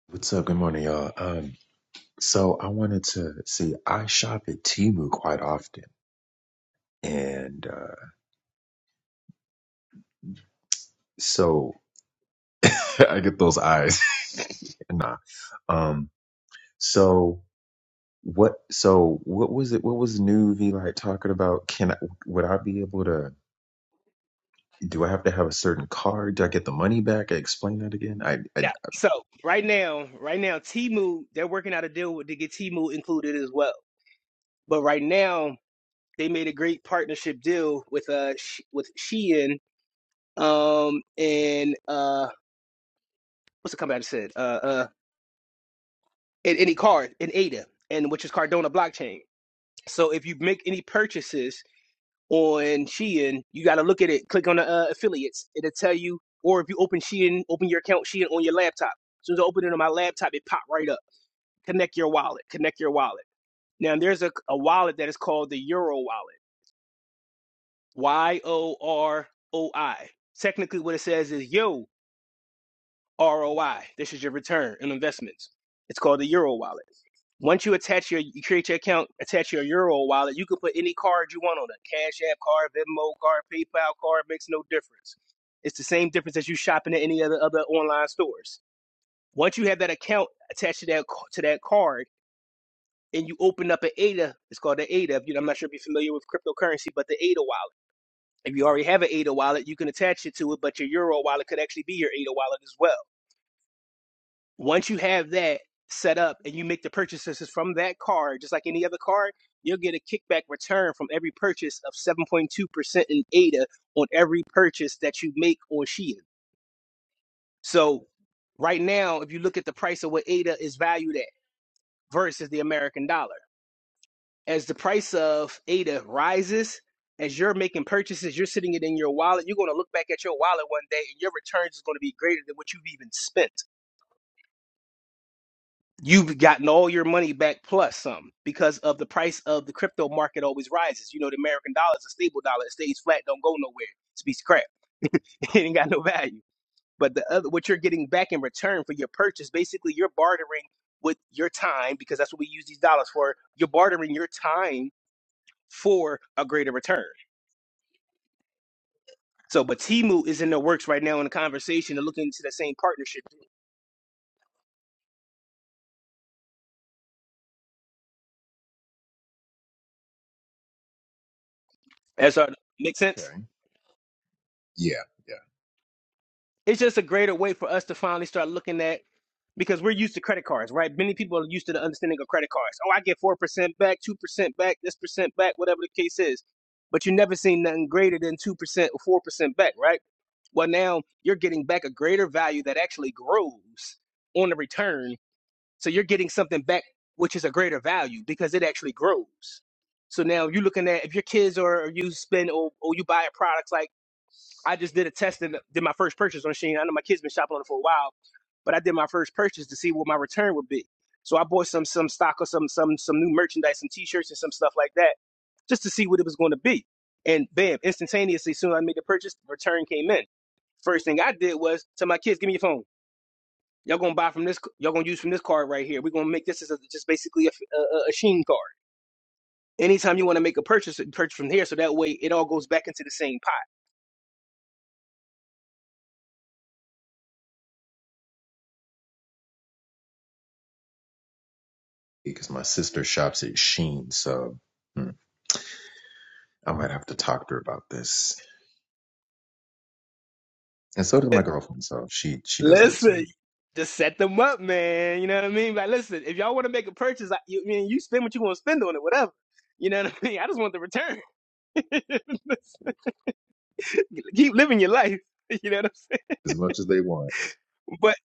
Speaker 9: What's up? Good morning, y'all. Um, so I wanted to see. I shop at Temu quite often, and uh, so I get those eyes. nah. Um. So what? So what was it? What was new? V like talking about? Can I? Would I be able to? Do I have to have a certain card? Do I get the money back? Explain that again. I, I
Speaker 7: no? So right now, right now, Timu they're working out a deal with, to get Timu included as well. But right now, they made a great partnership deal with uh Sh- with Shein um and uh what's the company I just said uh uh and any card in Ada and which is Cardona blockchain. So if you make any purchases on Shein, you got to look at it. Click on the uh, affiliates. It'll tell you. Or if you open Shein, open your account Shein on your laptop. As soon as I open it on my laptop, it popped right up. Connect your wallet. Connect your wallet. Now there's a, a wallet that is called the Euro wallet. Y O R O I. Technically, what it says is yo. ROI. This is your return on investments. It's called the Euro wallet. Once you attach your, you create your account, attach your Euro wallet, you can put any card you want on it. Cash App card, Venmo card, PayPal card, makes no difference. It's the same difference as you shopping at any other other online stores. Once you have that account attached to that to that card, and you open up an ADA, it's called the ADA. You know, I'm not sure if you're familiar with cryptocurrency, but the ADA wallet. If you already have an ADA wallet, you can attach it to it, but your Euro wallet could actually be your ADA wallet as well. Once you have that set up and you make the purchases from that card, just like any other card, you'll get a kickback return from every purchase of 7.2% in ADA on every purchase that you make on Shein. So right now, if you look at the price of what ADA is valued at versus the American dollar, as the price of ADA rises, as you're making purchases, you're sitting it in your wallet, you're going to look back at your wallet one day and your returns is going to be greater than what you've even spent. you've gotten all your money back plus some because of the price of the crypto market always rises. You know, the American dollar is a stable dollar. It stays flat, don't go nowhere. It's a piece of crap. it ain't got no value. But the other what you're getting back in return for your purchase, basically you're bartering with your time, because that's what we use these dollars for. You're bartering your time for a greater return. So but Timu is in the works right now in the conversation and looking into the same partnership. As our make sense?
Speaker 9: Okay. Yeah, yeah.
Speaker 7: It's just a greater way for us to finally start looking at because we're used to credit cards, right? Many people are used to the understanding of credit cards. Oh, I get four percent back, two percent back, this percent back, whatever the case is. But you never seen nothing greater than two percent or four percent back, right? Well, now you're getting back a greater value that actually grows on the return. So you're getting something back which is a greater value because it actually grows. So now you're looking at if your kids are or you spend or, or you buy a product like I just did a test and did my first purchase on Shein. I know my kids been shopping on it for a while, but I did my first purchase to see what my return would be. So I bought some some stock or some some some new merchandise, some T-shirts and some stuff like that, just to see what it was going to be. And bam, instantaneously, as soon as I made the purchase, return came in. First thing I did was tell my kids, "Give me your phone. Y'all gonna buy from this. Y'all gonna use from this card right here. We're gonna make this as a, just basically a, a, a Sheen card." Anytime you want to make a purchase, purchase from here, so that way it all goes back into the same pot.
Speaker 9: Because my sister shops at Sheen, so hmm, I might have to talk to her about this. And so does my girlfriend, so she she does that
Speaker 7: Listen,
Speaker 9: too.
Speaker 7: just set them up, man. You know what I mean? Like, listen, if y'all want to make a purchase, I, you, I mean, you spend what you want to spend on it, whatever. You know what I mean? I just want the return. Keep living your life. You know what I'm saying?
Speaker 9: As much as they want.
Speaker 7: But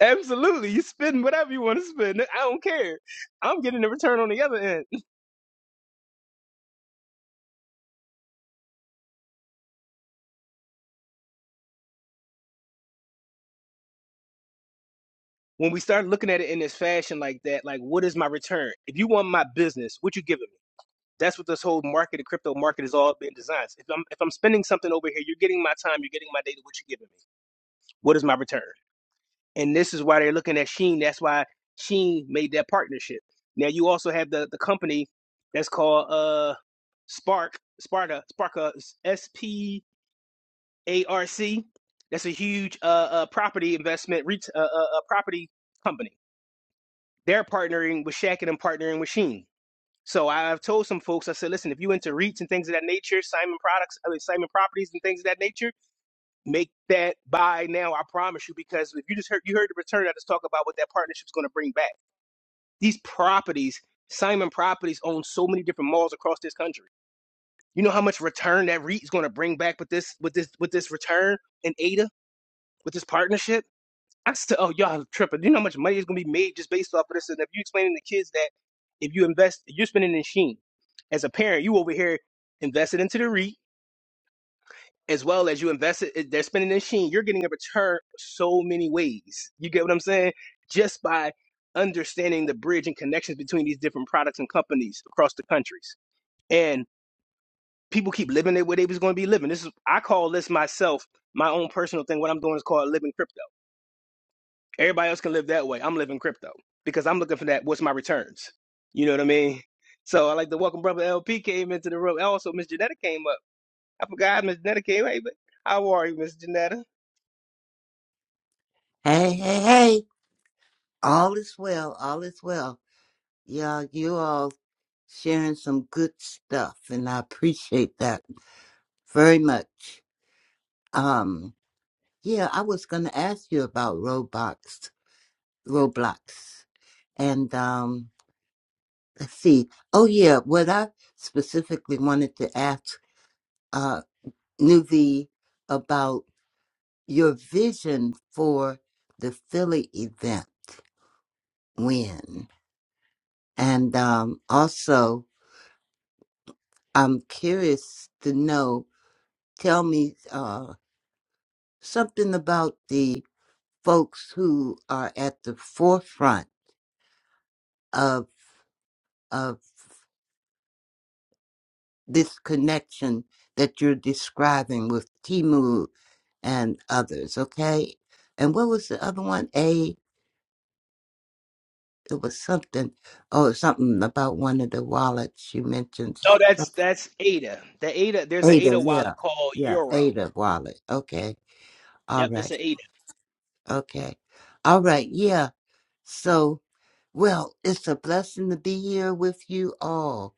Speaker 7: absolutely, you spend whatever you want to spend. I don't care. I'm getting a return on the other end. when we start looking at it in this fashion like that, like what is my return? If you want my business, what you giving me? That's what this whole market, the crypto market, is all been designed. If I'm if I'm spending something over here, you're getting my time, you're getting my data. What you giving me? What is my return? And this is why they're looking at Sheen. That's why Sheen made that partnership. Now you also have the the company that's called uh Spark Sparta Sparka S P A R C. That's a huge uh, uh property investment ret- uh, uh, uh property company they're partnering with Shaq and I'm partnering with Sheen. So I- have told some folks, I said, listen, if you into REITs and things of that nature, Simon products, I mean, Simon properties and things of that nature, make that buy now. I promise you, because if you just heard, you heard the return, I just talk about what that partnership's going to bring back. These properties, Simon properties owns so many different malls across this country. You know how much return that REIT is going to bring back with this, with this, with this return in ADA, with this partnership? I said, oh, y'all are tripping. You know how much money is going to be made just based off of this? And if you explaining to kids that if you invest, if you're spending in Sheen. As a parent, you over here invested into the REIT as well as you invested, eh, they're spending in Sheen. You're getting a return so many ways. You get what I'm saying? Just by understanding the bridge and connections between these different products and companies across the countries. And people keep living it where they was going to be living. This is, I call this myself, my own personal thing. What I'm doing is called living crypto Everybody else can live that way. I'm living crypto because I'm looking for that. What's my returns? You know what I mean? So I like to welcome brother LP came into the room. Also, Miss Janetta came up. I forgot Miss Janetta came. Hey, but how are you, Miss Janetta?
Speaker 10: Hey, hey, hey. All is well. All is well. Yeah, you all sharing some good stuff, and I appreciate that very much. Um, yeah, I was going to ask you about Roblox, Roblox, and um, let's see. Oh, yeah, what I specifically wanted to ask uh, Nuvi about your vision for the Philly event when, and um, also. I'm curious to know. Tell me uh, something about the folks who are at the forefront of of this connection that you're describing with Timu and others. Okay, and what was the other one? A it was something. Oh, something about one of the wallets you mentioned.
Speaker 7: Oh, that's
Speaker 10: Some-
Speaker 7: that's Ada. The Ada. There's an
Speaker 10: Ada,
Speaker 7: Ada wallet
Speaker 10: yeah,
Speaker 7: called
Speaker 10: yeah,
Speaker 7: Euro.
Speaker 10: Ada wallet. Okay, all
Speaker 7: Yep, it's
Speaker 10: right,
Speaker 7: an Ada.
Speaker 10: okay, all right, yeah. So, well, it's a blessing to be here with you all,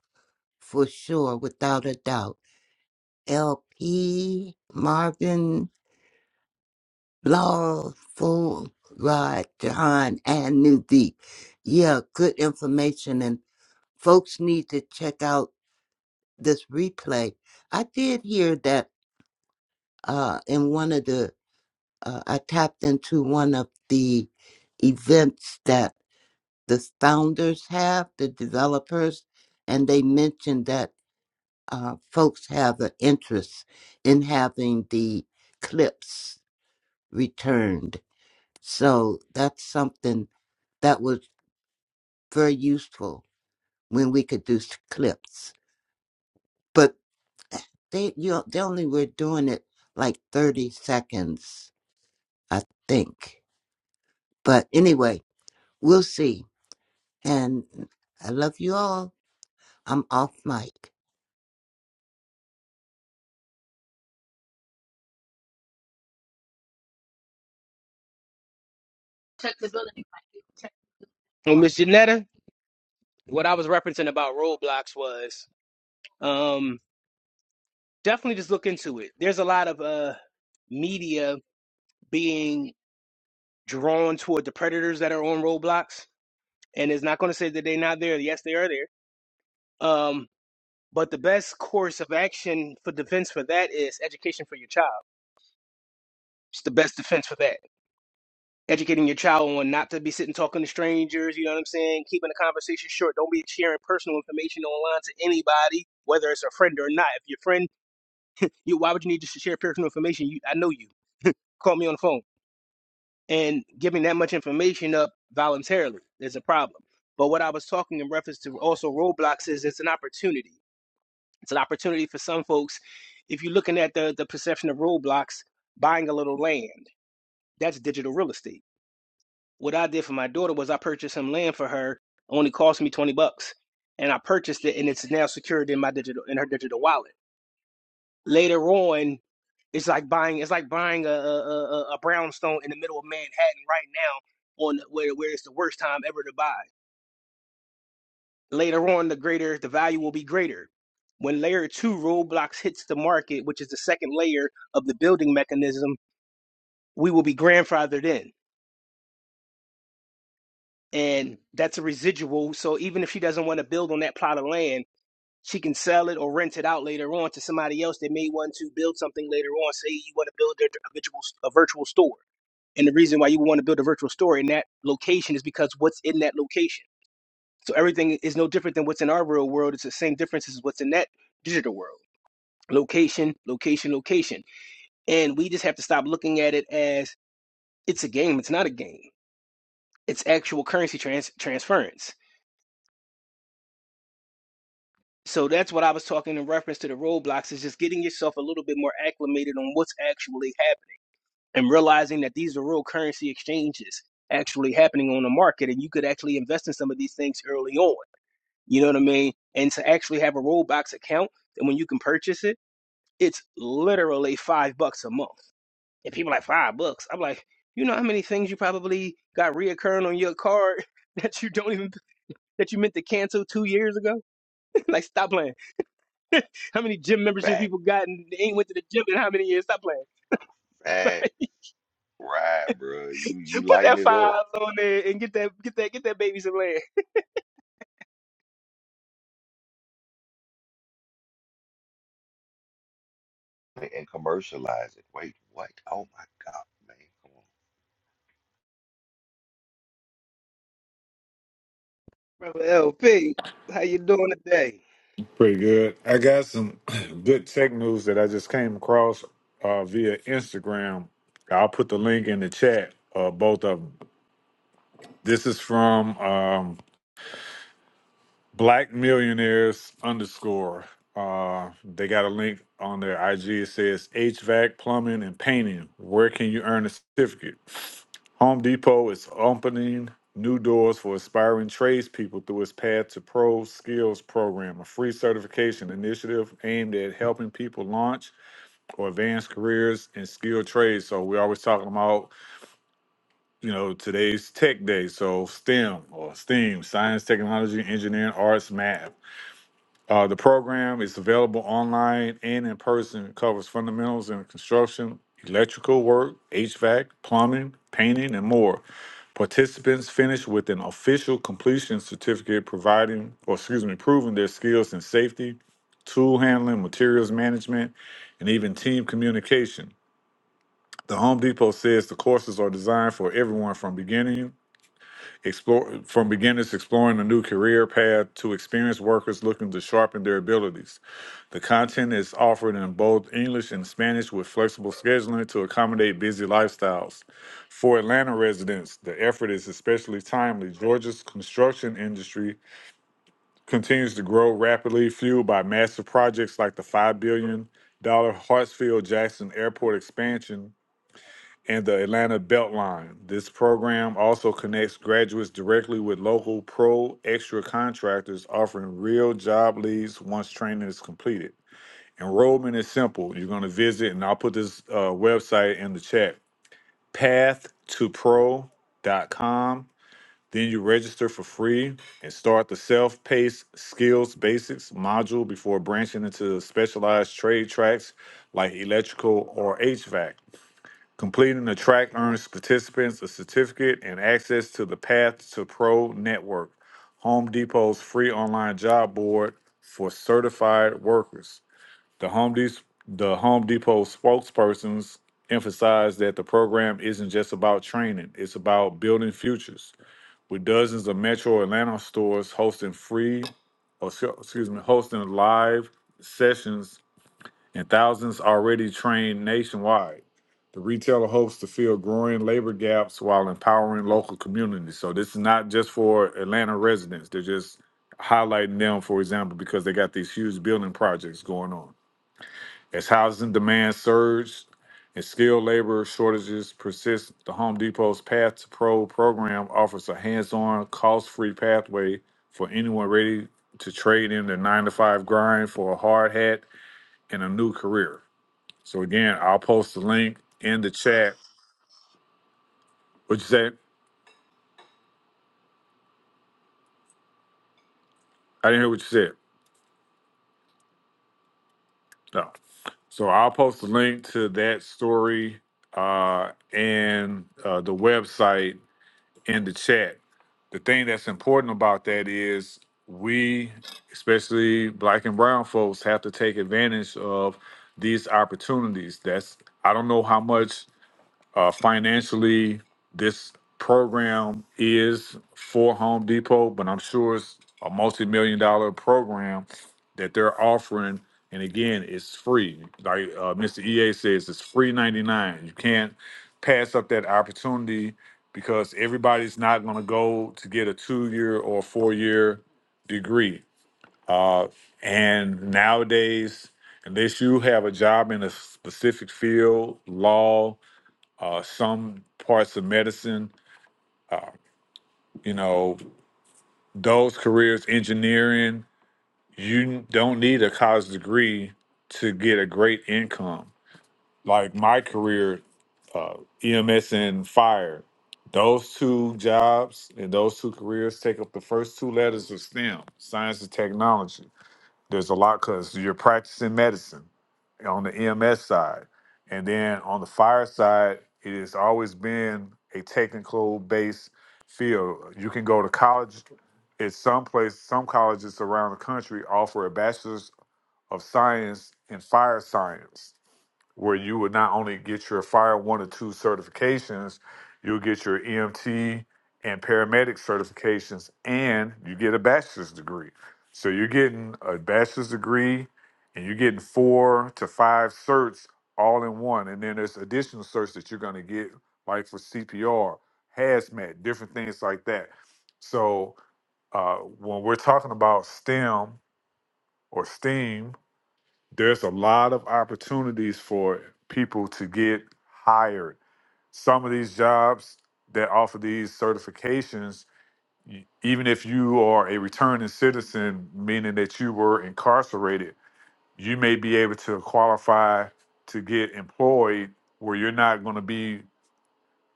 Speaker 10: for sure, without a doubt. LP, Marvin, Lawful, Rod, John, and New Deep. Yeah, good information, and folks need to check out this replay. I did hear that uh, in one of the, uh, I tapped into one of the events the founders have, the developers, and they mentioned that uh, folks have an interest in having the clips returned. So that's something that was very useful when we could do s- clips. But eh, they you they only were doing it like 30 seconds, I think. But anyway, we'll see. And I love you all. I'm off mic.
Speaker 7: Check the building. Check. Well, Miss Janetta, what I was referencing about roadblocks was um, definitely just look into it. There's a lot of uh, media being drawn toward the predators that are on roadblocks and it's not going to say that they're not there. Yes, they are there. Um, but the best course of action for defense for that is education for your child. It's the best defense for that. Educating your child on not to be sitting talking to strangers. You know what I'm saying? Keeping the conversation short. Don't be sharing personal information online to anybody, whether it's a friend or not. If your friend, you why would you need to share personal information? You, I know you. Call me on the phone. And giving that much information up voluntarily is a problem. But what I was talking in reference to also roadblocks is it's an opportunity It's an opportunity for some folks. If you're looking at the the perception of roadblocks, buying a little land, that's digital real estate. What I did for my daughter was I purchased some land for her. It Only cost me 20 bucks. And I purchased it and it's now secured in my digital in her digital wallet. Later on, it's like buying it's like buying a a, a, brownstone in the middle of Manhattan right now on where where it's the worst time ever to buy. Later on, the greater the value will be greater. When layer two roadblocks hits the market, which is the second layer of the building mechanism, we will be grandfathered in. And that's a residual. So even if she doesn't want to build on that plot of land, she can sell it or rent it out later on to somebody else that may want to build something later on. Say you want to build a a virtual, a virtual store. And the reason why you want to build a virtual store in that location is because what's in that location. So everything is no different than what's in our real world. It's the same difference as what's in that digital world. location, location, location. And we just have to stop looking at it as it's a game. It's not a game. It's actual currency trans- transference. So that's what I was talking in reference to the roadblocks is just getting yourself a little bit more acclimated on what's actually happening and realizing that these are real currency exchanges actually happening on the market and you could actually invest in some of these things early on. You know what I mean? And to actually have a Roblox account and when you can purchase it, it's literally five bucks a month. And people like five bucks. I'm like, you know how many things you probably got reoccurring on your card that you don't even that you meant to cancel two years ago? like, stop playing. How many gym memberships
Speaker 6: Fact.
Speaker 7: people got and they ain't went to the gym in how many years? Stop playing.
Speaker 6: Fact. Right, bro. You you
Speaker 7: Put
Speaker 6: lighten
Speaker 7: that
Speaker 6: it up
Speaker 7: five on there and get that get that get that baby some land.
Speaker 6: and commercialize it. Wait, what? Oh my God, man. Come on.
Speaker 7: Brother LP, how you doing today?
Speaker 11: Pretty good. I got some good tech news that I just came across uh, via Instagram. I'll put the link in the chat, uh, both of them. This is from um, Black Millionaires underscore. Uh, they got a link on their IG. It says HVAC, plumbing, and painting. Where can you earn a certificate? Home Depot is opening new doors for aspiring tradespeople through its Path to Pro Skills program, a free certification initiative aimed at helping people launch or advance careers in skilled trades. So we're always talking about, you know, today's tech day. So STEM or STEAM, science, technology, engineering, arts, math. Uh, the program is available online and in person. It covers fundamentals in construction, electrical work, HVAC, plumbing, painting, and more. Participants finish with an official completion certificate providing, or excuse me, proving their skills in safety, tool handling, materials management, and even team communication. The Home Depot says the courses are designed for everyone from beginning explore from beginners exploring a new career path to experienced workers looking to sharpen their abilities. The content is offered in both English and Spanish with flexible scheduling to accommodate busy lifestyles. For Atlanta residents, the effort is especially timely. Georgia's construction industry continues to grow rapidly, fueled by massive projects like the $5 billion Hartsfield Jackson Airport expansion and the Atlanta Beltline. This program also connects graduates directly with local pro extra contractors, offering real job leads once training is completed. Enrollment is simple. You're going to visit, and I'll put this uh, website in the chat pathtopro.com. Then you register for free and start the self paced skills basics module before branching into specialized trade tracks like electrical or HVAC. Completing the track earns participants a certificate and access to the Path to Pro network, Home Depot's free online job board for certified workers. The Home, De- the Home Depot spokespersons emphasized that the program isn't just about training, it's about building futures. With dozens of Metro Atlanta stores hosting free, or sc- excuse me, hosting live sessions and thousands already trained nationwide. The retailer hopes to fill growing labor gaps while empowering local communities. So this is not just for Atlanta residents. They're just highlighting them, for example, because they got these huge building projects going on. As housing demand surged and skilled labor shortages persist, the Home Depot's Path to Pro program offers a hands on, cost free pathway for anyone ready to trade in their nine to five grind for a hard hat and a new career. So, again, I'll post the link in the chat. What you say? I didn't hear what you said. No. So, I'll post the link to that story uh, and uh, the website in the chat. The thing that's important about that is we, especially black and brown folks, have to take advantage of these opportunities. That's I don't know how much uh, financially, this program is for Home Depot, but I'm sure it's a multi-million dollar program that they're offering. And again, it's free. Like uh, Mr. EA says, it's free 99. You can't pass up that opportunity because everybody's not going to go to get a two-year or four-year degree. Uh, and nowadays, unless you have a job in a specific field, law, uh, some parts of medicine, uh, you know, those careers, engineering, you don't need a college degree to get a great income. Like my career, uh, EMS and fire, those two jobs and those two careers take up the first two letters of STEM, science and technology There's a lot because you're practicing medicine on the EMS side. And then on the fire side, it has always been a technical based field. You can go to college at some place, some colleges around the country offer a bachelor's of science in fire science where you would not only get your fire one or two certifications, you'll get your EMT and paramedic certifications, and you get a bachelor's degree. So you're getting a bachelor's degree, and you're getting four to five certs all in one. And then there's additional certs that you're going to get, like for CPR, hazmat, different things like that. So uh, when we're talking about STEM or STEAM, there's a lot of opportunities for people to get hired. Some of these jobs that offer these certifications, y- even if you are a returning citizen, meaning that you were incarcerated, you may be able to qualify to get employed where you're not going to be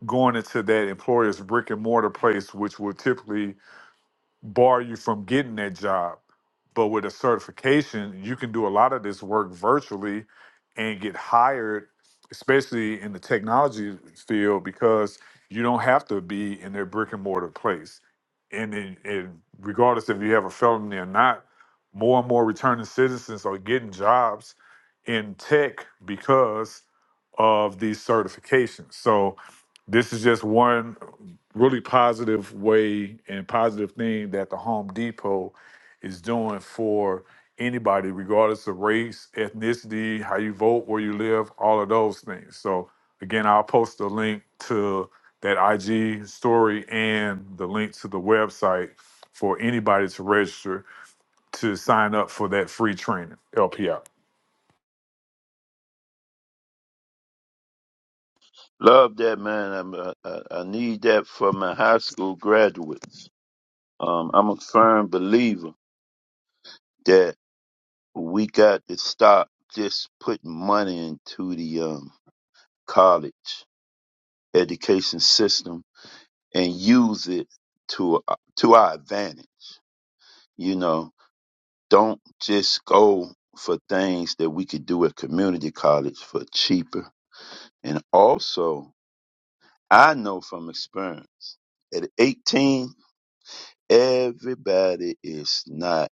Speaker 11: going into that employer's brick and mortar place, which will typically bar you from getting that job. But with a certification, you can do a lot of this work virtually and get hired, especially in the technology field, because you don't have to be in their brick and mortar place. And, then and regardless if you have a felony or not, more and more returning citizens are getting jobs in tech because of these certifications. So this is just one really positive way and positive thing that the Home Depot is doing for anybody, regardless of race, ethnicity, how you vote, where you live, all of those things. So again, I'll post a link to that IG story and the link to the website for anybody to register to sign up for that free training, Help you out.
Speaker 4: Love that, man. I'm, uh, I, I need that for my high school graduates. Um, I'm a firm believer that we got to stop just putting money into the um, college education system and use it to uh, to our advantage. You know, don't just go for things that we could do at community college for cheaper. And also, I know from experience, at 18, everybody is not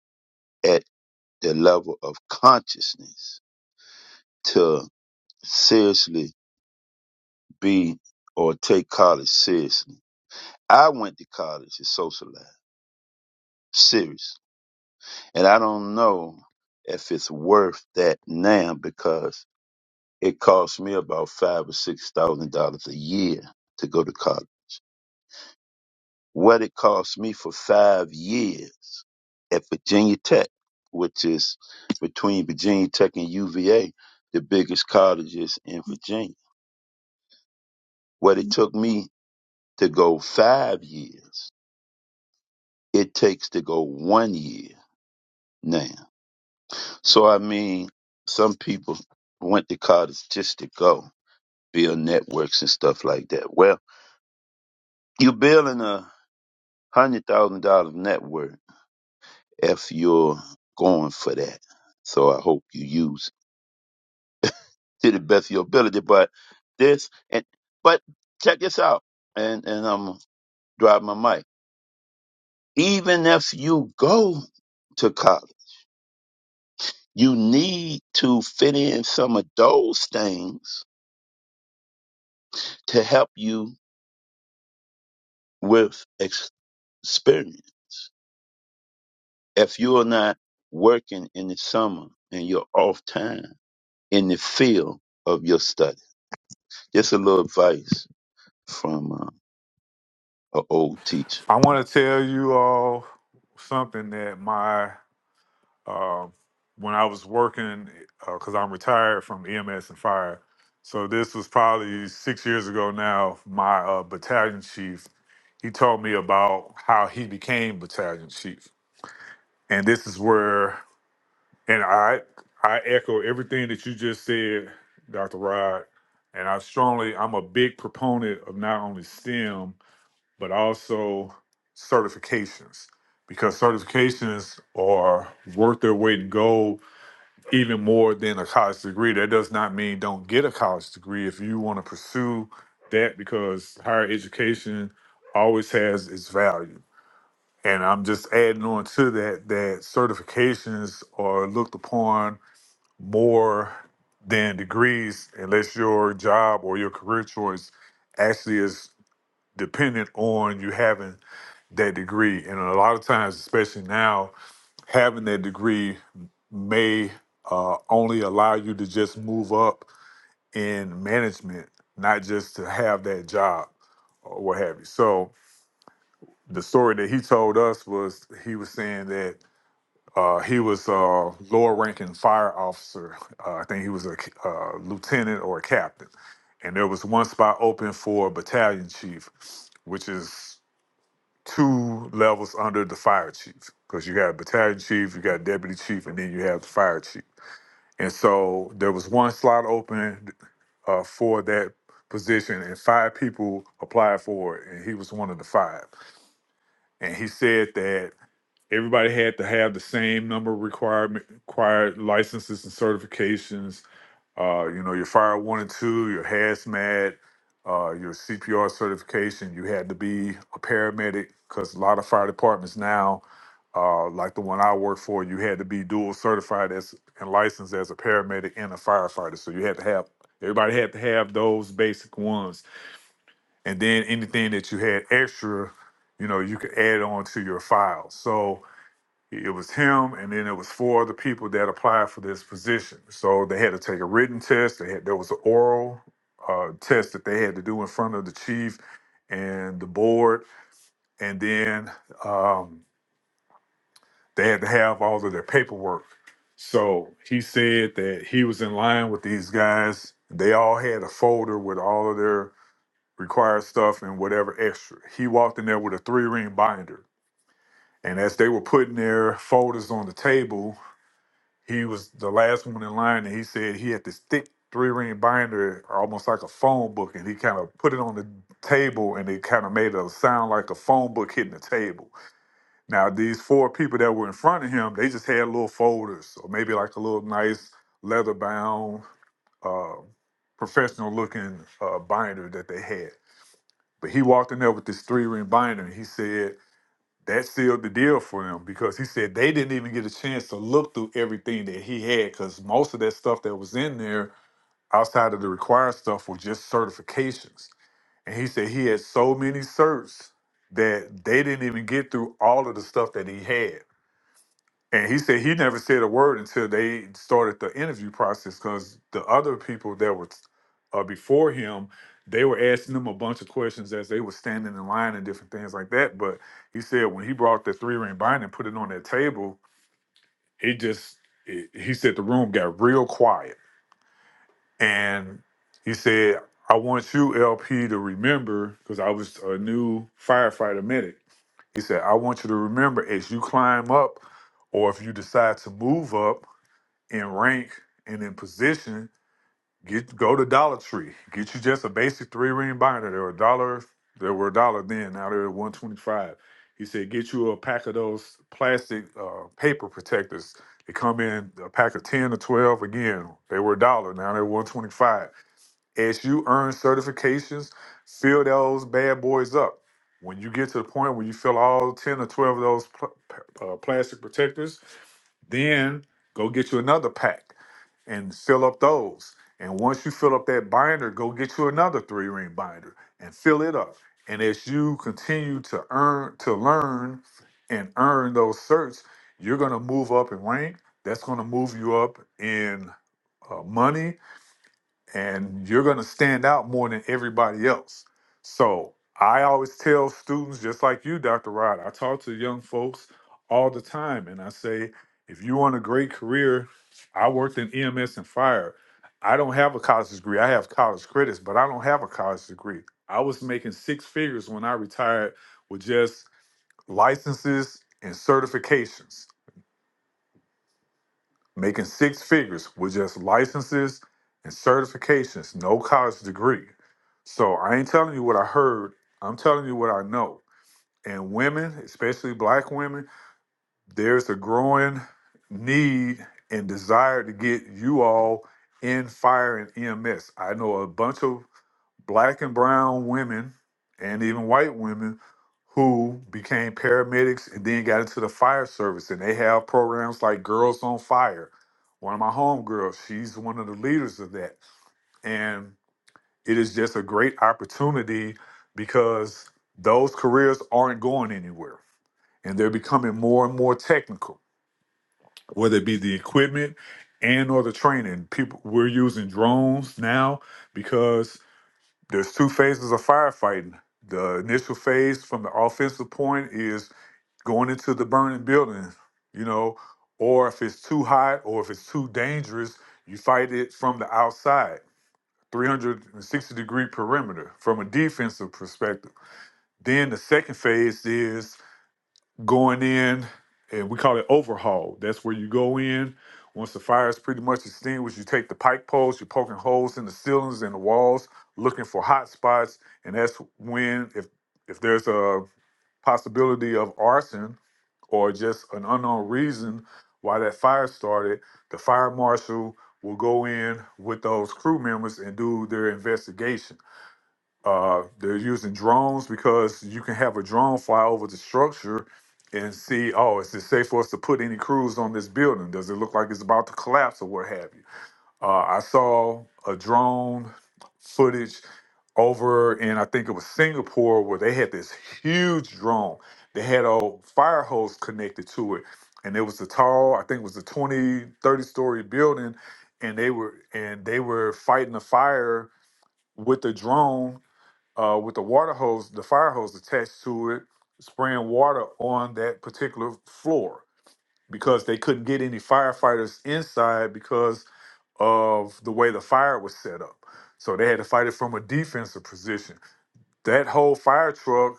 Speaker 4: at the level of consciousness to seriously be or take college seriously. I went to college to socialize, seriously. And I don't know if it's worth that now because It cost me about five or six thousand dollars a year to go to college. What it cost me for five years at Virginia Tech, which is between Virginia Tech and UVA, the biggest colleges in Virginia. What it took me to go five years, it takes to go one year now. So I mean, some people went to college just to go build networks and stuff like that. Well, you're building a hundred thousand dollars net worth if you're going for that. So I hope you use to the best of your ability. But this and but check this out, and and I'm gonna drop my mic. Even if you go to college, you need to fit in some of those things to help you with ex- experience. If you're not working in the summer and you're off time in the field of your study Just a little advice from uh, an old teacher.
Speaker 11: I want to tell you all something that my uh, when I was working, because I'm retired from EMS and fire. So this was probably six years ago now. My uh, battalion chief, he told me about how he became battalion chief, and this is where, and I, I echo everything that you just said, Dr. Rod, and I strongly, I'm a big proponent of not only STEM but also certifications because certifications are worth their weight in gold even more than a college degree. That does not mean don't get a college degree if you want to pursue that because higher education always has its value. And I'm just adding on to that that certifications are looked upon more than degrees unless your job or your career choice actually is dependent on you having that degree. And a lot of times, especially now, having that degree may uh, only allow you to just move up in management, not just to have that job or what have you. So the story that he told us was he was saying that uh, he was a lower ranking fire officer. Uh, I think he was a uh lieutenant or a captain. And there was one spot open for a battalion chief, which is two levels under the fire chief because you got battalion chief, you got deputy chief, and then you have the fire chief. And so there was one slot open uh, for that position, and five people applied for it, and he was one of the five. And he said that everybody had to have the same number of requirement required licenses and certifications uh, you know, your fire one and two, your hazmat, uh, your CPR certification. You had to be a paramedic because a lot of fire departments now, uh, like the one I work for, you had to be dual certified as and licensed as a paramedic and a firefighter. So you had to have everybody had to have those basic ones, and then anything that you had extra, you know, you could add on to your file. So it was him, and then it was four other people that applied for this position. So they had to take a written test. They had there was an oral uh, test that they had to do in front of the chief and the board, and then um, they had to have all of their paperwork. So he said that he was in line with these guys. They all had a folder with all of their required stuff and whatever extra. He walked in there with a three ring binder. And as they were putting their folders on the table, He was the last one in line, and he said he had this thick three ring binder, almost like a phone book, and he kind of put it on the table, and it kind of made a sound like a phone book hitting the table. Now these four people that were in front of him, they just had little folders, or maybe like a little nice leather bound, uh, professional looking uh, binder that they had. But he walked in there with this three ring binder, and he said that sealed the deal for them because he said they didn't even get a chance to look through everything that he had because most of that stuff that was in there outside of the required stuff were just certifications. And he said he had so many certs that they didn't even get through all of the stuff that he had. And he said he never said a word until they started the interview process because the other people that were uh, before him, they were asking him a bunch of questions as they were standing in line and different things like that. But he said when he brought the three ring binder and put it on that table, it just, it, he said the room got real quiet. And he said, I want you, LP, to remember, because I was a new firefighter medic. He said, I want you to remember as you climb up or if you decide to move up in rank and in position, get go to Dollar Tree. Get you just a basic three ring binder. They were a dollar. They were a dollar then. Now they're one twenty five. He said, get you a pack of those plastic uh, paper protectors. They come in a pack of ten or twelve. Again, they were a dollar. Now they're one twenty five. As you earn certifications, fill those bad boys up. When you get to the point where you fill all ten or twelve of those pl- uh, plastic protectors, then go get you another pack and fill up those. And once you fill up that binder, go get you another three ring binder and fill it up. And as you continue to earn, to learn and earn those certs, you're going to move up in rank. That's going to move you up in uh, money and you're going to stand out more than everybody else. So I always tell students, just like you, Dr. Rod, I talk to young folks all the time, and I say, if you want a great career, I worked in EMS and fire. I don't have a college degree. I have college credits, but I don't have a college degree. I was making six figures when I retired with just licenses and certifications making six figures with just licenses and certifications, no college degree. So I ain't telling you what I heard, I'm telling you what I know. And women, especially black women, there's a growing need and desire to get you all in fire and EMS. I know a bunch of black and brown women and even white women who became paramedics and then got into the fire service and they have programs like girls on fire one of my homegirls she's one of the leaders of that and it is just a great opportunity because those careers aren't going anywhere and they're becoming more and more technical whether it be the equipment and or the training people we're using drones now because there's two phases of firefighting. The initial phase from the offensive point is going into the burning building, you know, or if it's too hot or if it's too dangerous, you fight it from the outside, 360 degree perimeter from a defensive perspective. Then the second phase is going in, and we call it overhaul. That's where you go in. Once the fire is pretty much extinguished, you take the pike poles, you're poking holes in the ceilings and the walls, looking for hot spots, and that's when, if if there's a possibility of arson or just an unknown reason why that fire started, the fire marshal will go in with those crew members and do their investigation. Uh, they're using drones because you can have a drone fly over the structure and see, oh, is it safe for us to put any crews on this building? Does it look like it's about to collapse or what have you? Uh, I saw a drone footage over in, I think it was Singapore, where they had this huge drone. They had a fire hose connected to it. And it was a tall, I think it was a twenty, thirty story building. And they were and they were fighting the fire with the drone uh, with the water hose, the fire hose attached to it, spraying water on that particular floor because they couldn't get any firefighters inside because of the way the fire was set up. So they had to fight it from a defensive position. That whole fire truck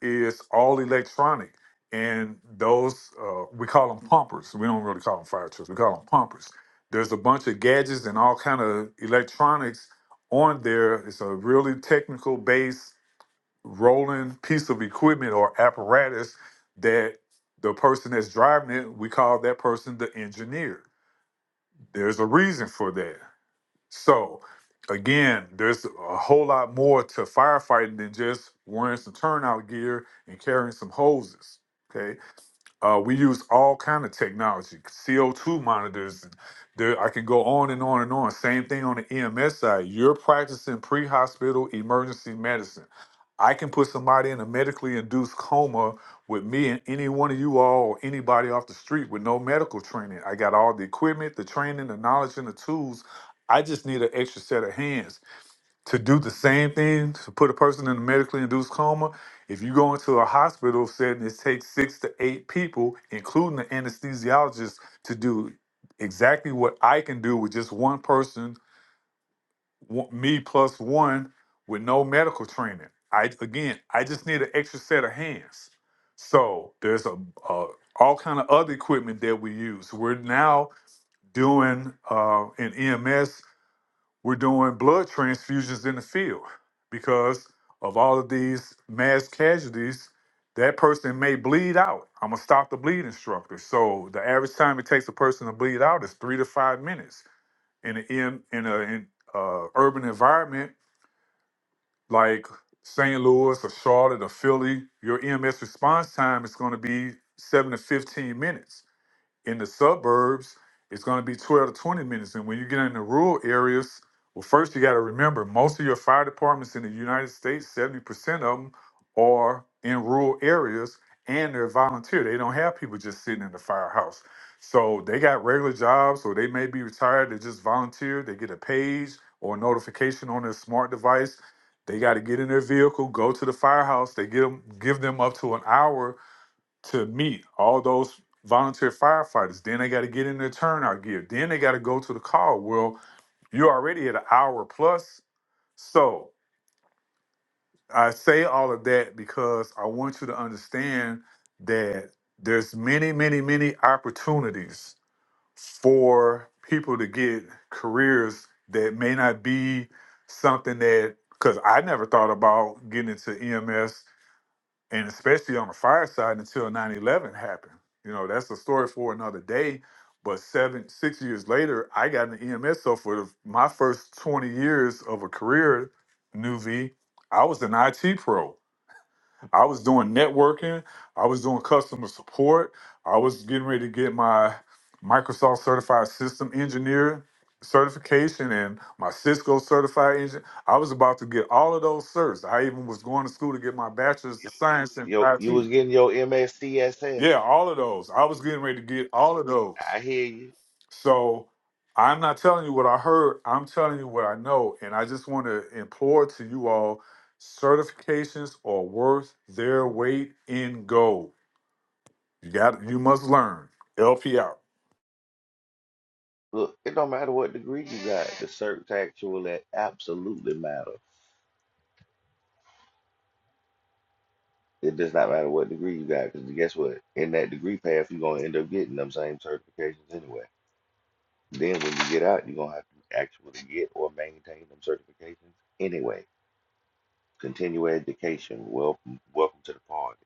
Speaker 11: is all electronic. And those, uh, we call them pumpers. We don't really call them fire trucks. We call them pumpers. There's a bunch of gadgets and all kind of electronics on there. It's a really technical base rolling piece of equipment or apparatus that the person that's driving it, we call that person the engineer. There's a reason for that. So, again, there's a whole lot more to firefighting than just wearing some turnout gear and carrying some hoses. Okay. Uh, we use all kind of technology, CO2 monitors. and There, I can go on and on and on. Same thing on the EMS side. You're practicing pre-hospital emergency medicine. I can put somebody in a medically induced coma with me and any one of you all or anybody off the street with no medical training. I got all the equipment, the training, the knowledge, and the tools. I just need an extra set of hands to do the same thing to put a person in a medically induced coma if you go into a hospital setting it takes six to eight people including the anesthesiologist to do exactly what i can do with just one person one- me plus one with no medical training i again i just need an extra set of hands so there's a, a all kind of other equipment that we use we're now doing uh, an ems we're doing blood transfusions in the field because of all of these mass casualties. That person may bleed out. I'm gonna stop the bleed instructor. So the average time it takes a person to bleed out is three to five minutes. In an in, in a in, uh, urban environment like St. Louis or Charlotte or Philly, your EMS response time is going to be seven to fifteen minutes in the suburbs, it's going to be 12 to 20 minutes. And when you get in the rural areas, well, first you got to remember most of your fire departments in the United States, 70% of them are in rural areas and they're volunteer. They don't have people just sitting in the firehouse. So they got regular jobs or they may be retired. They just volunteer. They get a page or a notification on their smart device. They got to get in their vehicle, go to the firehouse. They get 'em- give them up to an hour to meet all those volunteer firefighters. Then they got to get in their turnout gear. Then they got to go to the call. Well, you're already at an hour plus. So I say all of that because I want you to understand that there's many, many, many opportunities for people to get careers that may not be something that because I never thought about getting into EMS and especially on the fireside until nine eleven happened you know that's a story for another day but seven six years later i got an ems so for the, my first 20 years of a career new v i was an it pro I was doing networking. I was doing customer support. I was getting ready to get my Microsoft certified system engineer certification and my Cisco certified Engineer. I was about to get all of those certs. I even was going to school to get my bachelor's of science in
Speaker 6: Yo, you was
Speaker 11: IT.
Speaker 6: getting your MSCSS.
Speaker 11: Yeah, all of those. I was getting ready to get all of those.
Speaker 6: I hear you.
Speaker 11: So I'm not telling you what I heard. I'm telling you what I know. And I just want to implore to you all certifications are worth their weight in gold. You got you must learn. LP out.
Speaker 6: Look, it don't matter what degree you got. The search actual that absolutely matter. It does not matter what degree you got, because guess what? In that degree path, you're gonna end up getting them same certifications anyway. Then when you get out, you're gonna have to actually get or maintain them certifications anyway. Continue education. Welcome, welcome to the party.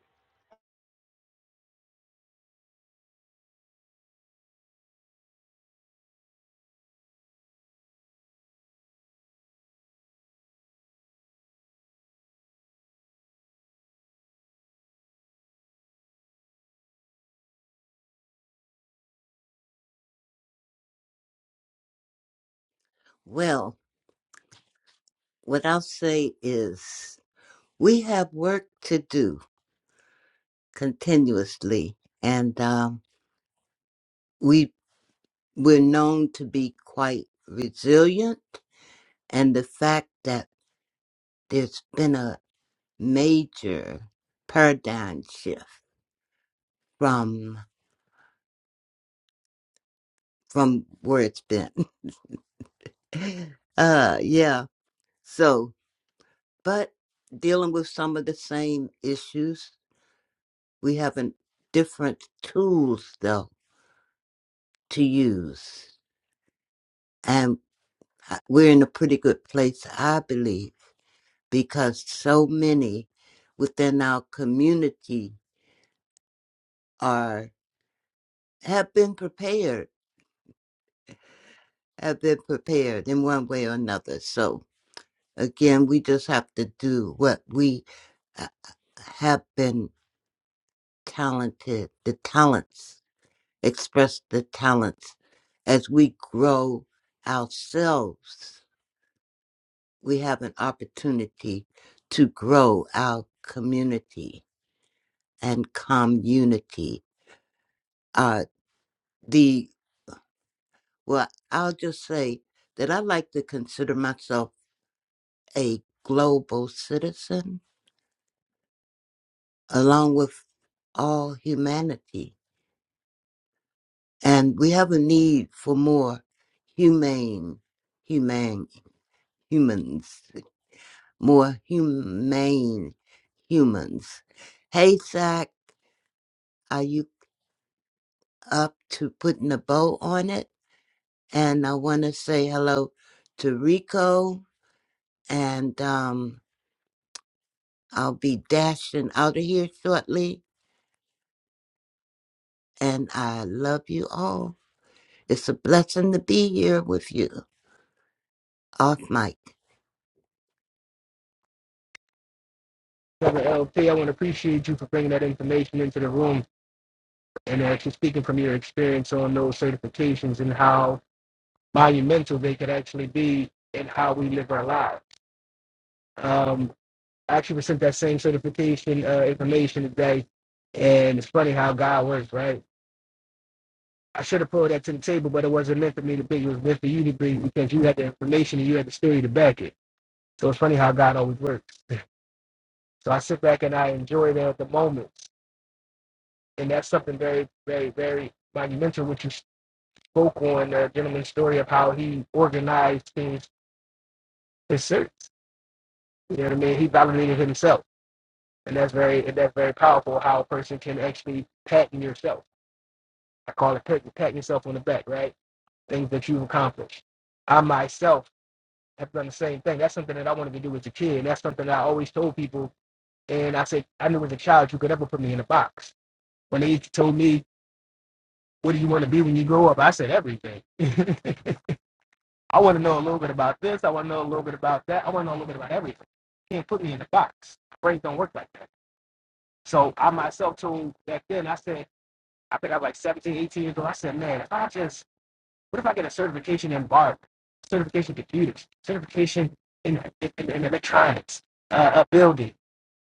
Speaker 10: Well, what I'll say is we have work to do continuously, and um, we we're known to be quite resilient. And the fact that there's been a major paradigm shift from from where it's been, uh, yeah. So, but dealing with some of the same issues, we have an different tools though to use and. Uh, we're in a pretty good place, I believe, because so many within our community are have been prepared, have been prepared in one way or another. So again, we just have to do what we uh, have been talented, the talents, express the talents as we grow ourselves. We have an opportunity to grow our community and community. Uh, the well, I'll just say that I like to consider myself a global citizen, along with all humanity, and we have a need for more humane, humane humans, more humane humans. Hey, Zach, are you up to putting a bow on it? And I want to say hello to Rico and um, I'll be dashing out of here shortly. And I love you all. It's a blessing to be here with you. Off mic.
Speaker 7: Brother LP, I want to appreciate you for bringing that information into the room and actually speaking from your experience on those certifications and how monumental they could actually be in how we live our lives. um, actually was sent that same certification uh, information today. And it's funny how God works, right? I should have pulled that to the table, but it wasn't meant for me to bring. It was meant for you to bring because you had the information and you had the story to back it. So it's funny how God always works. So I sit back and I enjoy that at the moment. And that's something very, very, very monumental, which you spoke on the gentleman's story of how he organized his, his search. You know what I mean? He validated himself. And that's very and that's very powerful how a person can actually patent yourself I call it pat, pat yourself on the back, right? Things that you've accomplished. I myself have done the same thing. That's something that I wanted to do as a kid. That's something that I always told people. And I said, I knew as a child you could never put me in a box. When they told me, what do you want to be when you grow up? I said, everything. I want to know a little bit about this. I want to know a little bit about that. I want to know a little bit about everything. You can't put me in a box. Brains don't work like that. So I myself told back then, I said, I think I was like 17, 18 years old. I said, man, if I just What if I get a certification in bark, certification in computers, certification in, in, in electronics, uh, uh, building,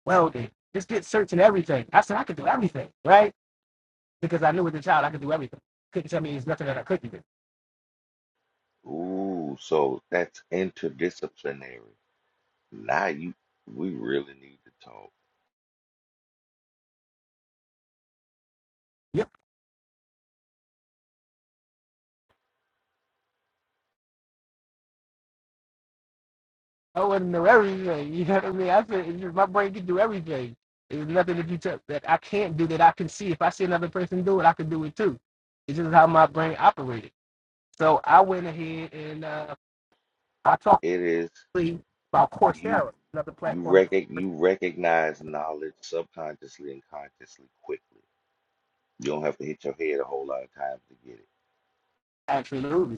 Speaker 7: welding? Just get certs in everything. I said I could do everything, right? Because I knew as a child I could do everything. Couldn't tell me there's nothing that I couldn't do.
Speaker 6: Ooh, so that's interdisciplinary. Now you, we really need to talk.
Speaker 7: Yep, I wouldn't know everything. You know what I mean? I said my brain could do everything. There's nothing that you tell that I can't do that I can see. If I see another person do it, I can do it too. It's just how my brain operated. So I went ahead and uh, I talked.
Speaker 6: It is
Speaker 7: about
Speaker 6: you,
Speaker 7: Coursera, another
Speaker 6: you
Speaker 7: platform
Speaker 6: rec
Speaker 7: for
Speaker 6: you recognize knowledge subconsciously and consciously quickly. You don't have to hit your head a whole lot of times to get
Speaker 7: absolutely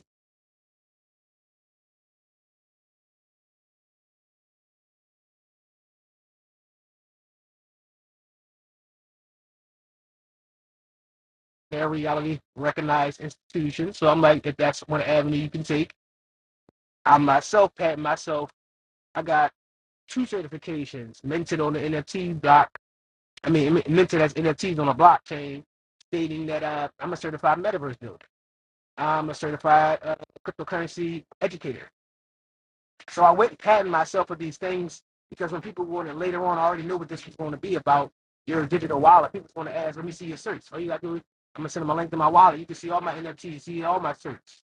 Speaker 7: their reality recognized institutions. So I'm like, if that's one avenue you can take, I myself pat myself. I got two certifications minted on the NFT block. I mean, min- minted as NFTs on a blockchain, stating that uh, I'm a certified metaverse builder. I'm a certified uh, cryptocurrency educator. So I went patting myself for these things because when people wanted later on, I already knew what this was going to be about. Your digital wallet. People's going to ask, "Let me see your certs." All you got to do, is- I'm gonna send them a link to my wallet. You can see all my NFTs, see all my certs,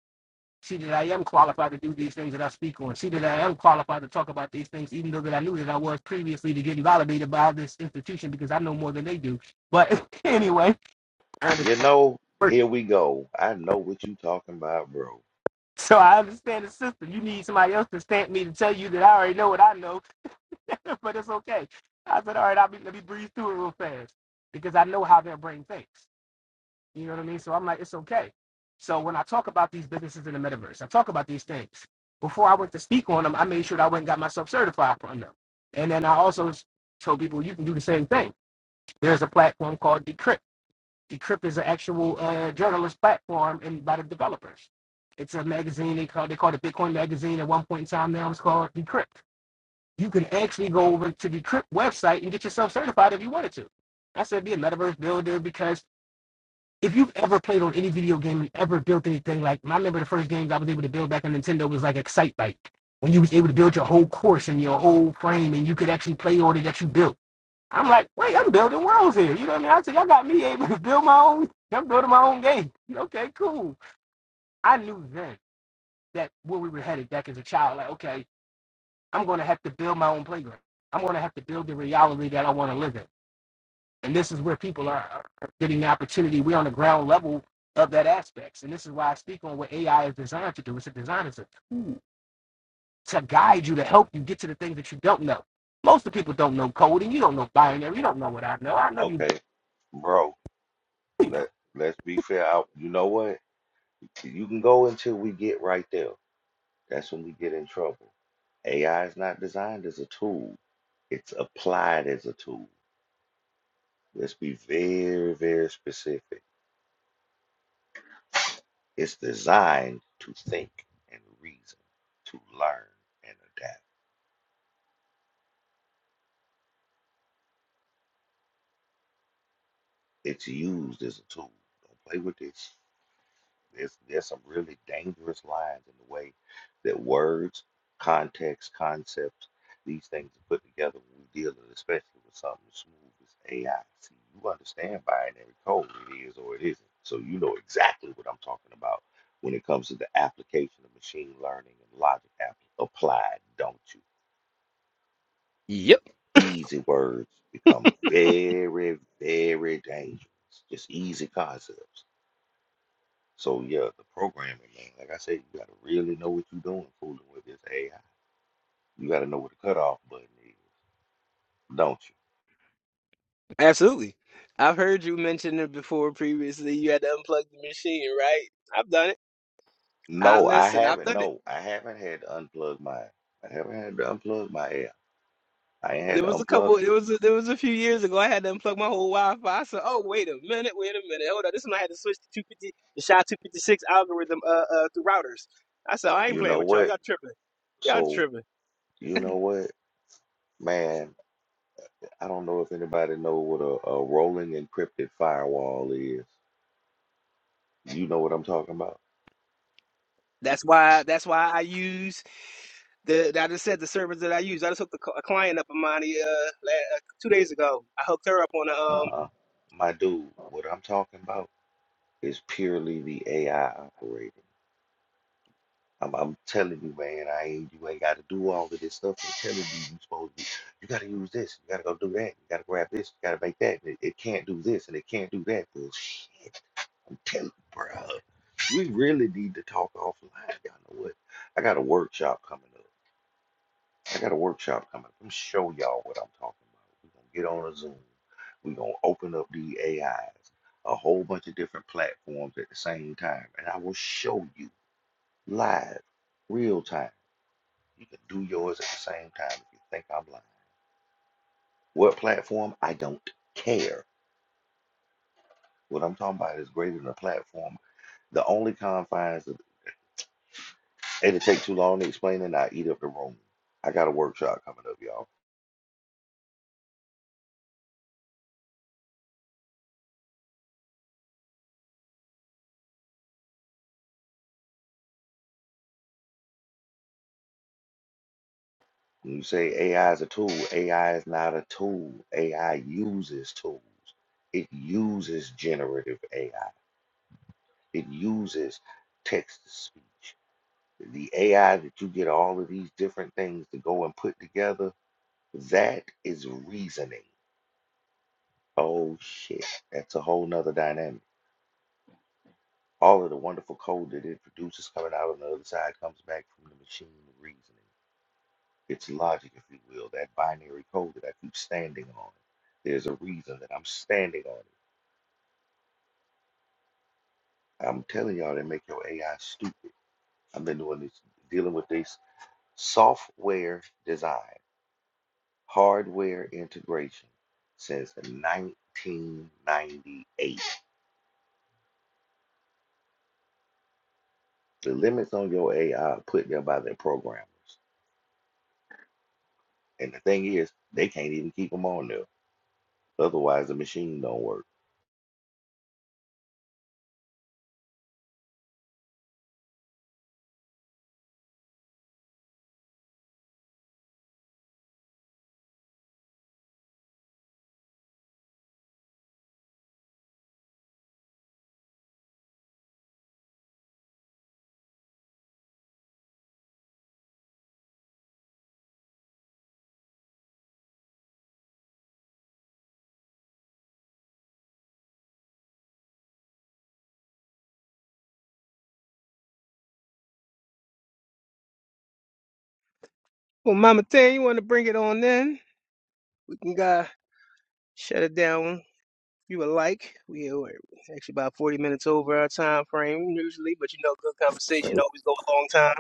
Speaker 7: see that I am qualified to do these things that I speak on, see that I am qualified to talk about these things, even though that I knew that I was previously to getting validated by this institution because I know more than they do. But anyway, I
Speaker 6: it. You
Speaker 7: understand
Speaker 6: know,
Speaker 7: the work.
Speaker 6: here we go. I know what you talking about, bro.
Speaker 7: So I understand the system. You need somebody else to stamp me to tell you that I already know what I know but it's okay. I said, all right, I'll be, let me breathe through it real fast because I know how their brain thinks. You know what I mean? So I'm like, it's okay. So when I talk about these businesses in the metaverse, I talk about these things. Before I went to speak on them, I made sure that I went and got myself certified from them. And then I also told people you can do the same thing. There's a platform called Decrypt. Decrypt is an actual uh, journalist platform and by the developers. It's a magazine they call they called it Bitcoin magazine at one point in time. Now it's called Decrypt you can actually go over to the Trip website and get yourself certified if you wanted to. I said be a metaverse builder because if you've ever played on any video game and ever built anything, like I remember the first games I was able to build back on Nintendo was like Excite Bike, when you was able to build your whole course and your whole frame and you could actually play on it that you built. I'm like, wait, I'm building worlds here. You know what I mean? I said, y'all got me able to build my own. I'm building my own game. Okay, cool. I knew then that where we were headed back as a child. Like, okay, I'm going to have to build my own playground. I'm going to have to build the reality that I want to live in. And this is where people are, are getting the opportunity. We're on the ground level of that aspects. And this is why I speak on what AI is designed to do. It's a design, it's a tool to guide you, to help you get to the things that you don't know. Most of the people don't know coding. You don't know binary. You don't know what I know. I know you,
Speaker 6: Okay, bro.
Speaker 7: you know.
Speaker 6: Let let's be fair. I, you know what? You can go until we get right there. That's when we get in trouble. AI is not designed as a tool, it's applied as a tool. Let's be very, very specific. It's designed to think and reason, to learn and adapt. It's used as a tool. Don't play with this. There's, there's some really dangerous lines in the way that words, context, concepts, these things are put together when we deal with, especially with something as smooth as AI. See, you understand binary code, it is or it isn't. So you know exactly what I'm talking about when it comes to the application of machine learning and logic app applied, don't you?
Speaker 7: Yep,
Speaker 6: Easy words become very, very dangerous. Just easy concepts. So yeah, the programming, man. Like I said, you gotta really know what you're doing fooling with this AI. You gotta know what the cutoff button is, don't you?
Speaker 7: absolutely. I've heard you mention it before previously. You had to unplug the machine, right? I've done it. I
Speaker 6: No, I
Speaker 7: listen, I've
Speaker 6: haven't.
Speaker 7: done it.
Speaker 6: No, I haven't had to unplug my. I haven't had to unplug my AI. I I ain't had
Speaker 7: There
Speaker 6: to
Speaker 7: was a
Speaker 6: unplug.
Speaker 7: couple. It was a, there was a few years ago. I had to unplug my whole Wi-Fi. I said, "Oh, wait a minute, wait a minute, hold on." This one I had to switch to 250, the SHA-256 algorithm uh, uh, through routers. I said, "Oh, "I ain't
Speaker 6: You
Speaker 7: playing
Speaker 6: know
Speaker 7: with y'all.
Speaker 6: what?
Speaker 7: Y'all tripping. Y'all
Speaker 6: So
Speaker 7: tripping."
Speaker 6: you know what, man. I don't know if anybody know what a, a rolling encrypted firewall is. You know what I'm talking about?
Speaker 7: That's why. That's why I use the. I just said the servers that I use. I just hooked a, cl- a client up of mine uh, la uh, two days ago. I hooked her up on a um.
Speaker 6: Uh-uh. My dude, what I'm talking about is purely the AI operator. I'm, I'm telling you, man, I ain't you ain't gotta do all of this stuff. I'm telling you, you supposed to you gotta use this, you gotta go do that, you gotta grab this, you gotta make that. It, it can't do this and it can't do that. But I'm telling you, bro, we really need to talk offline. Y'all know what? I got a workshop coming up. I got a workshop coming up. I'm show y'all what I'm talking about. We're gonna get on a Zoom. We're gonna open up the AIs, a whole bunch of different platforms at the same time, and I will show you live, real time You can do yours at the same time if you think I'm lying. What platform? I don't care. What I'm talking about is greater than a platform. The only confines of it'll take too long to explain it, I eat up the room. I got a workshop coming up, y'all. When you say AI is a tool, AI is not a tool. AI uses tools. It uses generative AI. It uses text to speech. The AI that you get all of these different things to go and put together, that is reasoning. Oh shit, that's a whole nother dynamic. All of the wonderful code that it produces coming out on the other side comes back from the machine reasoning. It's logic, if you will, that binary code that I keep standing on. There's a reason that I'm standing on it. I'm telling y'all they make your AI stupid. I've been doing this, dealing with this software design, hardware integration since 1998. The limits on your AI are put there by their programmers And the thing is, they can't even keep them on there. Otherwise, the machine don't work.
Speaker 7: Well, Mama Thing, you want to bring it on? Then we can uh, shut it down. you would like. We are actually about 40 minutes over our time frame usually, but you know, good conversation always go a long time.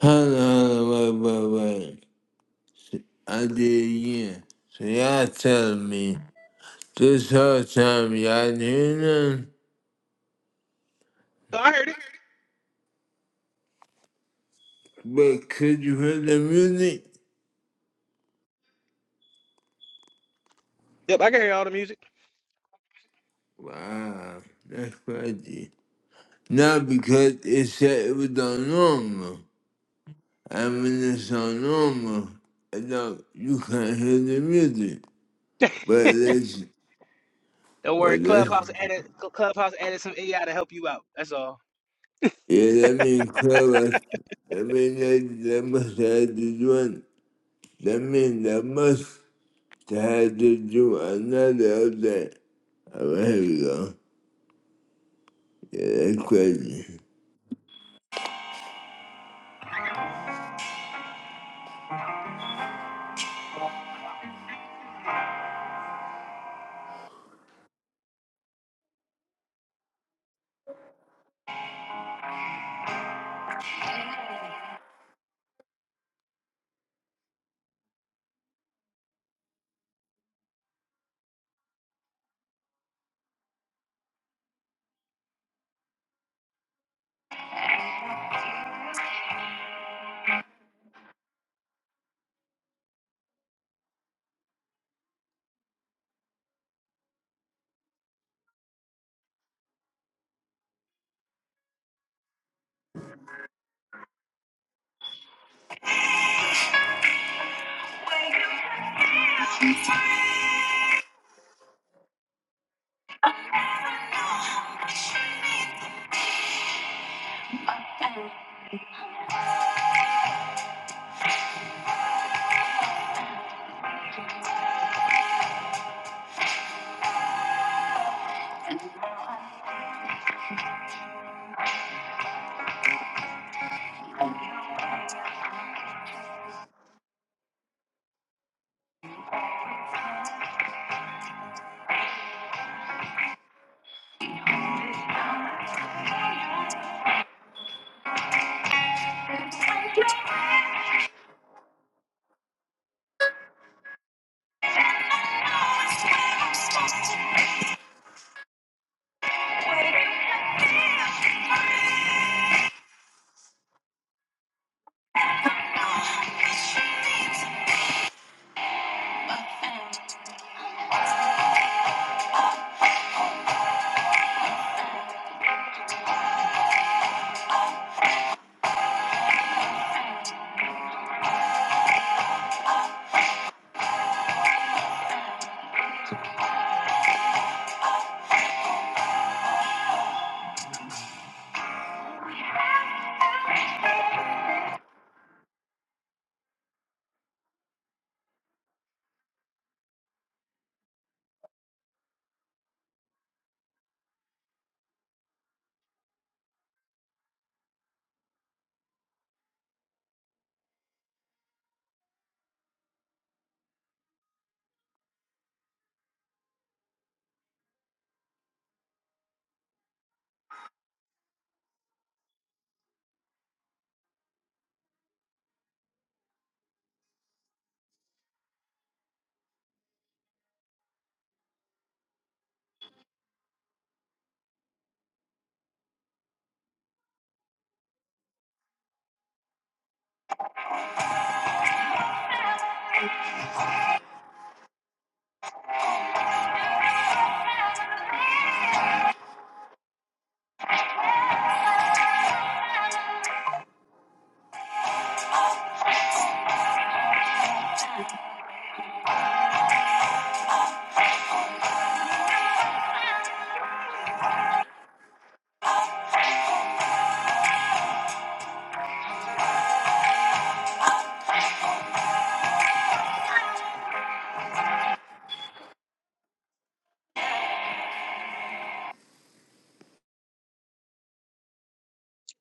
Speaker 1: Hold on, hold on, wait, wait, wait. I did it again. So y'all telling me this whole time y'all didn't hear nothing?
Speaker 7: So I heard it.
Speaker 1: But could you hear the music?
Speaker 7: Yep, I can hear all the music.
Speaker 1: Wow, that's crazy. Not because it said it was on normal. I'm in the song normal. And now you can't hear the music. But that's,
Speaker 7: Don't worry,
Speaker 1: but that's,
Speaker 7: Clubhouse added Clubhouse added some AI to help you out. That's all.
Speaker 1: yeah, that means clubhouse. That means that, that must have to do an, That means that must have to do another of that. All right, here we go. Yeah, that's crazy.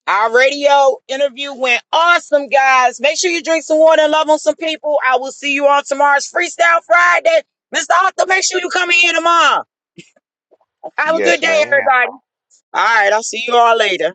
Speaker 2: Our radio interview went awesome, guys. Make sure you drink some water and love on some people. I will see you on tomorrow's Freestyle Friday. Mr. Arthur, make sure you come in here tomorrow. Have a good
Speaker 6: Yes,
Speaker 2: day,
Speaker 6: ma'am.
Speaker 2: everybody. All right, I'll see you all later.